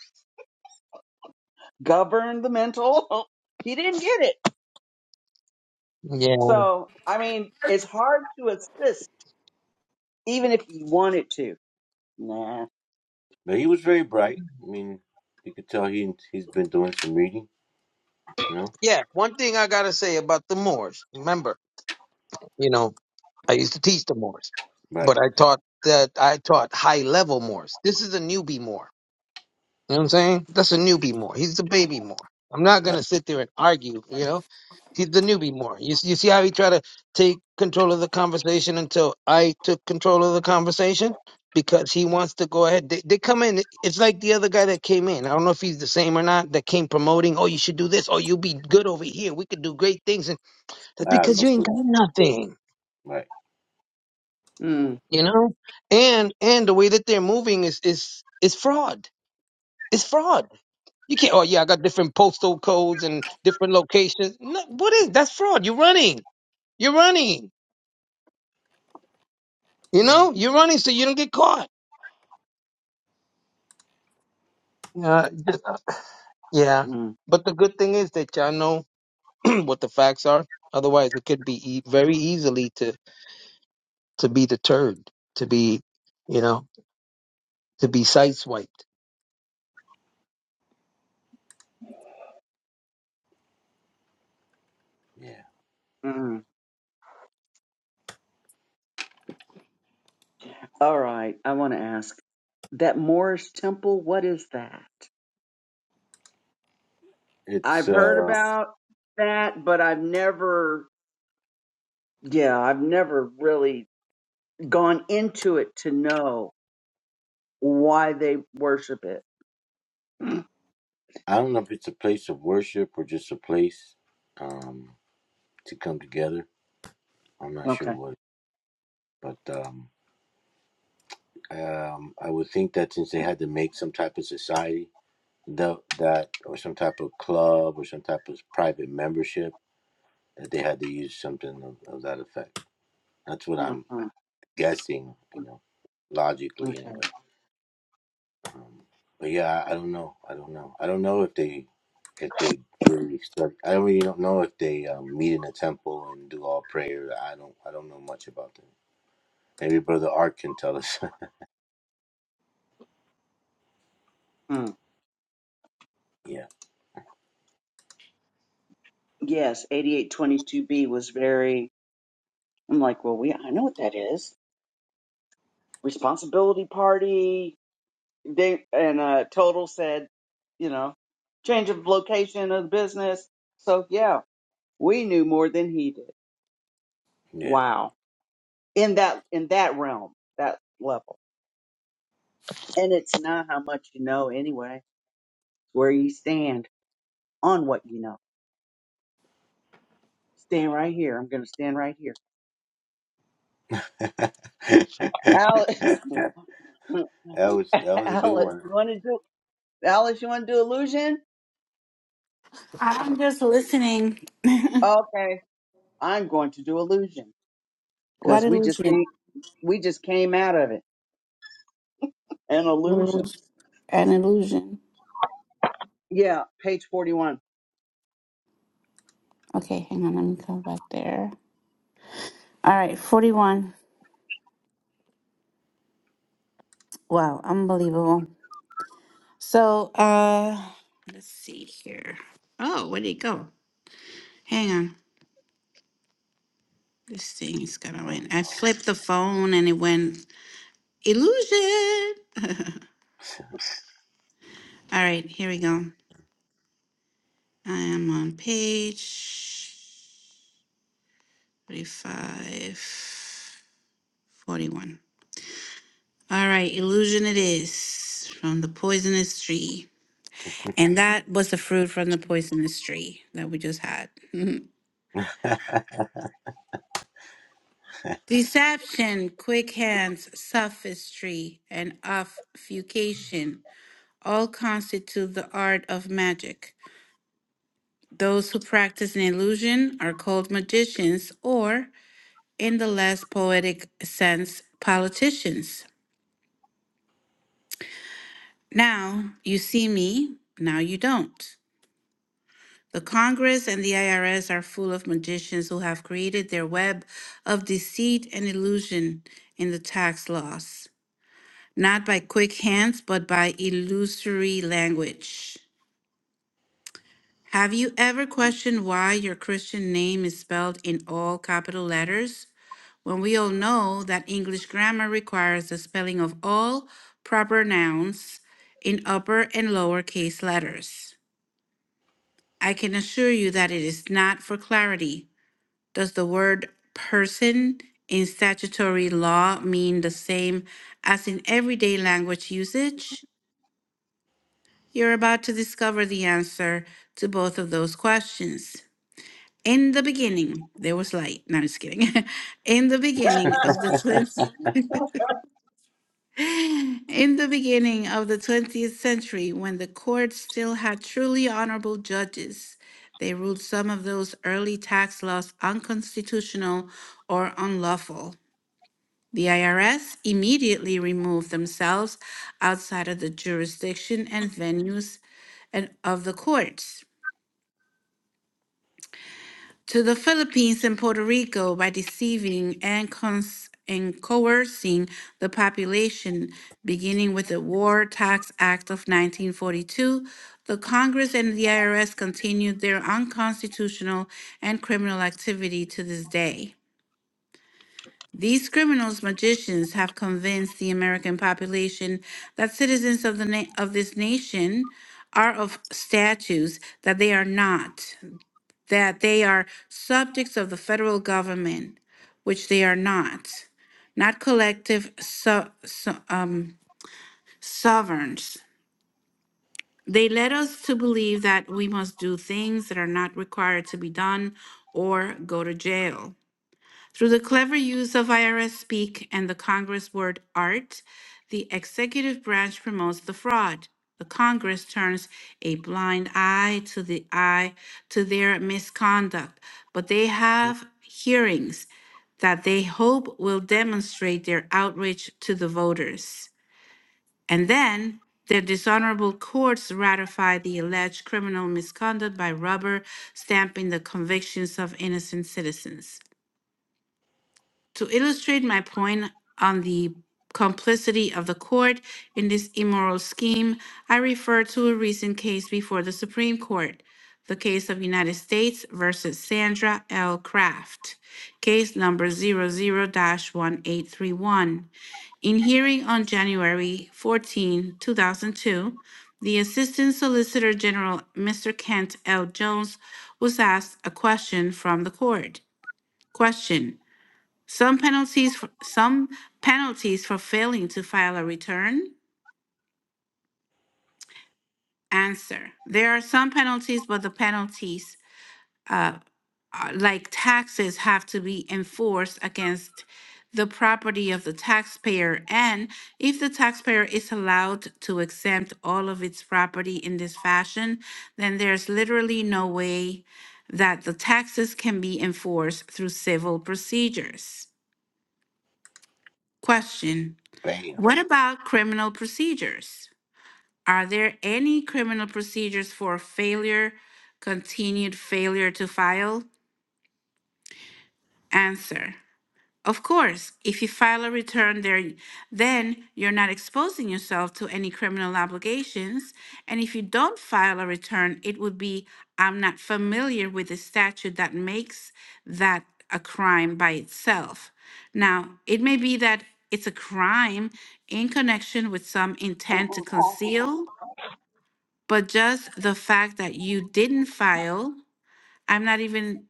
[SPEAKER 6] Govern the mental. He didn't get it.
[SPEAKER 8] yeah.
[SPEAKER 6] So, I mean, it's hard to assist, even if you wanted to. Nah.
[SPEAKER 2] But he was very bright. I mean, you could tell he he's been doing some reading. You know.
[SPEAKER 8] Yeah, one thing I gotta say about the Moors. Remember, you know, I used to teach the Moors,
[SPEAKER 2] Right,
[SPEAKER 8] but I taught that I taught high level Moors. This is a newbie Moor. You know what I'm saying? That's a newbie Moor. He's the baby Moor. I'm not
[SPEAKER 2] right.
[SPEAKER 8] gonna sit there and argue. You know, he's the newbie Moor. You you see how he tried to take control of the conversation until I took control of the conversation because he wants to go ahead. They, they come in. It's like the other guy that came in. I don't know if he's the same or not. That came promoting. Oh, you should do this. Oh, you'll be good over here. We could do great things. and. That's
[SPEAKER 2] I had
[SPEAKER 8] because
[SPEAKER 2] no
[SPEAKER 8] you ain't
[SPEAKER 2] clue.
[SPEAKER 8] got nothing,
[SPEAKER 2] Right,
[SPEAKER 6] Mm,
[SPEAKER 8] you know. And and the way that they're moving is is is fraud. It's fraud. You can't. Oh yeah, I got different postal codes and different locations. No, what is that's fraud? You're running. You're running. You
[SPEAKER 6] mm,
[SPEAKER 8] know, you're running so you don't get caught. Yeah, just- uh, yeah.
[SPEAKER 6] mm,
[SPEAKER 8] But the good thing is that y'all know what the facts are. Otherwise, it could be e- very easily to to be deterred, to be, you know, to be sideswiped.
[SPEAKER 2] yeah.
[SPEAKER 6] mm. All right. I want to ask that Moorish temple, what is that?
[SPEAKER 2] It's
[SPEAKER 6] I've heard
[SPEAKER 2] uh,
[SPEAKER 6] about that, but I've never, yeah, I've never really gone into it to know why they worship it.
[SPEAKER 2] I don't know if it's a place of worship or just a place um to come together. I'm not sure
[SPEAKER 6] Okay.
[SPEAKER 2] what, but um, um, I would think that since they had to make some type of society that that or some type of club or some type of private membership that they had to use something of, of that effect. That's what
[SPEAKER 6] Mm,
[SPEAKER 2] I'm
[SPEAKER 6] mm,
[SPEAKER 2] guessing. You know, logically
[SPEAKER 6] okay.
[SPEAKER 2] anyway. Um, but yeah, I, I don't know. I don't know. I don't know if they if they really start. I don't really don't know if they um, meet in a temple and do all prayer. I don't. I don't know much about them. Maybe Brother Art can tell us.
[SPEAKER 6] Mm.
[SPEAKER 2] yeah,
[SPEAKER 6] Yes, 8822B was very, I'm like, well, we, I know what that is. responsibility party. They and uh, Total said, you know, change of location of the business. So yeah, we knew more than he did.
[SPEAKER 2] yeah.
[SPEAKER 6] Wow, in that in that realm, that level, and it's not how much you know anyway. It's where you stand on what you know. Stand right here. I'm going to stand right here.
[SPEAKER 2] that
[SPEAKER 6] Alice,
[SPEAKER 2] was that was a good
[SPEAKER 6] Alice,
[SPEAKER 2] one.
[SPEAKER 6] you want to do Alice? You want to do illusion?
[SPEAKER 1] I'm just listening.
[SPEAKER 6] Okay, I'm going to do illusion
[SPEAKER 1] What
[SPEAKER 6] because we just can't.
[SPEAKER 1] illusion?
[SPEAKER 6] We just came out of it. An illusion.
[SPEAKER 1] Illusion. An illusion.
[SPEAKER 6] Yeah, page 41.
[SPEAKER 1] Okay, hang on. Let me come back there. All right, 41. Wow, unbelievable. So, uh, let's see here. Oh, where'd it go? Hang on. This thing's gonna
[SPEAKER 2] Um,
[SPEAKER 1] win. I flipped the phone and it went Illusion. All right, here we go. I am on page 35, 41. All right, illusion it is from the poisonous tree. And that was the fruit from the poisonous tree that we just had. Deception, quick hands, sophistry, and obfuscation all constitute the art of magic. Those who practice an illusion are called magicians, or in the less poetic sense, politicians. Now you see me, now you don't. The Congress and the IRS are full of magicians who have created their web of deceit and illusion in the tax laws, not by quick hands, but by illusory language. Have you ever questioned why your Christian name is spelled in all capital letters? When we all know that English grammar requires the spelling of all proper nouns in upper and lower case letters. I can assure you that it is not for clarity. Does the word person in statutory law mean the same as in everyday language usage? You're about to discover the answer to both of those questions. In the beginning, there was light. No, I'm just kidding. In the beginning of the twentieth, in the beginning of the twentieth century, when the court still had truly honorable judges, they ruled some of those early tax laws unconstitutional or unlawful. The IRS immediately removed themselves outside of the jurisdiction and venues and of the courts. to the Philippines and Puerto Rico by deceiving and, cons- and coercing the population, beginning with the War Tax Act of 1942. The Congress and the IRS continued their unconstitutional and criminal activity to this day. These criminals magicians have convinced the American population that citizens of the na- of this nation are of statues that they are not that they are subjects of the federal government, which they are not, not collective so, so, um, sovereigns. They led us to believe that we must do things that are not required to be done or go to jail. Through the clever use of IRS speak and the Congress word art, the executive branch promotes the fraud. The Congress turns a blind eye to the eye to their misconduct, but they have hearings that they hope will demonstrate their outreach to the voters. And then their dishonorable courts ratify the alleged criminal misconduct by rubber stamping the convictions of innocent citizens. To illustrate my point on the complicity of the court in this immoral scheme, I refer to a recent case before the Supreme Court, the case of United States versus Sandra L. Kraft, case number zero zero dash 1831 In hearing on January 14, 2002, the Assistant Solicitor General, Mr. Kent L. Jones, was asked a question from the court. Question: some penalties for, some penalties for failing to file a return. Answer: There are some penalties, but the penalties, uh, are- like taxes, have to be enforced against the property of the taxpayer. And if the taxpayer is allowed to exempt all of its property in this fashion, then there's literally no way that the taxes can be enforced through civil procedures. Question:
[SPEAKER 2] bam.
[SPEAKER 1] What about criminal procedures? Are there any criminal procedures for failure, continued failure to file? Answer. Of course, if you file a return there, then you're not exposing yourself to any criminal obligations. And if you don't file a return, it would be I'm not familiar with the statute that makes that a crime by itself. Now, it may be that it's a crime in connection with some intent to conceal but just the fact that you didn't file i'm not even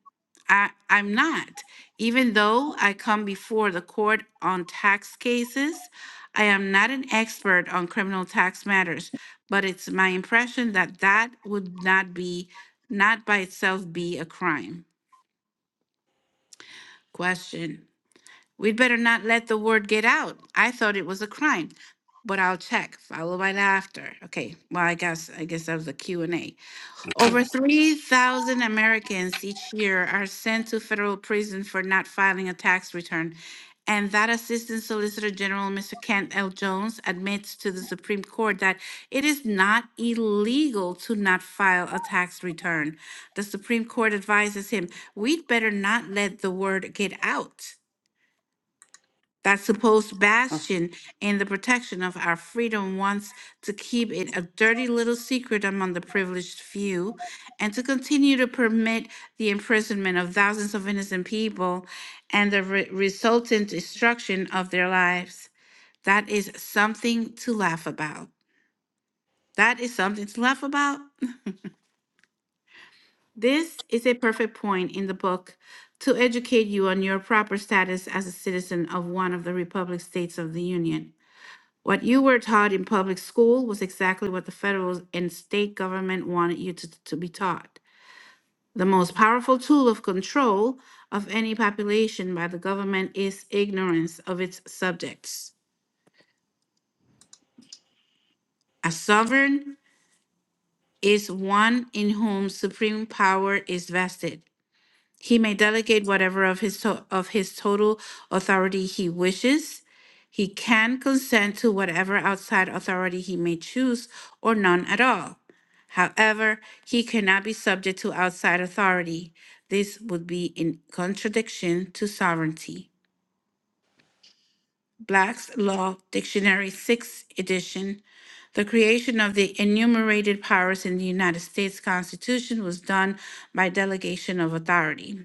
[SPEAKER 1] i i'm not even though i come before the court on tax cases i am not an expert on criminal tax matters but it's my impression that that would not be not by itself be a crime question we'd better not let the word get out i thought it was a crime but i'll check follow right after okay well i guess i guess that was a Q and a Over 3,000 Americans each year are sent to federal prison for not filing a tax return. And that Assistant Solicitor General, Mr. Kent L. Jones, admits to the Supreme Court that it is not illegal to not file a tax return. The Supreme Court advises him, we'd better not let the word get out that supposed bastion and the protection of our freedom wants to keep it a dirty little secret among the privileged few and to continue to permit the imprisonment of thousands of innocent people and the re- resultant destruction of their lives. That is something to laugh about. That is something to laugh about. This is a perfect point in the book to educate you on your proper status as a citizen of one of the Republic States of the Union. What you were taught in public school was exactly what the federal and state government wanted you to, to be taught. The most powerful tool of control of any population by the government is ignorance of its subjects. A sovereign is one in whom supreme power is vested. He may delegate whatever of his to- of his total authority he wishes. He can consent to whatever outside authority he may choose or none at all. However, he cannot be subject to outside authority. This would be in contradiction to sovereignty. Black's Law Dictionary, 6th edition. The creation of the enumerated powers in the United States Constitution was done by delegation of authority.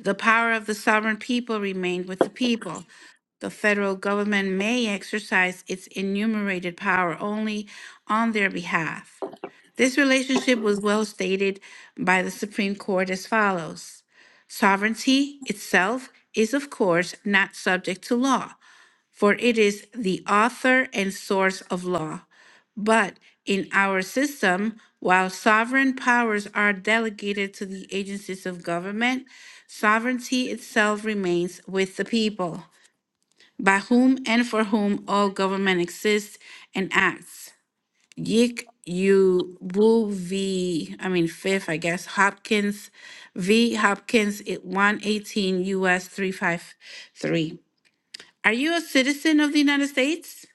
[SPEAKER 1] The power of the sovereign people remained with the people. The federal government may exercise its enumerated power only on their behalf. This relationship was well stated by the Supreme Court as follows Sovereignty itself is, of course, not subject to law for it is the author and source of law. But in our system, while sovereign powers are delegated to the agencies of government, sovereignty itself remains with the people, by whom and for whom all government exists and acts. Yik U Wu v. I mean fifth, I guess Hopkins v. Hopkins at 118 U.S. 353. Are you a citizen of the United States?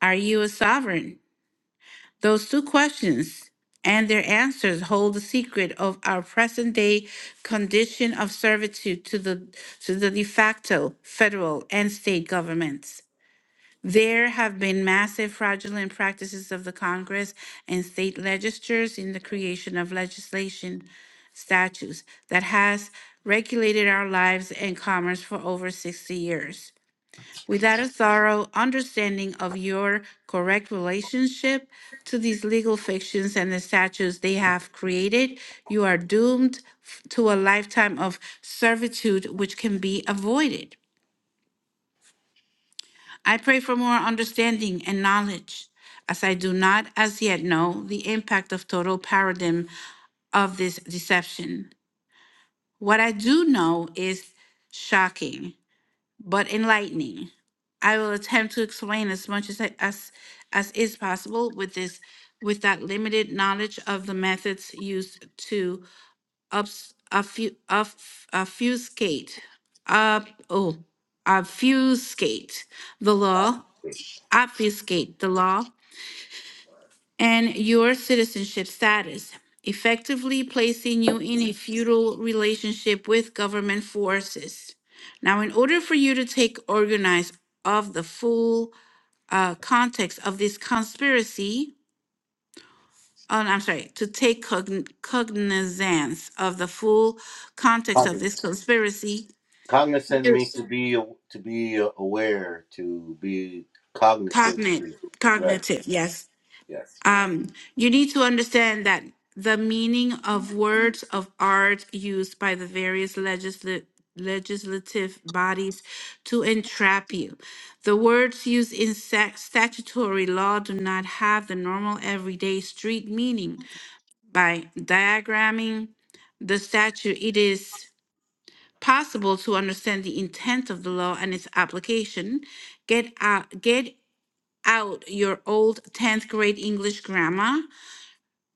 [SPEAKER 1] Are you a sovereign? Those two questions and their answers hold the secret of our present day condition of servitude to the, to the de facto federal and state governments. There have been massive fraudulent practices of the Congress and state legislatures in the creation of legislation statutes that has regulated our lives and commerce for over 60 years without a thorough understanding of your correct relationship to these legal fictions and the statutes they have created, you are doomed f- to a lifetime of servitude which can be avoided. I pray for more understanding and knowledge, as I do not as yet know the impact of total paradigm of this deception. What I do know is shocking but enlightening. I will attempt to explain as much as, I, as as is possible with this with that limited knowledge of the methods used to obs, offu, off, obfuscate up oh obfuscate the law obfuscate the law and your citizenship status, effectively placing you in a feudal relationship with government forces. Now, in order for you to take organize of the full uh, context of this conspiracy, oh, no, I'm sorry, to take cogn- cognizance of the full context of
[SPEAKER 2] Cogn-
[SPEAKER 1] this conspiracy,
[SPEAKER 2] Cognizant means
[SPEAKER 1] Yes.
[SPEAKER 2] to be to be aware, to be cognitive.
[SPEAKER 1] cognate,
[SPEAKER 2] Right.
[SPEAKER 1] cognitive, yes
[SPEAKER 2] Yes.
[SPEAKER 1] um, you need to understand that the meaning of words of art used by the various legisla- legislative bodies to entrap you. The words used in sac- statutory law do not have the normal everyday street meaning. By diagramming the statute, it is possible to understand the intent of the law and its application. Get out, get out your old 10th grade English grammar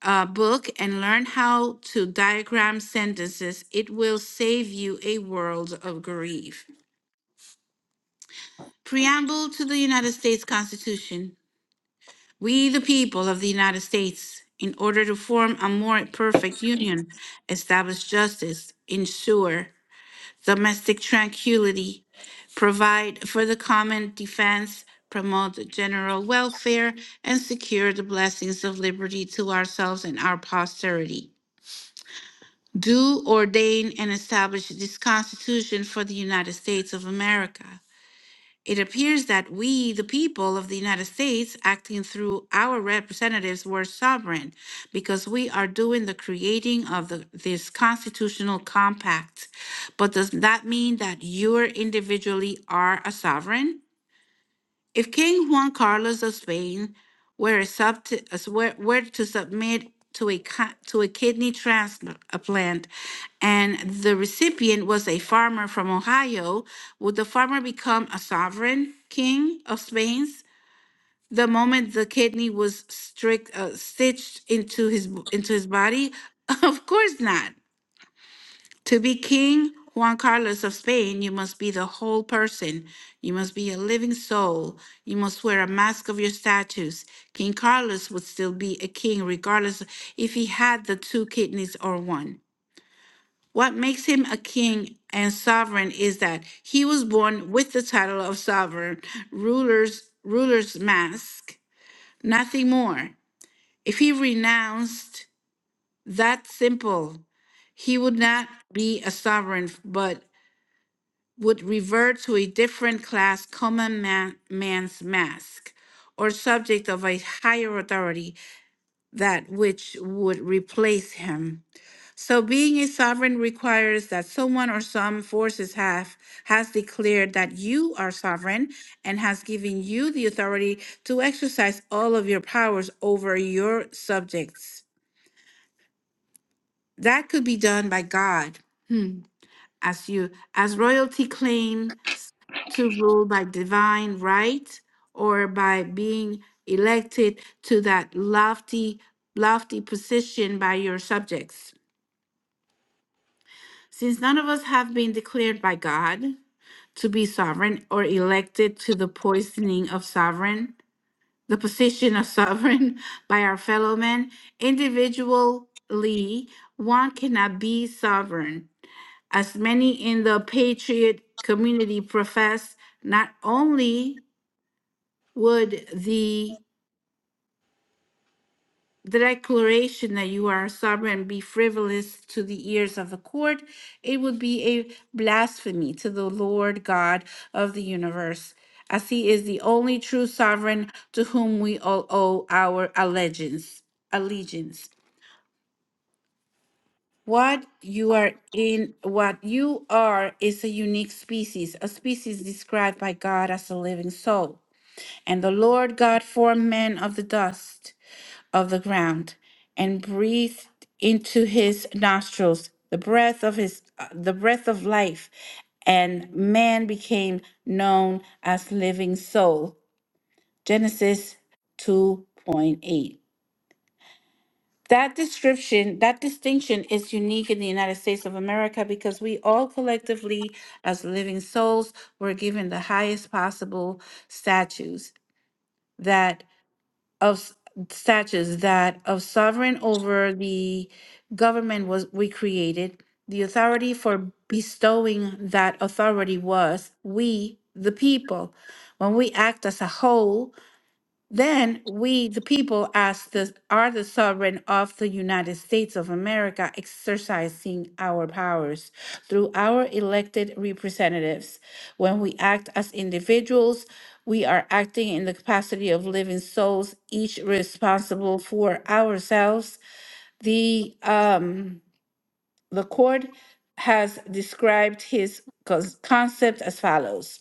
[SPEAKER 1] uh, book and learn how to diagram sentences, it will save you a world of grief. Preamble to the United States Constitution. We, the people of the United States, in order to form a more perfect union, establish justice, ensure domestic tranquility, provide for the common defense, promote general welfare, and secure the blessings of liberty to ourselves and our posterity. do ordain and establish this Constitution for the United States of America. It appears that we, the people of the United States, acting through our representatives, were sovereign because we are doing the creating of the, this constitutional compact. But does that mean that you individually are a sovereign? If King Juan Carlos of Spain were, a subti- as were, were to submit to a, ki- to a kidney transplant and the recipient was a farmer from Ohio, would the farmer become a sovereign king of Spain's the moment the kidney was strict, uh, stitched into his, into his body? Of course not. To be King Juan Carlos of Spain, you must be the whole person. You must be a living soul. You must wear a mask of your status. King Carlos would still be a king, regardless if he had the two kidneys or one. What makes him a king and sovereign is that he was born with the title of sovereign, ruler's, ruler's mask, nothing more. If he renounced that simple he would not be a sovereign, but would revert to a different class common man, man's mask or subject of a higher authority that which would replace him so being a sovereign requires that someone or some forces have has declared that you are sovereign and has given you the authority to exercise all of your powers over your subjects that could be done by god Hmm. as you as royalty claims to rule by divine right or by being elected to that lofty lofty position by your subjects since none of us have been declared by god to be sovereign or elected to the poisoning of sovereign the position of sovereign by our fellow men individually one cannot be sovereign as many in the patriot community profess, not only would the declaration that you are sovereign be frivolous to the ears of the court, it would be a blasphemy to the Lord God of the universe, as he is the only true sovereign to whom we all owe our allegiance. Allegiance. What you are in, what you are is a unique species, a species described by God as a living soul. And the Lord God formed man of the dust of the ground and breathed into his nostrils the breath of his uh, the breath of life and man became known as living soul. Genesis 2.8. That description, that distinction is unique in the United States of America because we all collectively, as living souls, were given the highest possible statues that of s- statues that of sovereign over the government was we created. The authority for bestowing that authority was we, the people. When we act as a whole, then we, the people, as the are the sovereign of the United States of America, exercising our powers through our elected representatives. When we act as individuals, we are acting in the capacity of living souls, each responsible for ourselves. The um, the court has described his cons- concept as follows.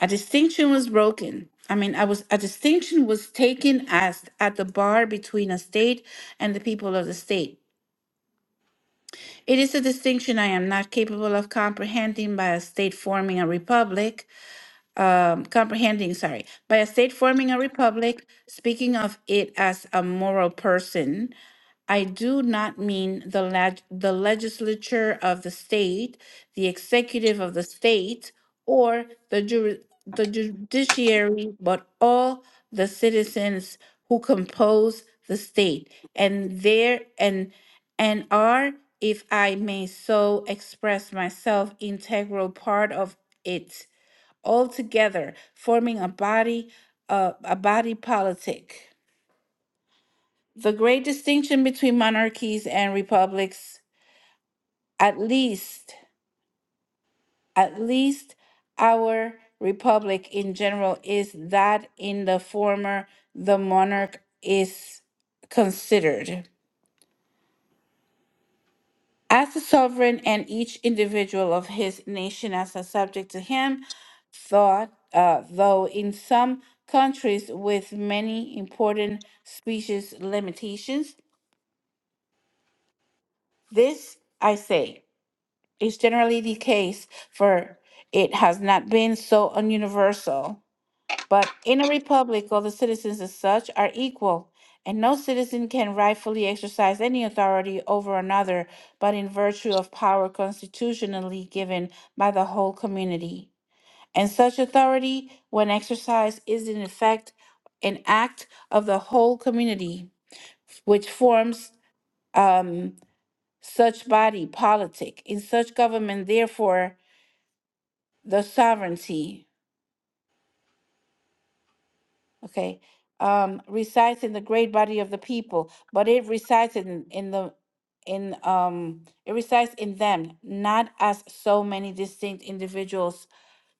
[SPEAKER 1] A distinction was broken. I mean, I was a distinction was taken as at the bar between a state and the people of the state. It is a distinction I am not capable of comprehending by a state forming a republic. Um, comprehending, sorry, by a state forming a republic, speaking of it as a moral person I do not mean the leg- the legislature of the state, the executive of the state, or the juri- the judiciary, but all the citizens who compose the state, and there and and are, if I may so express myself, integral part of it altogether, forming a body, uh, a body politic. The great distinction between monarchies and republics, at least, at least our republic in general, is that in the former, the monarch is considered as the sovereign and each individual of his nation as a subject to him, thought, uh, though in some countries with many important species limitations. This I say. is generally the case, for it has not been so universal. But in a republic, all the citizens as such are equal, and no citizen can rightfully exercise any authority over another but in virtue of power constitutionally given by the whole community. And such authority, when exercised, is in effect an act of the whole community, which forms um, such body politic. In such government, therefore, the sovereignty, okay, um, resides in the great body of the people, but it resides in, in the in um it resides in them, not as so many distinct individuals,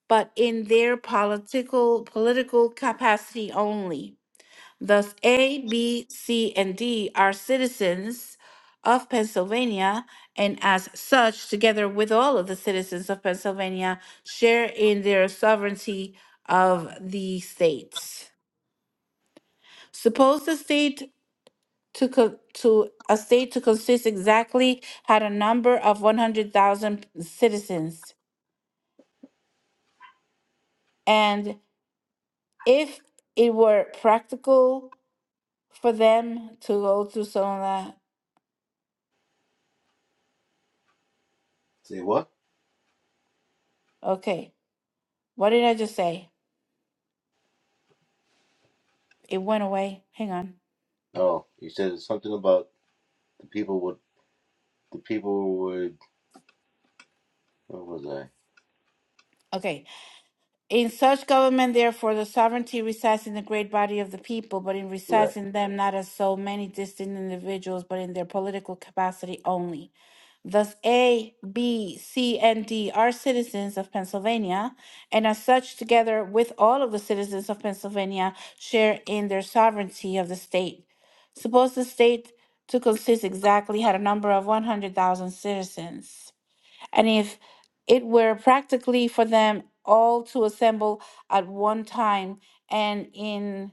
[SPEAKER 1] but in their political political capacity only Thus, A, B, C, and D are citizens of Pennsylvania, and as such, together with all of the citizens of Pennsylvania, share in their sovereignty of the states. Suppose the state to co- to a state to consist exactly had a number of one hundred thousand citizens, and if it were practical for them to go to some of that,
[SPEAKER 2] Say what?
[SPEAKER 1] okay, what did I just say? It went away. Hang on.
[SPEAKER 2] Oh, you said something about The people would. The people would. What was I?
[SPEAKER 1] Okay. In such government, therefore, the sovereignty resides in the great body of the people, but it resides
[SPEAKER 2] Correct.
[SPEAKER 1] in them not as so many distinct individuals, but in their political capacity only. Thus, A, B, C, and D are citizens of Pennsylvania, and as such, together with all of the citizens of Pennsylvania, share in their sovereignty of the state. Suppose the state to consist exactly had a number of 100,000 citizens. And if it were practically for them all to assemble at one time and in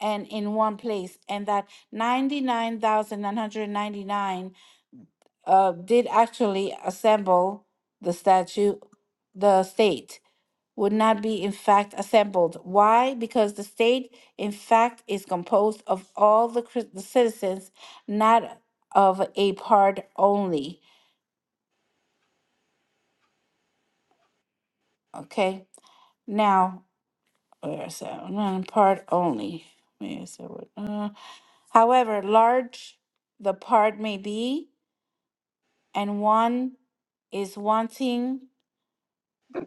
[SPEAKER 1] and in one place, and that 99,999 uh, did actually assemble the statue, the state would not be in fact assembled. Why? Because the state, in fact, is composed of all the, cri- the citizens, not of a part only. Okay. Now, Where is that? one? Uh, part only. Wait, that what- uh, however large the part may be, and one is wanting.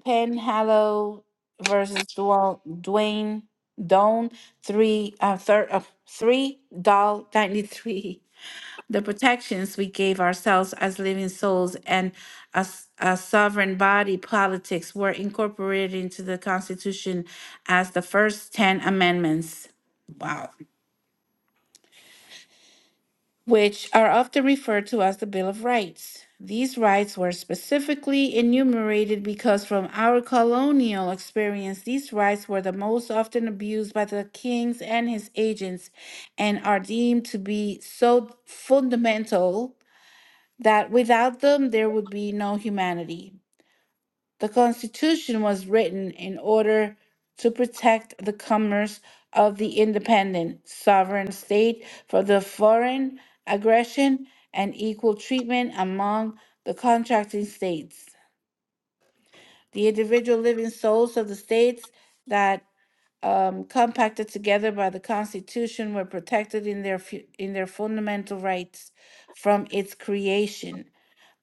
[SPEAKER 1] Penhallow versus Dwell, Dwayne Doan three uh, thir, uh, three doll ninety three the protections we gave ourselves as living souls and as a sovereign body politics were incorporated into the Constitution as the first 10 amendments. Wow. Which are often referred to as the Bill of Rights. These rights were specifically enumerated because, from our colonial experience, these rights were the most often abused by the kings and his agents and are deemed to be so fundamental that without them there would be no humanity. The Constitution was written in order to protect the commerce of the independent, sovereign state from the foreign aggression and equal treatment among the contracting states. The individual living souls of the states that um, compacted together by the Constitution were protected in their fu- in their fundamental rights from its creation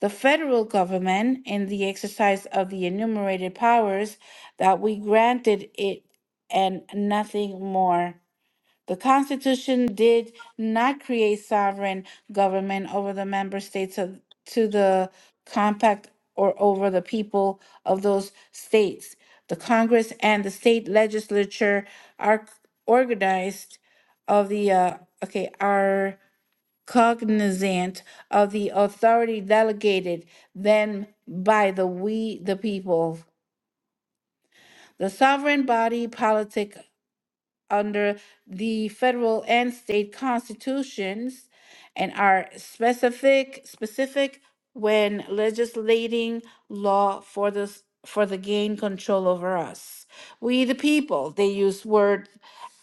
[SPEAKER 1] the federal government in the exercise of the enumerated powers that we granted it and nothing more. The Constitution did not create sovereign government over the member states of, to the compact or over the people of those states. The Congress and the state legislature are organized of the uh, okay are cognizant of the authority delegated them by the we the people. The sovereign body politic under the federal and state constitutions and are specific specific when legislating law for the s- for the gain control over us. We the people, they use word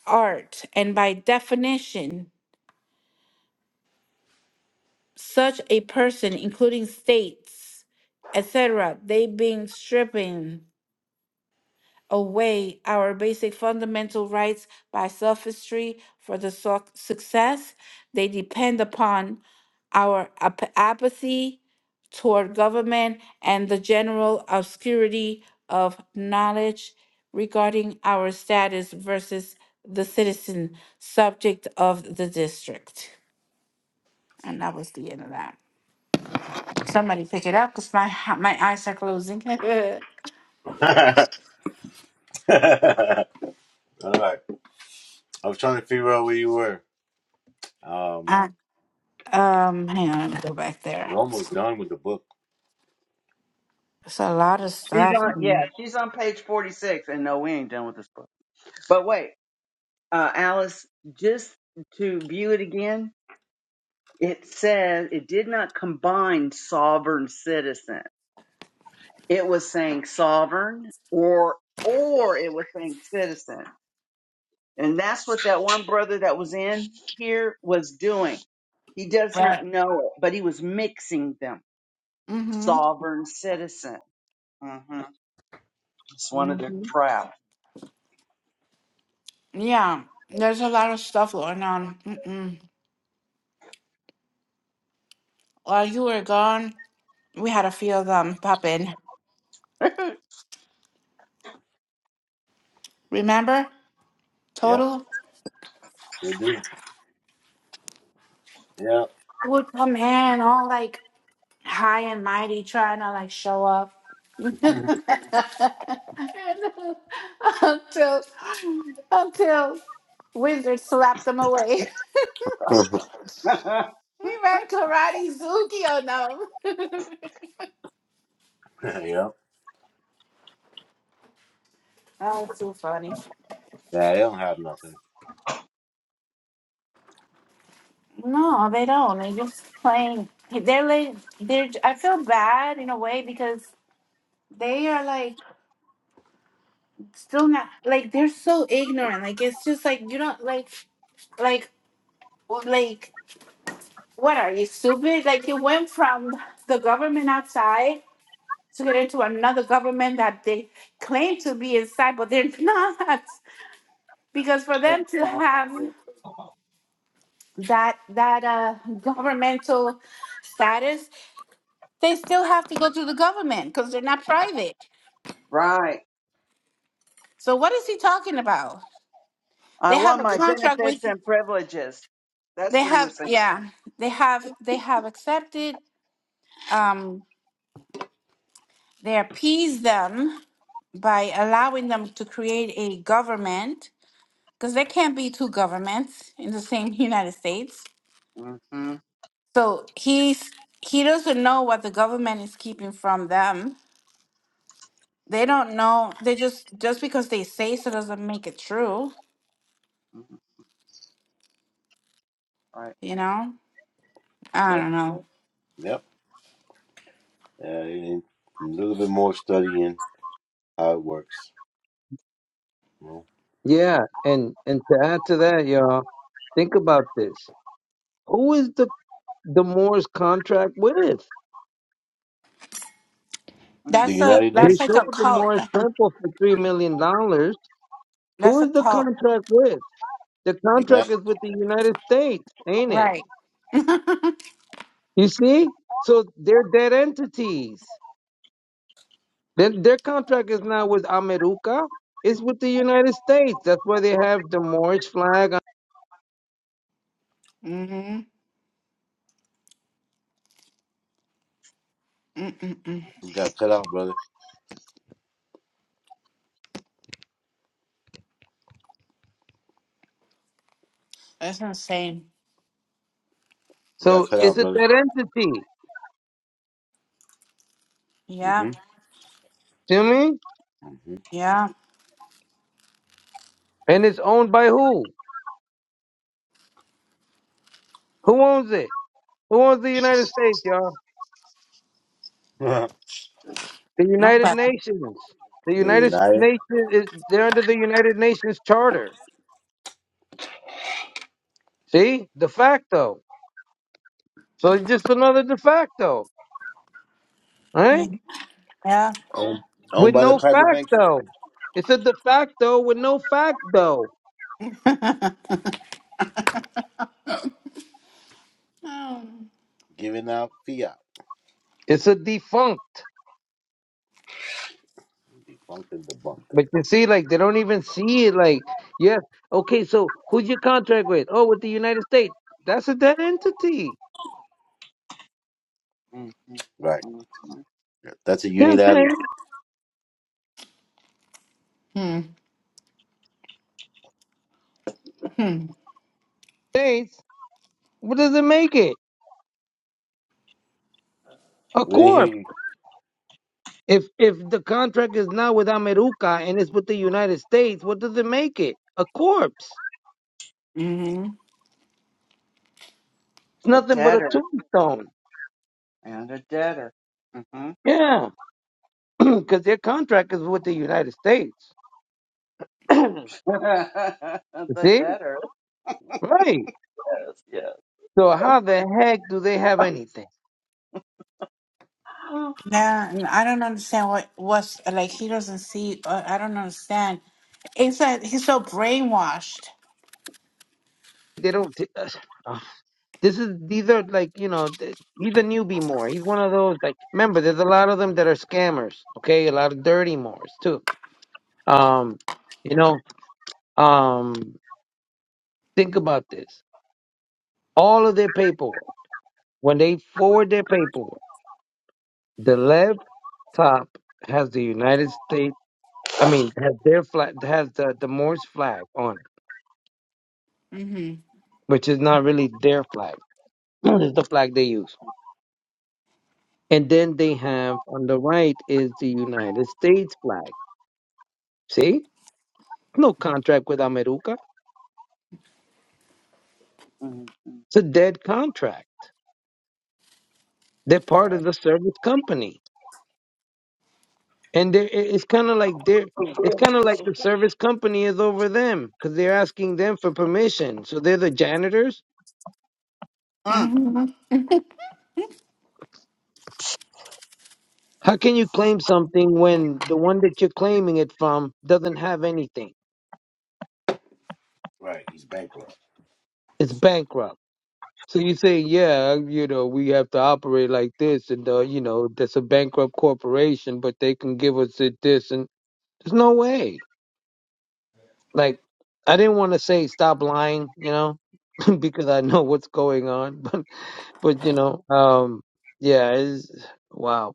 [SPEAKER 1] art and by definition such a person, including states, etc., they being stripping away our basic fundamental rights by sophistry for the so- success they depend upon our ap- apathy toward government and the general obscurity of knowledge regarding our status versus the citizen subject of the district and that was the end of that Somebody pick it up because my my eyes are closing.
[SPEAKER 2] All right. I was trying to figure out where you were. Um,
[SPEAKER 1] I, um, hang on, let me go back there.
[SPEAKER 2] we're almost done with the book.
[SPEAKER 1] It's a lot of
[SPEAKER 6] She's
[SPEAKER 1] stuff.
[SPEAKER 6] on, yeah, she's on page 46. And no, we ain't done with this book. But wait, uh, Alice, just to view it again, it says it did not combine sovereign citizen. It was saying sovereign or, or it was saying citizen. And that's what that one brother that was in here was doing. He does not
[SPEAKER 1] Right.
[SPEAKER 6] know it, but he was mixing them.
[SPEAKER 1] Mm-hmm.
[SPEAKER 6] sovereign citizen. hmm It's one of their
[SPEAKER 1] Mm-hmm.
[SPEAKER 6] traps.
[SPEAKER 1] Yeah, there's a lot of stuff going on. Mm-mm. While you were gone, we had a few of them pop in.
[SPEAKER 6] exactly.
[SPEAKER 1] Remember?
[SPEAKER 2] Yep.
[SPEAKER 1] Total?
[SPEAKER 2] Sure do. Yep.
[SPEAKER 1] They would come in all like high and mighty, trying to like show up. until until Wizard slapped them away. He ran karate zuki on them.
[SPEAKER 2] yep.
[SPEAKER 1] Oh, it's too funny.
[SPEAKER 2] Yeah, I don't have nothing.
[SPEAKER 1] No, they don't. They're just playing. They're like they're. I feel bad in a way because they are like still not like they're so ignorant. Like it's just like you don't like like like what are you stupid? Like you went from the government outside to get into another government that they claim to be inside, but they're not. Because for them to have that that uh, governmental status, they still have to go through the government because they're not private.
[SPEAKER 6] Right.
[SPEAKER 1] So what is he talking about?
[SPEAKER 6] I
[SPEAKER 1] They have
[SPEAKER 6] want
[SPEAKER 1] a
[SPEAKER 6] my
[SPEAKER 1] contract
[SPEAKER 6] benefits
[SPEAKER 1] with.
[SPEAKER 6] and privileges.
[SPEAKER 1] They
[SPEAKER 6] That's what he
[SPEAKER 1] have
[SPEAKER 6] was
[SPEAKER 1] yeah. They have they have accepted. Um, they appease them by allowing them to create a government because there can't be two governments in the same United States
[SPEAKER 6] saying. hmm
[SPEAKER 1] So he's he doesn't know what the government is keeping from them. They don't know. They just just because they say so doesn't make it true.
[SPEAKER 6] hmm Right.
[SPEAKER 1] You know. I
[SPEAKER 2] Yep.
[SPEAKER 1] don't know.
[SPEAKER 2] Yep. Uh, and a little bit more studying how it works. you know.
[SPEAKER 8] Yeah, and and to add to that, y'all. Think about this. Who is the the Moore's contract with?
[SPEAKER 2] The
[SPEAKER 1] That's
[SPEAKER 6] Mm-hmm.
[SPEAKER 1] a
[SPEAKER 2] United
[SPEAKER 8] They
[SPEAKER 1] that's like
[SPEAKER 2] Nations.
[SPEAKER 1] a
[SPEAKER 8] sold the
[SPEAKER 1] cult.
[SPEAKER 8] Moore's temple for three million dollars. Who
[SPEAKER 1] That's a
[SPEAKER 8] is the
[SPEAKER 1] cult,
[SPEAKER 8] contract with? The
[SPEAKER 2] United.
[SPEAKER 8] contract is with the United States, ain't it?
[SPEAKER 1] right?
[SPEAKER 8] You see? So they're dead entities. Their, their contract is not with America. It's with the United States. That's why they have the Moorish flag. on-
[SPEAKER 1] Mm-hmm. Mm-mm-mm.
[SPEAKER 2] You got cut out, brother.
[SPEAKER 1] That's insane.
[SPEAKER 2] You got
[SPEAKER 8] So
[SPEAKER 2] cut
[SPEAKER 8] it's
[SPEAKER 2] out,
[SPEAKER 8] a
[SPEAKER 2] brother.
[SPEAKER 8] dead entity.
[SPEAKER 1] Yeah.
[SPEAKER 2] Mm-hmm.
[SPEAKER 8] See what I mean?
[SPEAKER 2] Mm-hmm.
[SPEAKER 1] Yeah.
[SPEAKER 8] And it's owned by who? Who owns it? Who owns the United States, y'all? The
[SPEAKER 1] No,
[SPEAKER 8] United
[SPEAKER 1] Nobody.
[SPEAKER 8] Nations. The
[SPEAKER 2] the
[SPEAKER 8] United
[SPEAKER 2] United.
[SPEAKER 8] Nations is they're under the United Nations Charter. See? De facto. So it's just another de facto. Right?
[SPEAKER 1] Yeah.
[SPEAKER 2] Owned, owned
[SPEAKER 8] With
[SPEAKER 2] by the
[SPEAKER 8] no
[SPEAKER 2] private bankers,
[SPEAKER 8] facto. It's a de facto with no facto.
[SPEAKER 1] yeah. Um,
[SPEAKER 2] giving out fiat.
[SPEAKER 8] It's a defunct.
[SPEAKER 2] Defunct and debunked.
[SPEAKER 8] But you see, like they don't even see it like, yes, okay, so who's your contract with? Oh, with the United States. That's a dead entity. You
[SPEAKER 2] Right.
[SPEAKER 6] Mm-hmm. Mm-hmm.
[SPEAKER 2] That's a
[SPEAKER 8] know what I'm
[SPEAKER 2] unilateral.
[SPEAKER 8] saying?
[SPEAKER 1] hmm. Hmm.
[SPEAKER 8] States. What does it make it? A
[SPEAKER 2] We didn't hear
[SPEAKER 8] corp.
[SPEAKER 2] you.
[SPEAKER 8] If if the contract is not with America and it's with the United States, what does it make it? A corpse.
[SPEAKER 1] Mm-hmm.
[SPEAKER 8] It's
[SPEAKER 6] A
[SPEAKER 8] nothing but a
[SPEAKER 6] debtor
[SPEAKER 8] tombstone.
[SPEAKER 6] and a debtor. hmm
[SPEAKER 8] Yeah, because their contract is with the United States. See,
[SPEAKER 6] the debtor.
[SPEAKER 8] right?
[SPEAKER 6] Yes.
[SPEAKER 8] So how the heck do they have anything?
[SPEAKER 6] Yes.
[SPEAKER 1] Yeah, and I don't understand what what's like. He doesn't see. Uh, I don't understand It's that he's so brainwashed.
[SPEAKER 8] They don't. t- Ugh. this is these are like you know th- he's a newbie more. He's one of those like remember there's a lot of them that are scammers. Okay, a lot of dirty mores too. Um, you know, um, think about this. all of their paperwork. When they forward their paperwork, the left top has the United States. I mean, has their flag has the the Morse flag on it,
[SPEAKER 1] Mm-hmm.
[SPEAKER 8] which is not really their flag. It's the flag they use. And then they have on the right is the United States flag. See, no contract with America.
[SPEAKER 6] Mhm.
[SPEAKER 8] It's a dead contract. They're part
[SPEAKER 2] Right,
[SPEAKER 8] of the service company. and they're, it- it's kind of like they're it's kind of like the service company is over them because they're asking them for permission so they're the janitors
[SPEAKER 6] Mm.
[SPEAKER 1] Mm-hmm.
[SPEAKER 8] how can you claim something when the one that you're claiming it from doesn't have anything
[SPEAKER 2] right. He's bankrupt.
[SPEAKER 8] it's bankrupt so you say yeah you know we have to operate like this and uh, you know that's a bankrupt corporation but they can give us it this and there's no way like i didn't want to say stop lying you know because i know what's going on But you know, um, yeah, it's wow.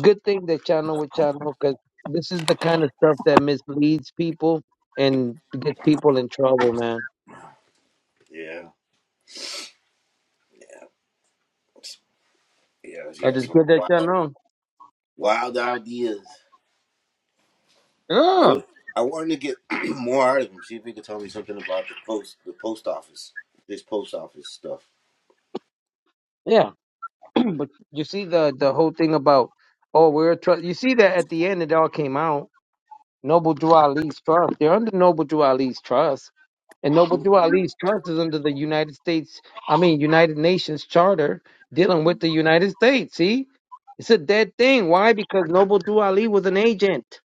[SPEAKER 8] Good thing that channel with channel because this is the kind of stuff that misleads people and gets people in trouble, man.
[SPEAKER 2] Yeah, yeah,
[SPEAKER 8] That
[SPEAKER 2] yeah.
[SPEAKER 8] is
[SPEAKER 2] Some
[SPEAKER 8] good that
[SPEAKER 2] wild,
[SPEAKER 8] y'all know.
[SPEAKER 2] wild ideas. I, was,
[SPEAKER 8] Yeah,
[SPEAKER 2] I wanted to get more out of him. See if he could tell me something about the post, the post office, this post office stuff.
[SPEAKER 8] yeah. But you see the the whole thing about oh we're tr- you see that at the end it all came out. Noble Drew Ali's trust. They're under Noble Drew Ali's trust. And Noble Drew
[SPEAKER 6] Mhm.
[SPEAKER 8] Ali's trust is under the United States, I mean, United Nations Charter dealing with the United States. See? It's a dead thing. Why? Because Noble Drew Ali was an agent.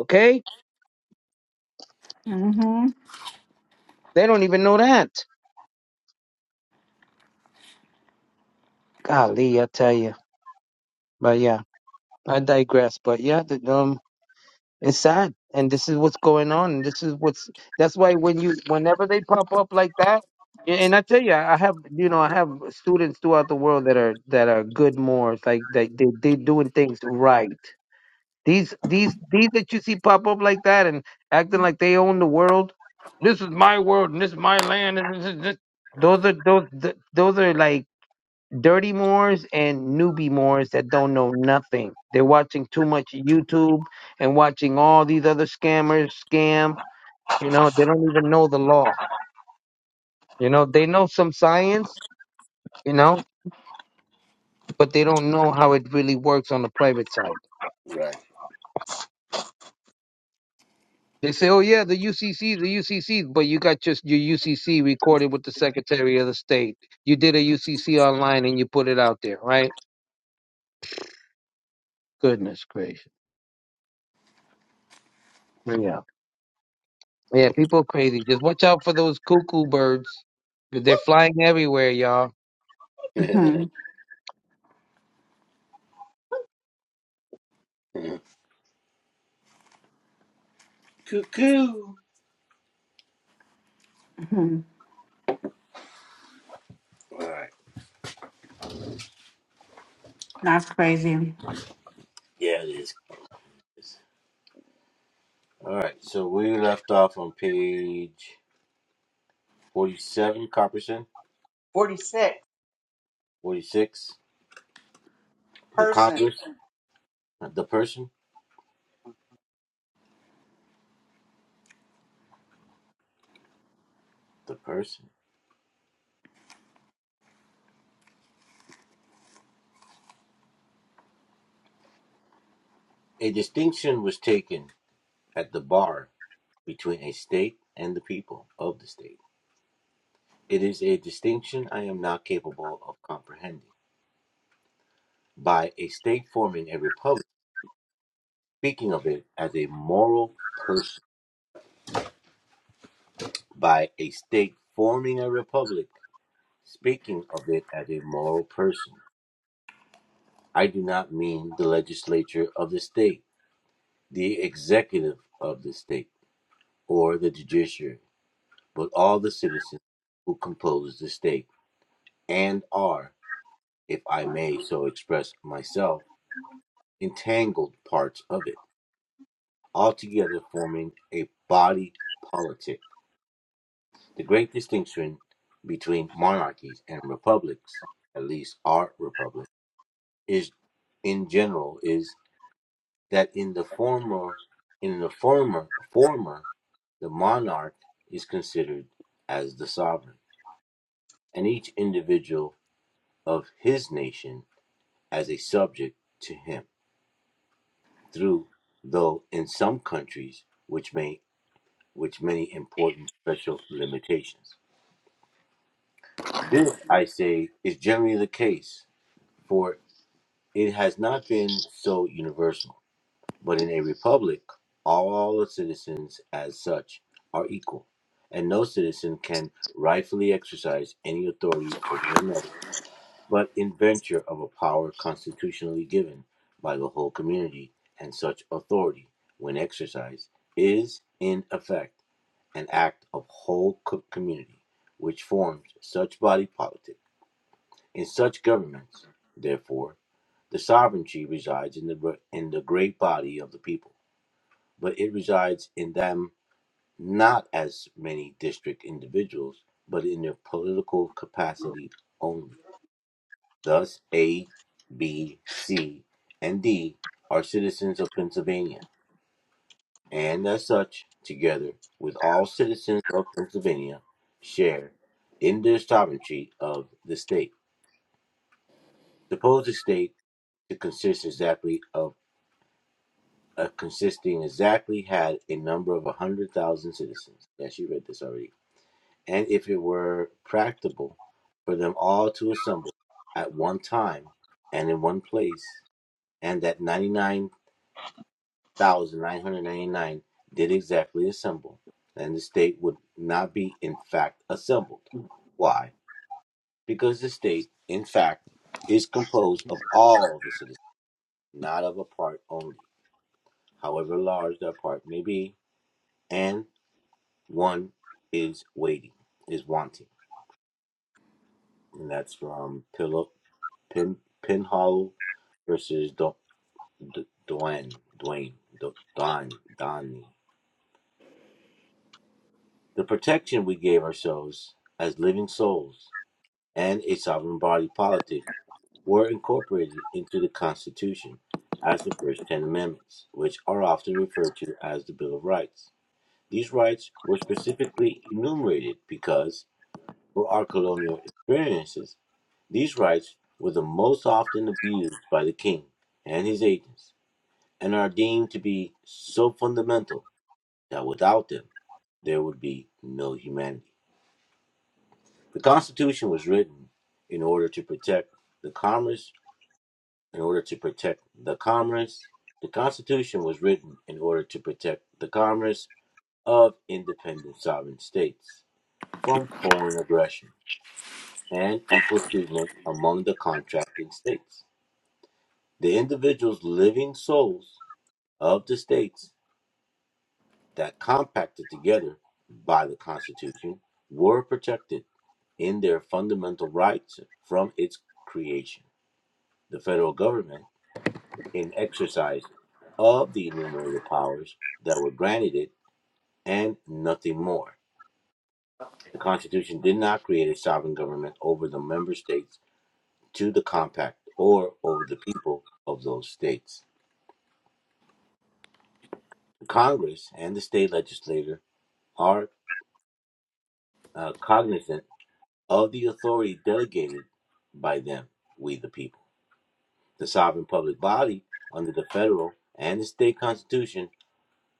[SPEAKER 8] Okay?
[SPEAKER 1] Mm-hmm.
[SPEAKER 8] They don't even know that. Golly, I tell you. But yeah, I digress. But yeah, the, um, It's sad, and this is what's going on. And this is what's that's why when you whenever they pop up like that, and and I tell you, I I have you know I have students throughout the world that are that are good Moors, like that they they doing things right. These these these that you see pop up like that and acting like they own the world. This is my world and this is my land and this is this. Those are those th- those are like dirty Moors and newbie Moors that don't know nothing. They're watching too much YouTube and watching all these other scammers scam. You know, they don't even know the law. You know, they know some science, you know, but they don't know how it really works on the private side.
[SPEAKER 2] Right.
[SPEAKER 8] They say, oh, yeah, the UCC, the UCC, but you got just your UCC recorded with the Secretary of the State. You did a UCC online and you put it out there, right? Goodness gracious. yeah. Yeah, people crazy. Just watch out for those cuckoo birds. 'cause They're flying everywhere, y'all.
[SPEAKER 1] Mm-hmm.
[SPEAKER 2] Cuckoo.
[SPEAKER 1] Mm-hmm.
[SPEAKER 2] All right.
[SPEAKER 1] That's crazy.
[SPEAKER 2] Yeah, it is. All right. So we left off on page 47, Copperson.
[SPEAKER 6] Forty-six
[SPEAKER 2] 46. The
[SPEAKER 6] person.
[SPEAKER 2] Congress. The person. The person. A distinction was taken at the bar between a state and the people of the state. It is a distinction I am not capable of comprehending. By a state forming a republic, speaking of it as a moral person. By a state forming a republic, speaking of it as a moral person. I do not mean the legislature of the state, the executive of the state, or the judiciary, but all the citizens who compose the state and are. if I may so express myself, entangled parts of it, altogether forming a body politic. The great distinction between monarchies and republics, at least our republic, is in general is that in the former in the former former the monarch is considered as the sovereign, and each individual of his nation as a subject to him through, though in some countries, which may which many important special limitations. This, I say, is generally the case, for it has not been so universal. But in a republic, all the citizens as such are equal, and no citizen can rightfully exercise any authority over another but inventor of a power constitutionally given by the whole community, and such authority, when exercised, is, in effect, an act of whole co- community, which forms such body politic. In such governments, therefore, the sovereignty resides in the, in the great body of the people, but it resides in them not as many district individuals, but in their political capacity only Thus, A, B, C, and D are citizens of Pennsylvania, and as such, together with all citizens of Pennsylvania, share in the sovereignty of the state. Suppose the state to consist exactly of uh, consisting exactly had a number of a hundred thousand citizens. Yes, you read this already. And if it were practicable for them all to assemble at one time and in one place, and that ninety-nine 1,999 did exactly assemble, and the state would not be, in fact, assembled. Why? Because the state, in fact, is composed of all the citizens, not of a part only, however large that part may be, and one is waiting, is wanting. And that's from Pillow, Pin, Pinhollow versus Do- D- Duane, Duane, Do- Don, Donny. The protection we gave ourselves as living souls and a sovereign body politic were incorporated into the Constitution as the first Ten Amendments, which are often referred to as the Bill of Rights. These rights were specifically enumerated because, for our colonial experiences, these rights were the most often abused by the king and his agents, and are deemed to be so fundamental that without them, there would be no humanity. The Constitution was written in order to protect the commerce in order to protect the commerce. The Constitution was written in order to protect the commerce of independent sovereign states from foreign aggression and equal treatment among the contracting states. The individuals' living souls of the states that compacted together by the Constitution were protected in their fundamental rights from its creation. The federal government in exercise of the enumerated powers that were granted it and nothing more. The Constitution did not create a sovereign government over the member states to the compact or over the people of those states. The Congress and the state legislature are uh, cognizant of the authority delegated by them, we the people. The sovereign public body under the federal and the state constitution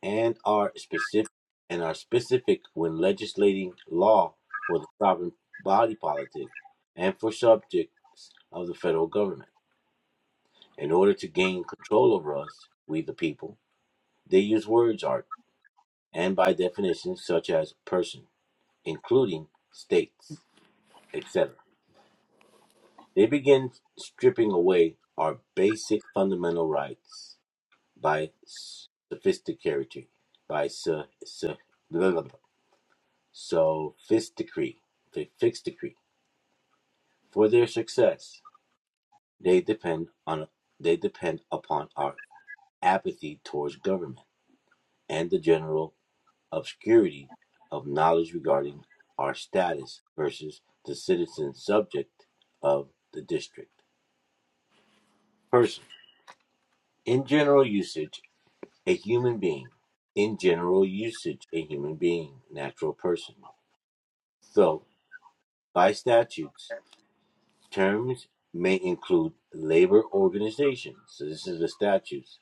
[SPEAKER 2] and are specific and are specific when legislating law for the sovereign body politic and for subjects of the federal government. In order to gain control over us, we the people, they use words art and by definitions such as person, including states, etc. They begin stripping away our basic fundamental rights by sophisticated by so, So fixed decree, the fixed decree for their success. They depend on they depend upon our apathy towards government and the general obscurity of knowledge regarding our status versus the citizen subject of the district. Person. In general usage, a human being. In general usage, a human being, natural person. So, by statutes, Terms may include labor organizations. So this is the statutes,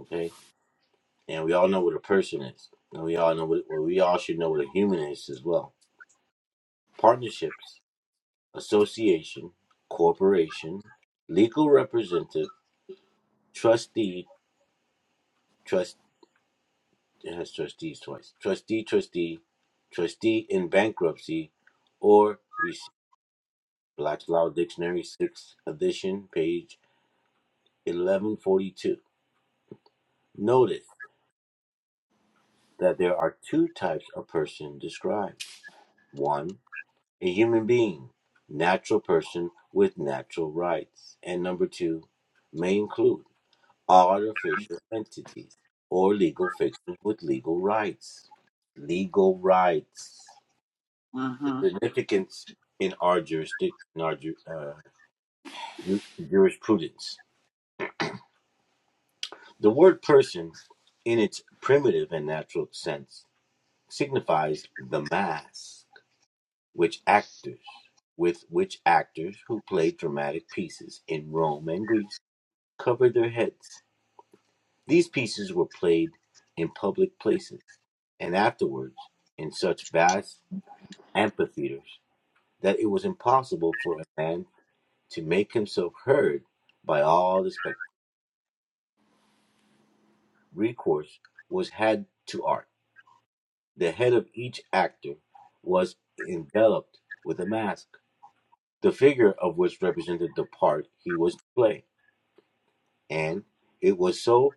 [SPEAKER 2] okay? And we all know what a person is. And we all know what well, we all should know what a human is as well. Partnerships, association, corporation, legal representative, trustee, trust it has trustees twice. Trustee, trustee, trustee in bankruptcy, or receive Black's Law Dictionary, sixth edition, page eleven forty two. Notice. that there are two types of person described. One, a human being, natural person with natural rights. And number two, may include artificial entities or legal fictions with legal rights. Legal rights. The
[SPEAKER 6] hmm
[SPEAKER 2] significance in our jurisdiction, in our ju- uh, ju- jurisprudence. The word person, in its primitive and natural sense, signifies the mass which actors with which actors who played dramatic pieces in Rome and Greece covered their heads. These pieces were played in public places and afterwards in such vast amphitheaters that it was impossible for a man to make himself heard by all the spectators. Recourse was had to art. The head of each actor was enveloped with a mask, the figure of which represented the part he was to play. and it was so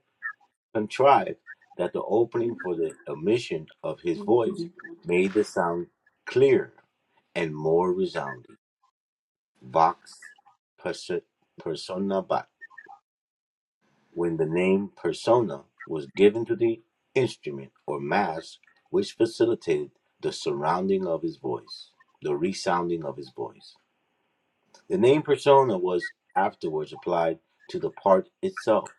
[SPEAKER 2] contrived that the opening for the emission of his voice made the sound clearer and more resounding. Vox perso- personabat. When the name persona was given to the instrument or mass, which facilitated the surrounding of his voice, the resounding of his voice. The name persona was afterwards applied to the part itself,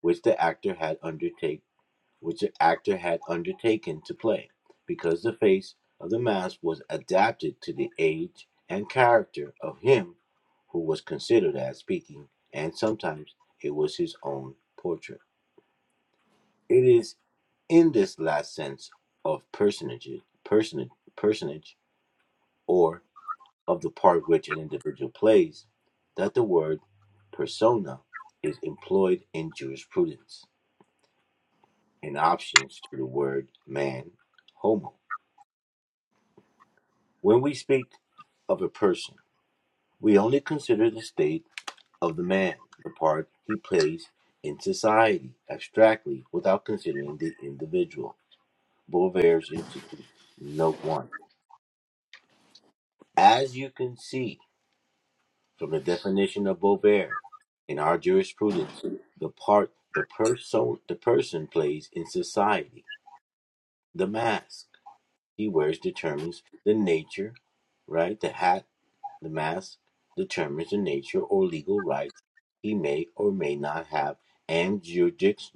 [SPEAKER 2] which the actor had undertaken which the actor had undertaken to play, because the face of the mask was adapted to the age and character of him who was considered as speaking, and sometimes it was his own portrait. It is in this last sense of personage, personage, personage, or of the part which an individual plays, that the word persona is employed in jurisprudence, in options to the word man, homo When we speak of a person, we only consider the state of the man, the part he plays in society, abstractly, without considering the individual. Beauvair's Institute, Note 1. As you can see from the definition of Beauvair in our jurisprudence, the part the, person the person plays in society, the mask he wears determines the nature, right? The hat The mass determines the nature or legal rights he may or may not have and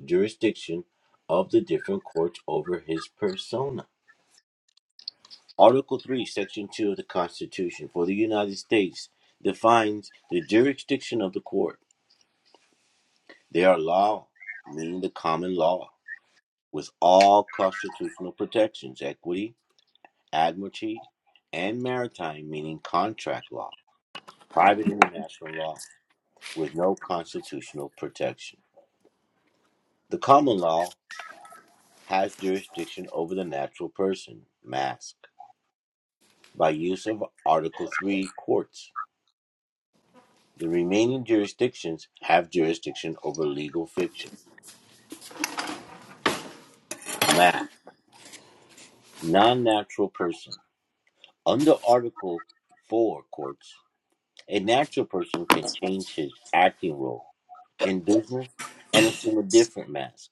[SPEAKER 2] jurisdiction of the different courts over his persona. Article 3, Section 2 of the Constitution for the United States defines the jurisdiction of the court. They are law, meaning the common law, with all constitutional protections, equity, admiralty, and maritime, meaning contract law, private international law. with no constitutional protection. The common law has jurisdiction over the natural person, mask, by use of Article 3 courts. The remaining jurisdictions have jurisdiction over legal fiction, mask, non natural person. Under Article 4 courts, a natural person can change his acting role in business and assume a different mask.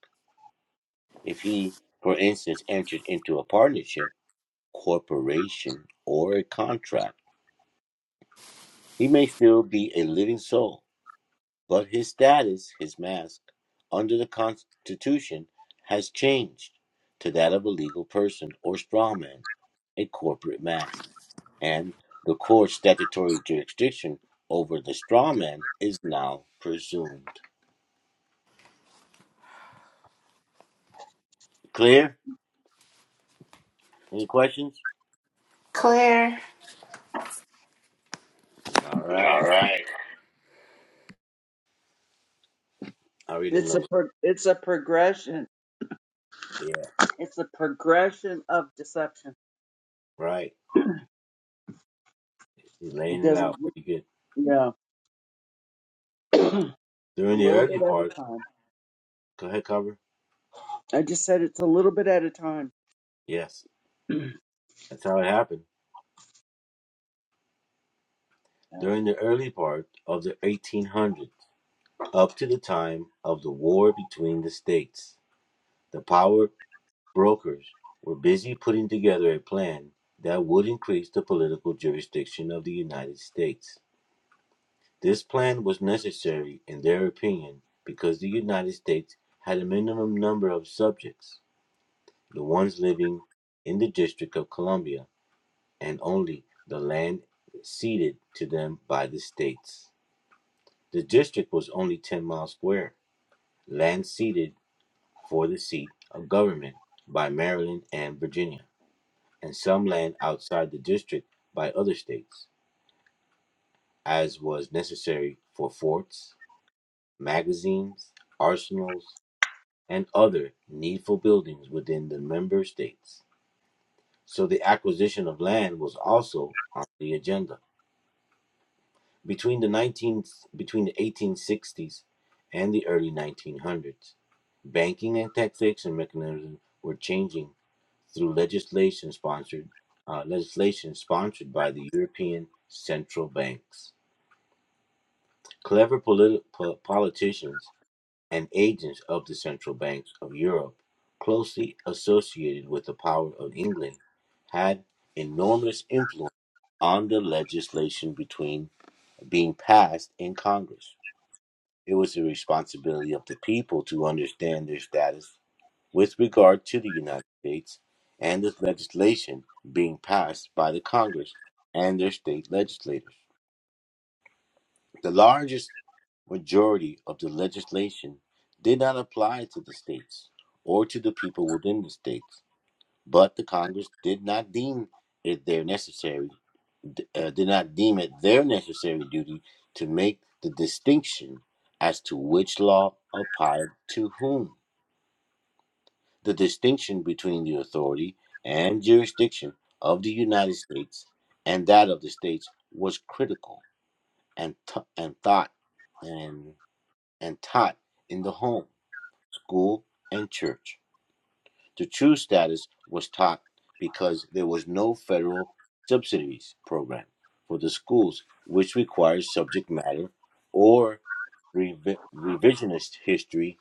[SPEAKER 2] If he, for instance, enters into a partnership, corporation, or a contract. He may still be a living soul, but his status, his mask, under the Constitution has changed to that of a legal person or strawman, a corporate mask. And the court's statutory jurisdiction over the strawman is now presumed. Clear? Any questions?
[SPEAKER 1] Clear.
[SPEAKER 2] All
[SPEAKER 1] All
[SPEAKER 2] right.
[SPEAKER 1] right.
[SPEAKER 2] I'll read
[SPEAKER 6] It's a
[SPEAKER 2] another.
[SPEAKER 6] pro- it's a progression.
[SPEAKER 2] Yeah,
[SPEAKER 6] It's a progression of deception.
[SPEAKER 2] right. He's
[SPEAKER 6] It
[SPEAKER 2] laying it
[SPEAKER 6] doesn't,
[SPEAKER 2] out pretty good.
[SPEAKER 6] yeah, a
[SPEAKER 2] During the
[SPEAKER 6] little bit
[SPEAKER 2] early
[SPEAKER 6] at
[SPEAKER 2] part,
[SPEAKER 6] a time.
[SPEAKER 2] go ahead, cover.
[SPEAKER 6] I just said it's a little bit at a time.
[SPEAKER 2] Yes. That's how it happened.
[SPEAKER 6] Yeah.
[SPEAKER 2] During the early part of the 1800s, up to the time of the war between the states, the power brokers were busy putting together a plan that would increase the political jurisdiction of the United States. This plan was necessary, in their opinion, because the United States had a minimum number of subjects, the ones living in the District of Columbia, and only the land ceded to them by the states. The district was only ten miles square, land ceded for the seat of government by Maryland and Virginia, and some land outside the district by other states, as was necessary for forts, magazines, arsenals, and other needful buildings within the member states. So the acquisition of land was also on the agenda. Between the 19th, between the 1860s and the early 1900s, banking and taxation mechanisms were changing through legislation sponsored uh, legislation sponsored by the European central banks. Clever politi- po- politicians and agents of the central banks of Europe, closely associated with the power of England, had enormous influence on the legislation between being passed in Congress. It was the responsibility of the people to understand their status with regard to the United States and the legislation being passed by the Congress and their state legislators. The largest majority of the legislation did not apply to the states or to the people within the states, but the Congress did not deem it there necessary uh, did not deem it their necessary duty to make the distinction as to which law applied to whom. The distinction between the authority and jurisdiction of the United States and that of the states was critical and t- and thought and and taught in the home, school, and church. to choose status was taught because there was no federal subsidies program for the schools, which requires subject matter or revi- revisionist history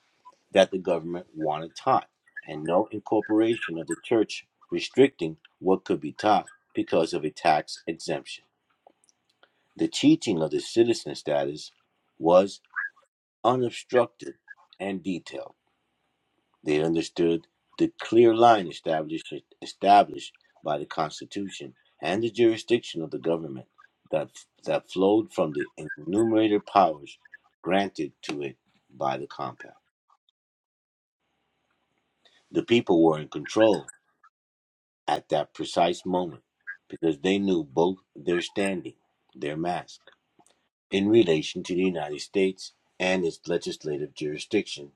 [SPEAKER 2] that the government wanted taught, and no incorporation of the church restricting what could be taught because of a tax exemption. The teaching of the citizen status was unobstructed and detailed they understood the clear line established established by the Constitution and the jurisdiction of the government that that flowed from the enumerated powers granted to it by the compact. The people were in control at that precise moment because they knew both their standing, their mask, in relation to the United States and its legislative jurisdiction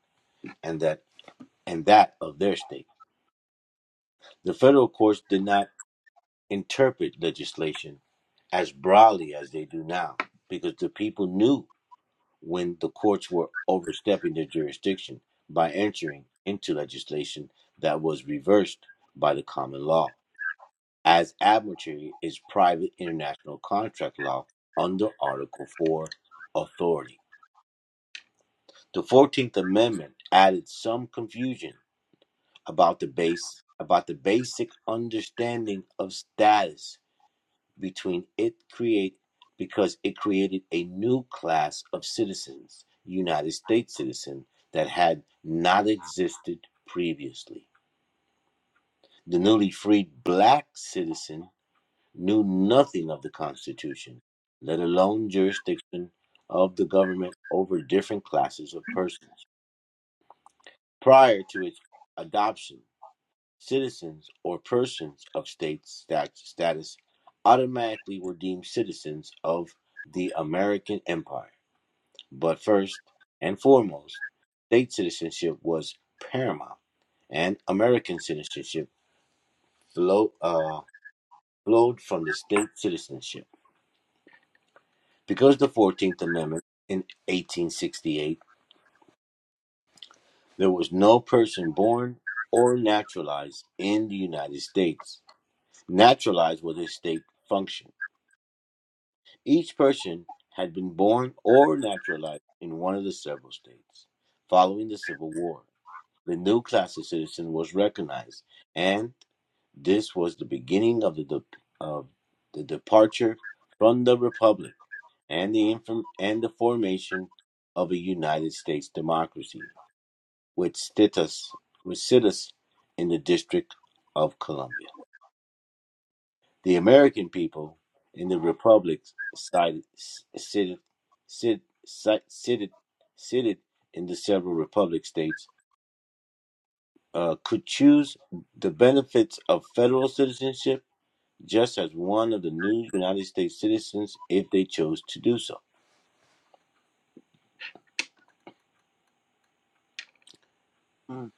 [SPEAKER 2] and that and that of their state. The federal courts did not interpret legislation as broadly as they do now because the people knew when the courts were overstepping their jurisdiction by entering into legislation that was reversed by the common law, as admiralty is private international contract law under Article 4 authority. The 14th Amendment added some confusion about the base about the basic understanding of status between it create because it created a new class of citizens, United States citizen, that had not existed previously. The newly freed black citizen knew nothing of the Constitution, let alone jurisdiction of the government over different classes of persons prior to its adoption Citizens or persons of state stat- status automatically were deemed citizens of the American Empire. But first and foremost, state citizenship was paramount, and American citizenship flow, uh, flowed from the state citizenship. Because the 14th Amendment in 1868, there was no person born or naturalized in the United States. Naturalized was a state function Each person had been born or naturalized in one of the several states. Following the Civil War, the new class of citizen was recognized, and this was the beginning of the de- of the departure from the republic and the inform- and the formation of a United States democracy with status with status in the District of Columbia. The American people in the Republic sided, sided, sided, sided, sided in the several Republic states uh, could choose the benefits of federal citizenship just as one of the new United States citizens if they chose to do so.
[SPEAKER 6] Mm-mm.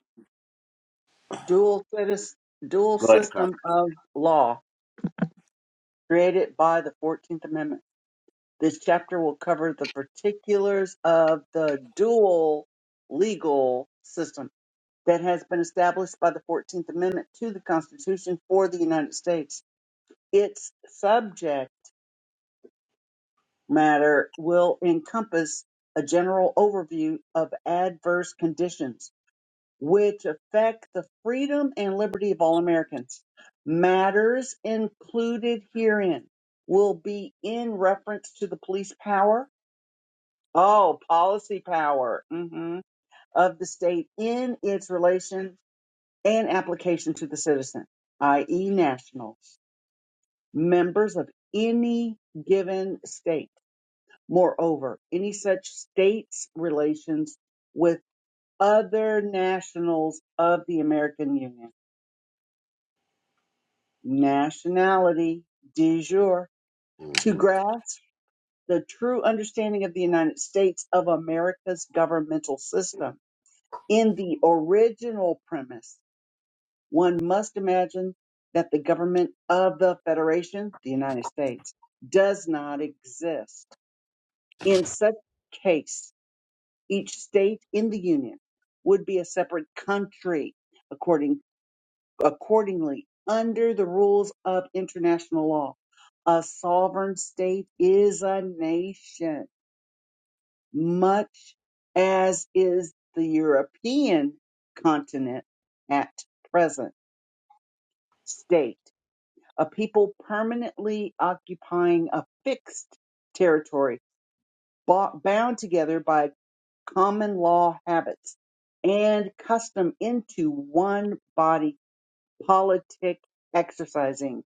[SPEAKER 6] Dual citizen, dual
[SPEAKER 2] Go ahead, Carl.
[SPEAKER 6] system of law created by the Fourteenth Amendment. This chapter will cover the particulars of the dual legal system that has been established by the Fourteenth Amendment to the Constitution for the United States. Its subject matter will encompass a general overview of adverse conditions which affect the freedom and liberty of all Americans. Matters included herein will be in reference to the police power, oh, policy power mhm, of the state in its relation and application to the citizen, i.e., nationals, members of any given state Moreover, any such states' relations with other nationals of the American Union, nationality de jure, to
[SPEAKER 2] hmm
[SPEAKER 6] grasp the true understanding of the United States of America's governmental system. In the original premise, one must imagine that the government of the Federation, the United States, does not exist. In such case, Each state in the Union would be a separate country according, accordingly under the rules of international law. A sovereign state is a nation, much as is the European continent at present state, a people permanently occupying a fixed territory bo- bound together by common law habits and custom into one body politic exercising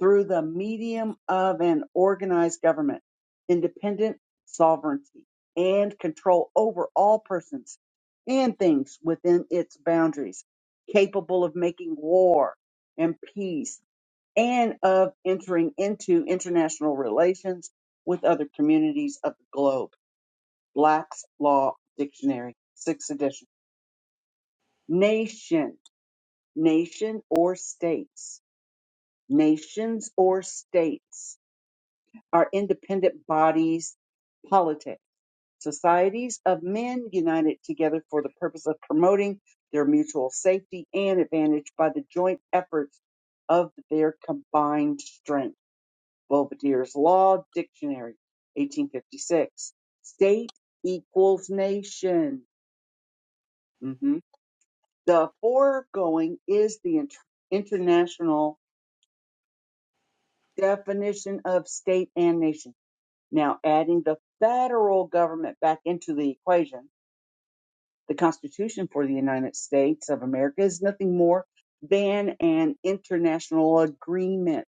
[SPEAKER 6] through the medium of an organized government, independent sovereignty, and control over all persons and things within its boundaries, capable of making war and peace and of entering into international relations with other communities of the globe Black's Law Dictionary, sixth edition. Nation, nation or states, nations or states are independent bodies, politic, societies of men united together for the purpose of promoting their mutual safety and advantage by the joint efforts of their combined strength. Belvedere's Law Dictionary, 1856. State equals nation. Mhm. The foregoing is the int- international definition of state and nation. Now, adding the federal government back into the equation, the Constitution for the United States of America is nothing more than an international agreement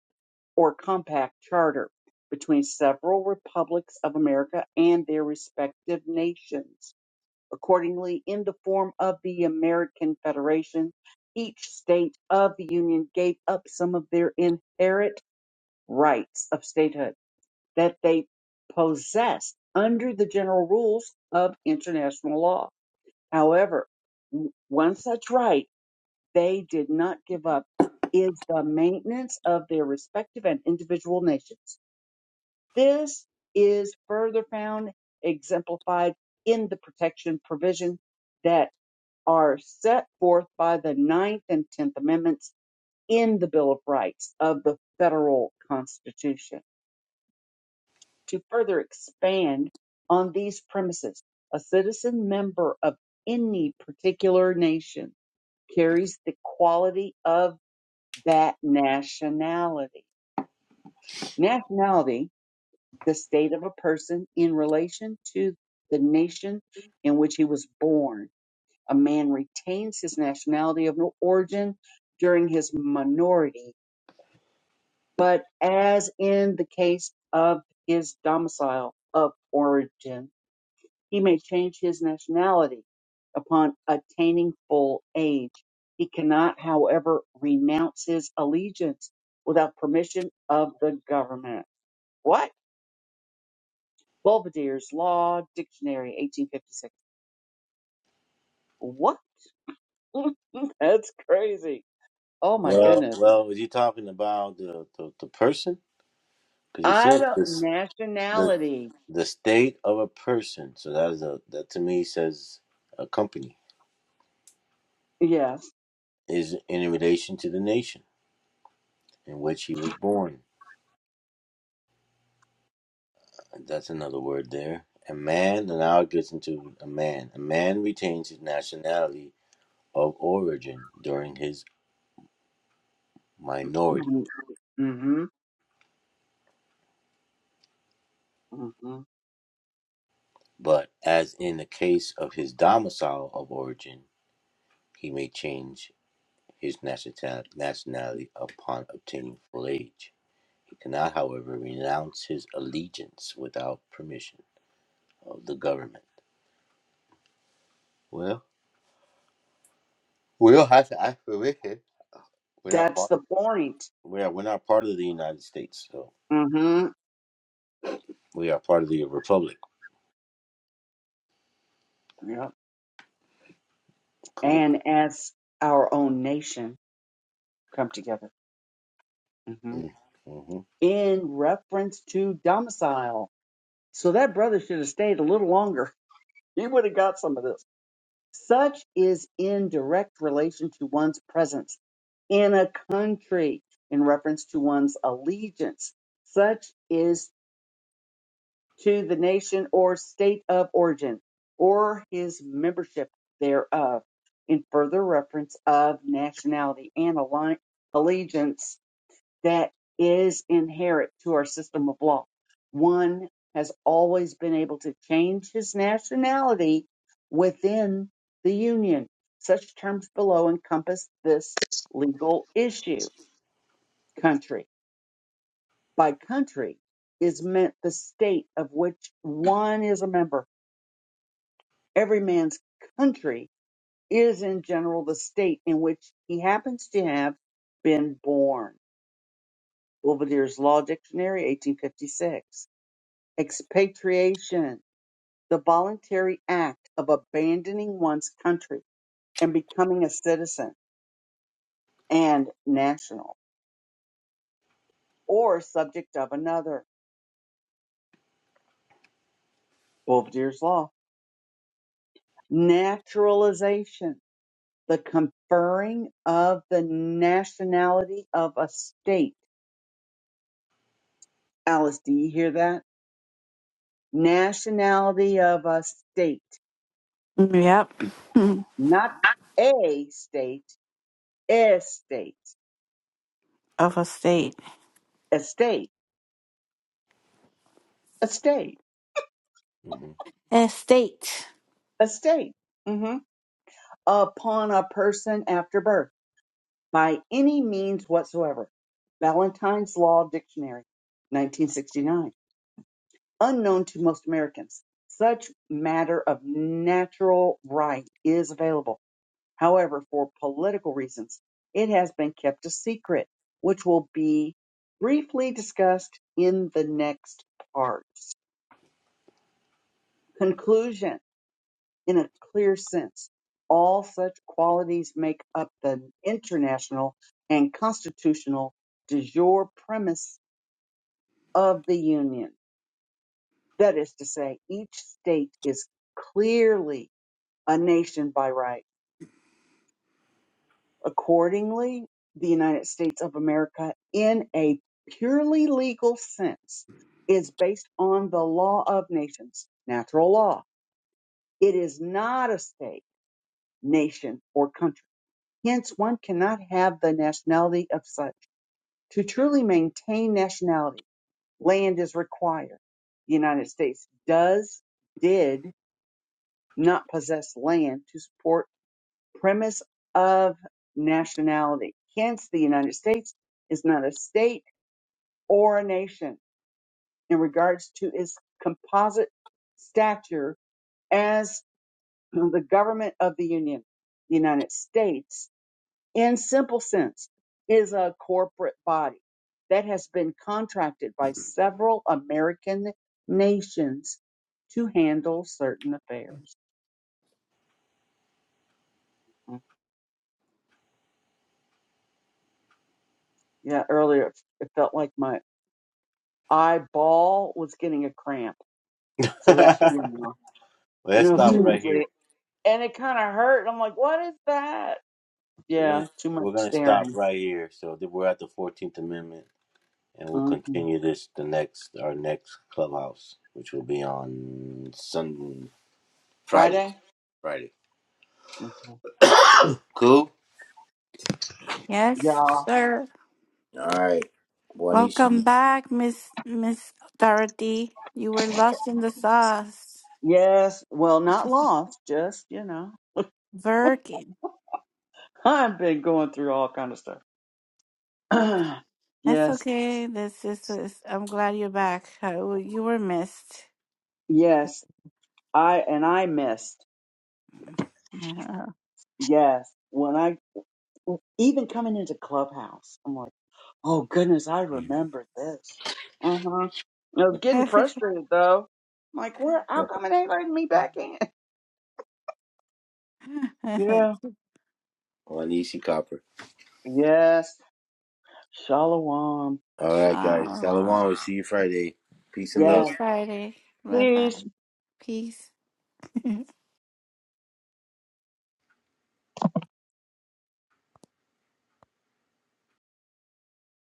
[SPEAKER 6] or compact charter between several republics of America and their respective nations. accordingly in the form of the American Federation. Each state of the Union gave up some of their inherent rights of statehood that they possessed under the general rules of international law. However, w- one such right they did not give up is the maintenance of their respective and individual nations. This is further found exemplified in the protection provision that are set forth by the Ninth and Tenth Amendments in the Bill of Rights of the federal Constitution. To further expand on these premises, a citizen member of any particular nation carries the quality of that nationality. Nationality, the state of a person in relation to the nation in which he was born a man retains his nationality of origin during his minority, but as in the case of his domicile of origin, he may change his nationality upon attaining full age. He cannot, however, renounce his allegiance without permission of the government. What? Belvedere's Law Dictionary, 1856. What? That's crazy. Oh my
[SPEAKER 2] Well,
[SPEAKER 6] goodness.
[SPEAKER 2] well, was he talking about the, the, the person? Because he
[SPEAKER 6] I
[SPEAKER 2] says
[SPEAKER 6] don't
[SPEAKER 2] this the
[SPEAKER 6] nationality.
[SPEAKER 2] the state of a person. So that is a that to me says a company.
[SPEAKER 6] Yes.
[SPEAKER 2] is in relation to the nation in which he was born. That's another word there. A man, and now it gets into a man. A man retains his nationality of origin during his minority,
[SPEAKER 6] Mm-hmm. hmm
[SPEAKER 2] but as in the case of his domicile of origin, he may change his nationali- nationality upon obtaining full age. He cannot, however, renounce his allegiance without permission of the government. Well, we don't have to ask permission. We're not
[SPEAKER 6] That's
[SPEAKER 2] part of
[SPEAKER 6] the point.
[SPEAKER 2] We are. we're not part of the United States, so
[SPEAKER 6] hmm
[SPEAKER 2] we are part of the Republic.
[SPEAKER 6] Yep.
[SPEAKER 2] Cool.
[SPEAKER 6] And as our own nation come together hmm
[SPEAKER 2] Mm-hmm.
[SPEAKER 6] in reference to domicile. So that brother should have stayed a little longer. He would have got some of this. Such is in direct relation to one's presence in a country in reference to one's allegiance. Such is to the nation or state of origin or his membership thereof in further reference of nationality and alli- allegiance that is inherent to our system of law. One has always been able to change his nationality within the Union. Such terms below encompass this legal issue. Country by country is meant the state of which one is a member Every man's country is in general the state in which he happens to have been born. Bouvardier's Law Dictionary, 1856. Expatriation, the voluntary act of abandoning one's country and becoming a citizen and national or subject of another. Bouvardier's Law. Naturalization, the conferring of the nationality of a state. Alice, do you hear that? nationality of a state,
[SPEAKER 1] Yep.
[SPEAKER 6] not a state, a state,
[SPEAKER 1] Of a state.
[SPEAKER 6] a state, a state,
[SPEAKER 2] hmm
[SPEAKER 1] Estate.
[SPEAKER 6] a state, mhm, upon a person after birth by any means whatsoever. Valentine's Law Dictionary, 1969, unknown to most Americans. Such matter of natural right is available However, for political reasons, it has been kept a secret, which will be briefly discussed in the next parts. Conclusion In a clear sense, all such qualities make up the international and constitutional de jure premise of the Union. That is to say, each state is clearly a nation by right Accordingly, the United States of America, in a purely legal sense, is based on the law of nations, natural law. It is not a state, nation, or country. Hence, one cannot have the nationality of such. To truly maintain nationality, land is required. The United States does, did not possess land to support premise of nationality. Hence, the United States is not a state or a nation in regards to its composite stature as the government of the Union. The United States, in simple sense, is a corporate body that has been contracted by several American nations to handle certain affairs. Mm, Yeah, earlier it felt like my eyeball was getting a cramp So that you know,
[SPEAKER 2] Let's
[SPEAKER 6] no
[SPEAKER 2] stop
[SPEAKER 1] Mhm.
[SPEAKER 2] right
[SPEAKER 6] seriously,
[SPEAKER 2] here.
[SPEAKER 6] and it kind of hurt. I'm like, what is that?
[SPEAKER 2] We're gonna
[SPEAKER 6] Yeah, too much
[SPEAKER 2] we're gonna stop
[SPEAKER 6] staring.
[SPEAKER 2] right here. So then we're at the Fourteenth Amendment, and we'll
[SPEAKER 6] hmm
[SPEAKER 2] continue this the next our next clubhouse, which will be on Sunday, Friday,
[SPEAKER 6] Friday.
[SPEAKER 2] Friday.
[SPEAKER 6] hmm
[SPEAKER 2] cool.
[SPEAKER 1] yes,
[SPEAKER 6] Yeah.
[SPEAKER 1] sir.
[SPEAKER 2] All right.
[SPEAKER 1] Welcome
[SPEAKER 2] Wanisi,
[SPEAKER 1] back, Miss Miss Dorothy. You were lost in the sauce.
[SPEAKER 6] Yes. Well, not lost. Just you know,
[SPEAKER 1] Working.
[SPEAKER 6] I've been going through all kind of stuff.
[SPEAKER 1] That's
[SPEAKER 6] yes.
[SPEAKER 1] okay. This is. is- I'm glad you're back. Uh, You were missed.
[SPEAKER 6] Yes. I and I missed. Yes. When I even coming into Clubhouse, I'm like. Oh goodness, I remember this. Uh huh. I was getting frustrated though. I'm like, where? How come it ain't letting me back in? Yeah.
[SPEAKER 2] Wanisi Copper.
[SPEAKER 6] Yes. Shalom.
[SPEAKER 2] All right, guys. Salomon.
[SPEAKER 1] Shalom.
[SPEAKER 2] We'll see you Friday. Peace and
[SPEAKER 1] See
[SPEAKER 2] love.
[SPEAKER 1] you
[SPEAKER 6] Yes.
[SPEAKER 1] Friday. Bye bye.
[SPEAKER 6] Peace.
[SPEAKER 1] Peace.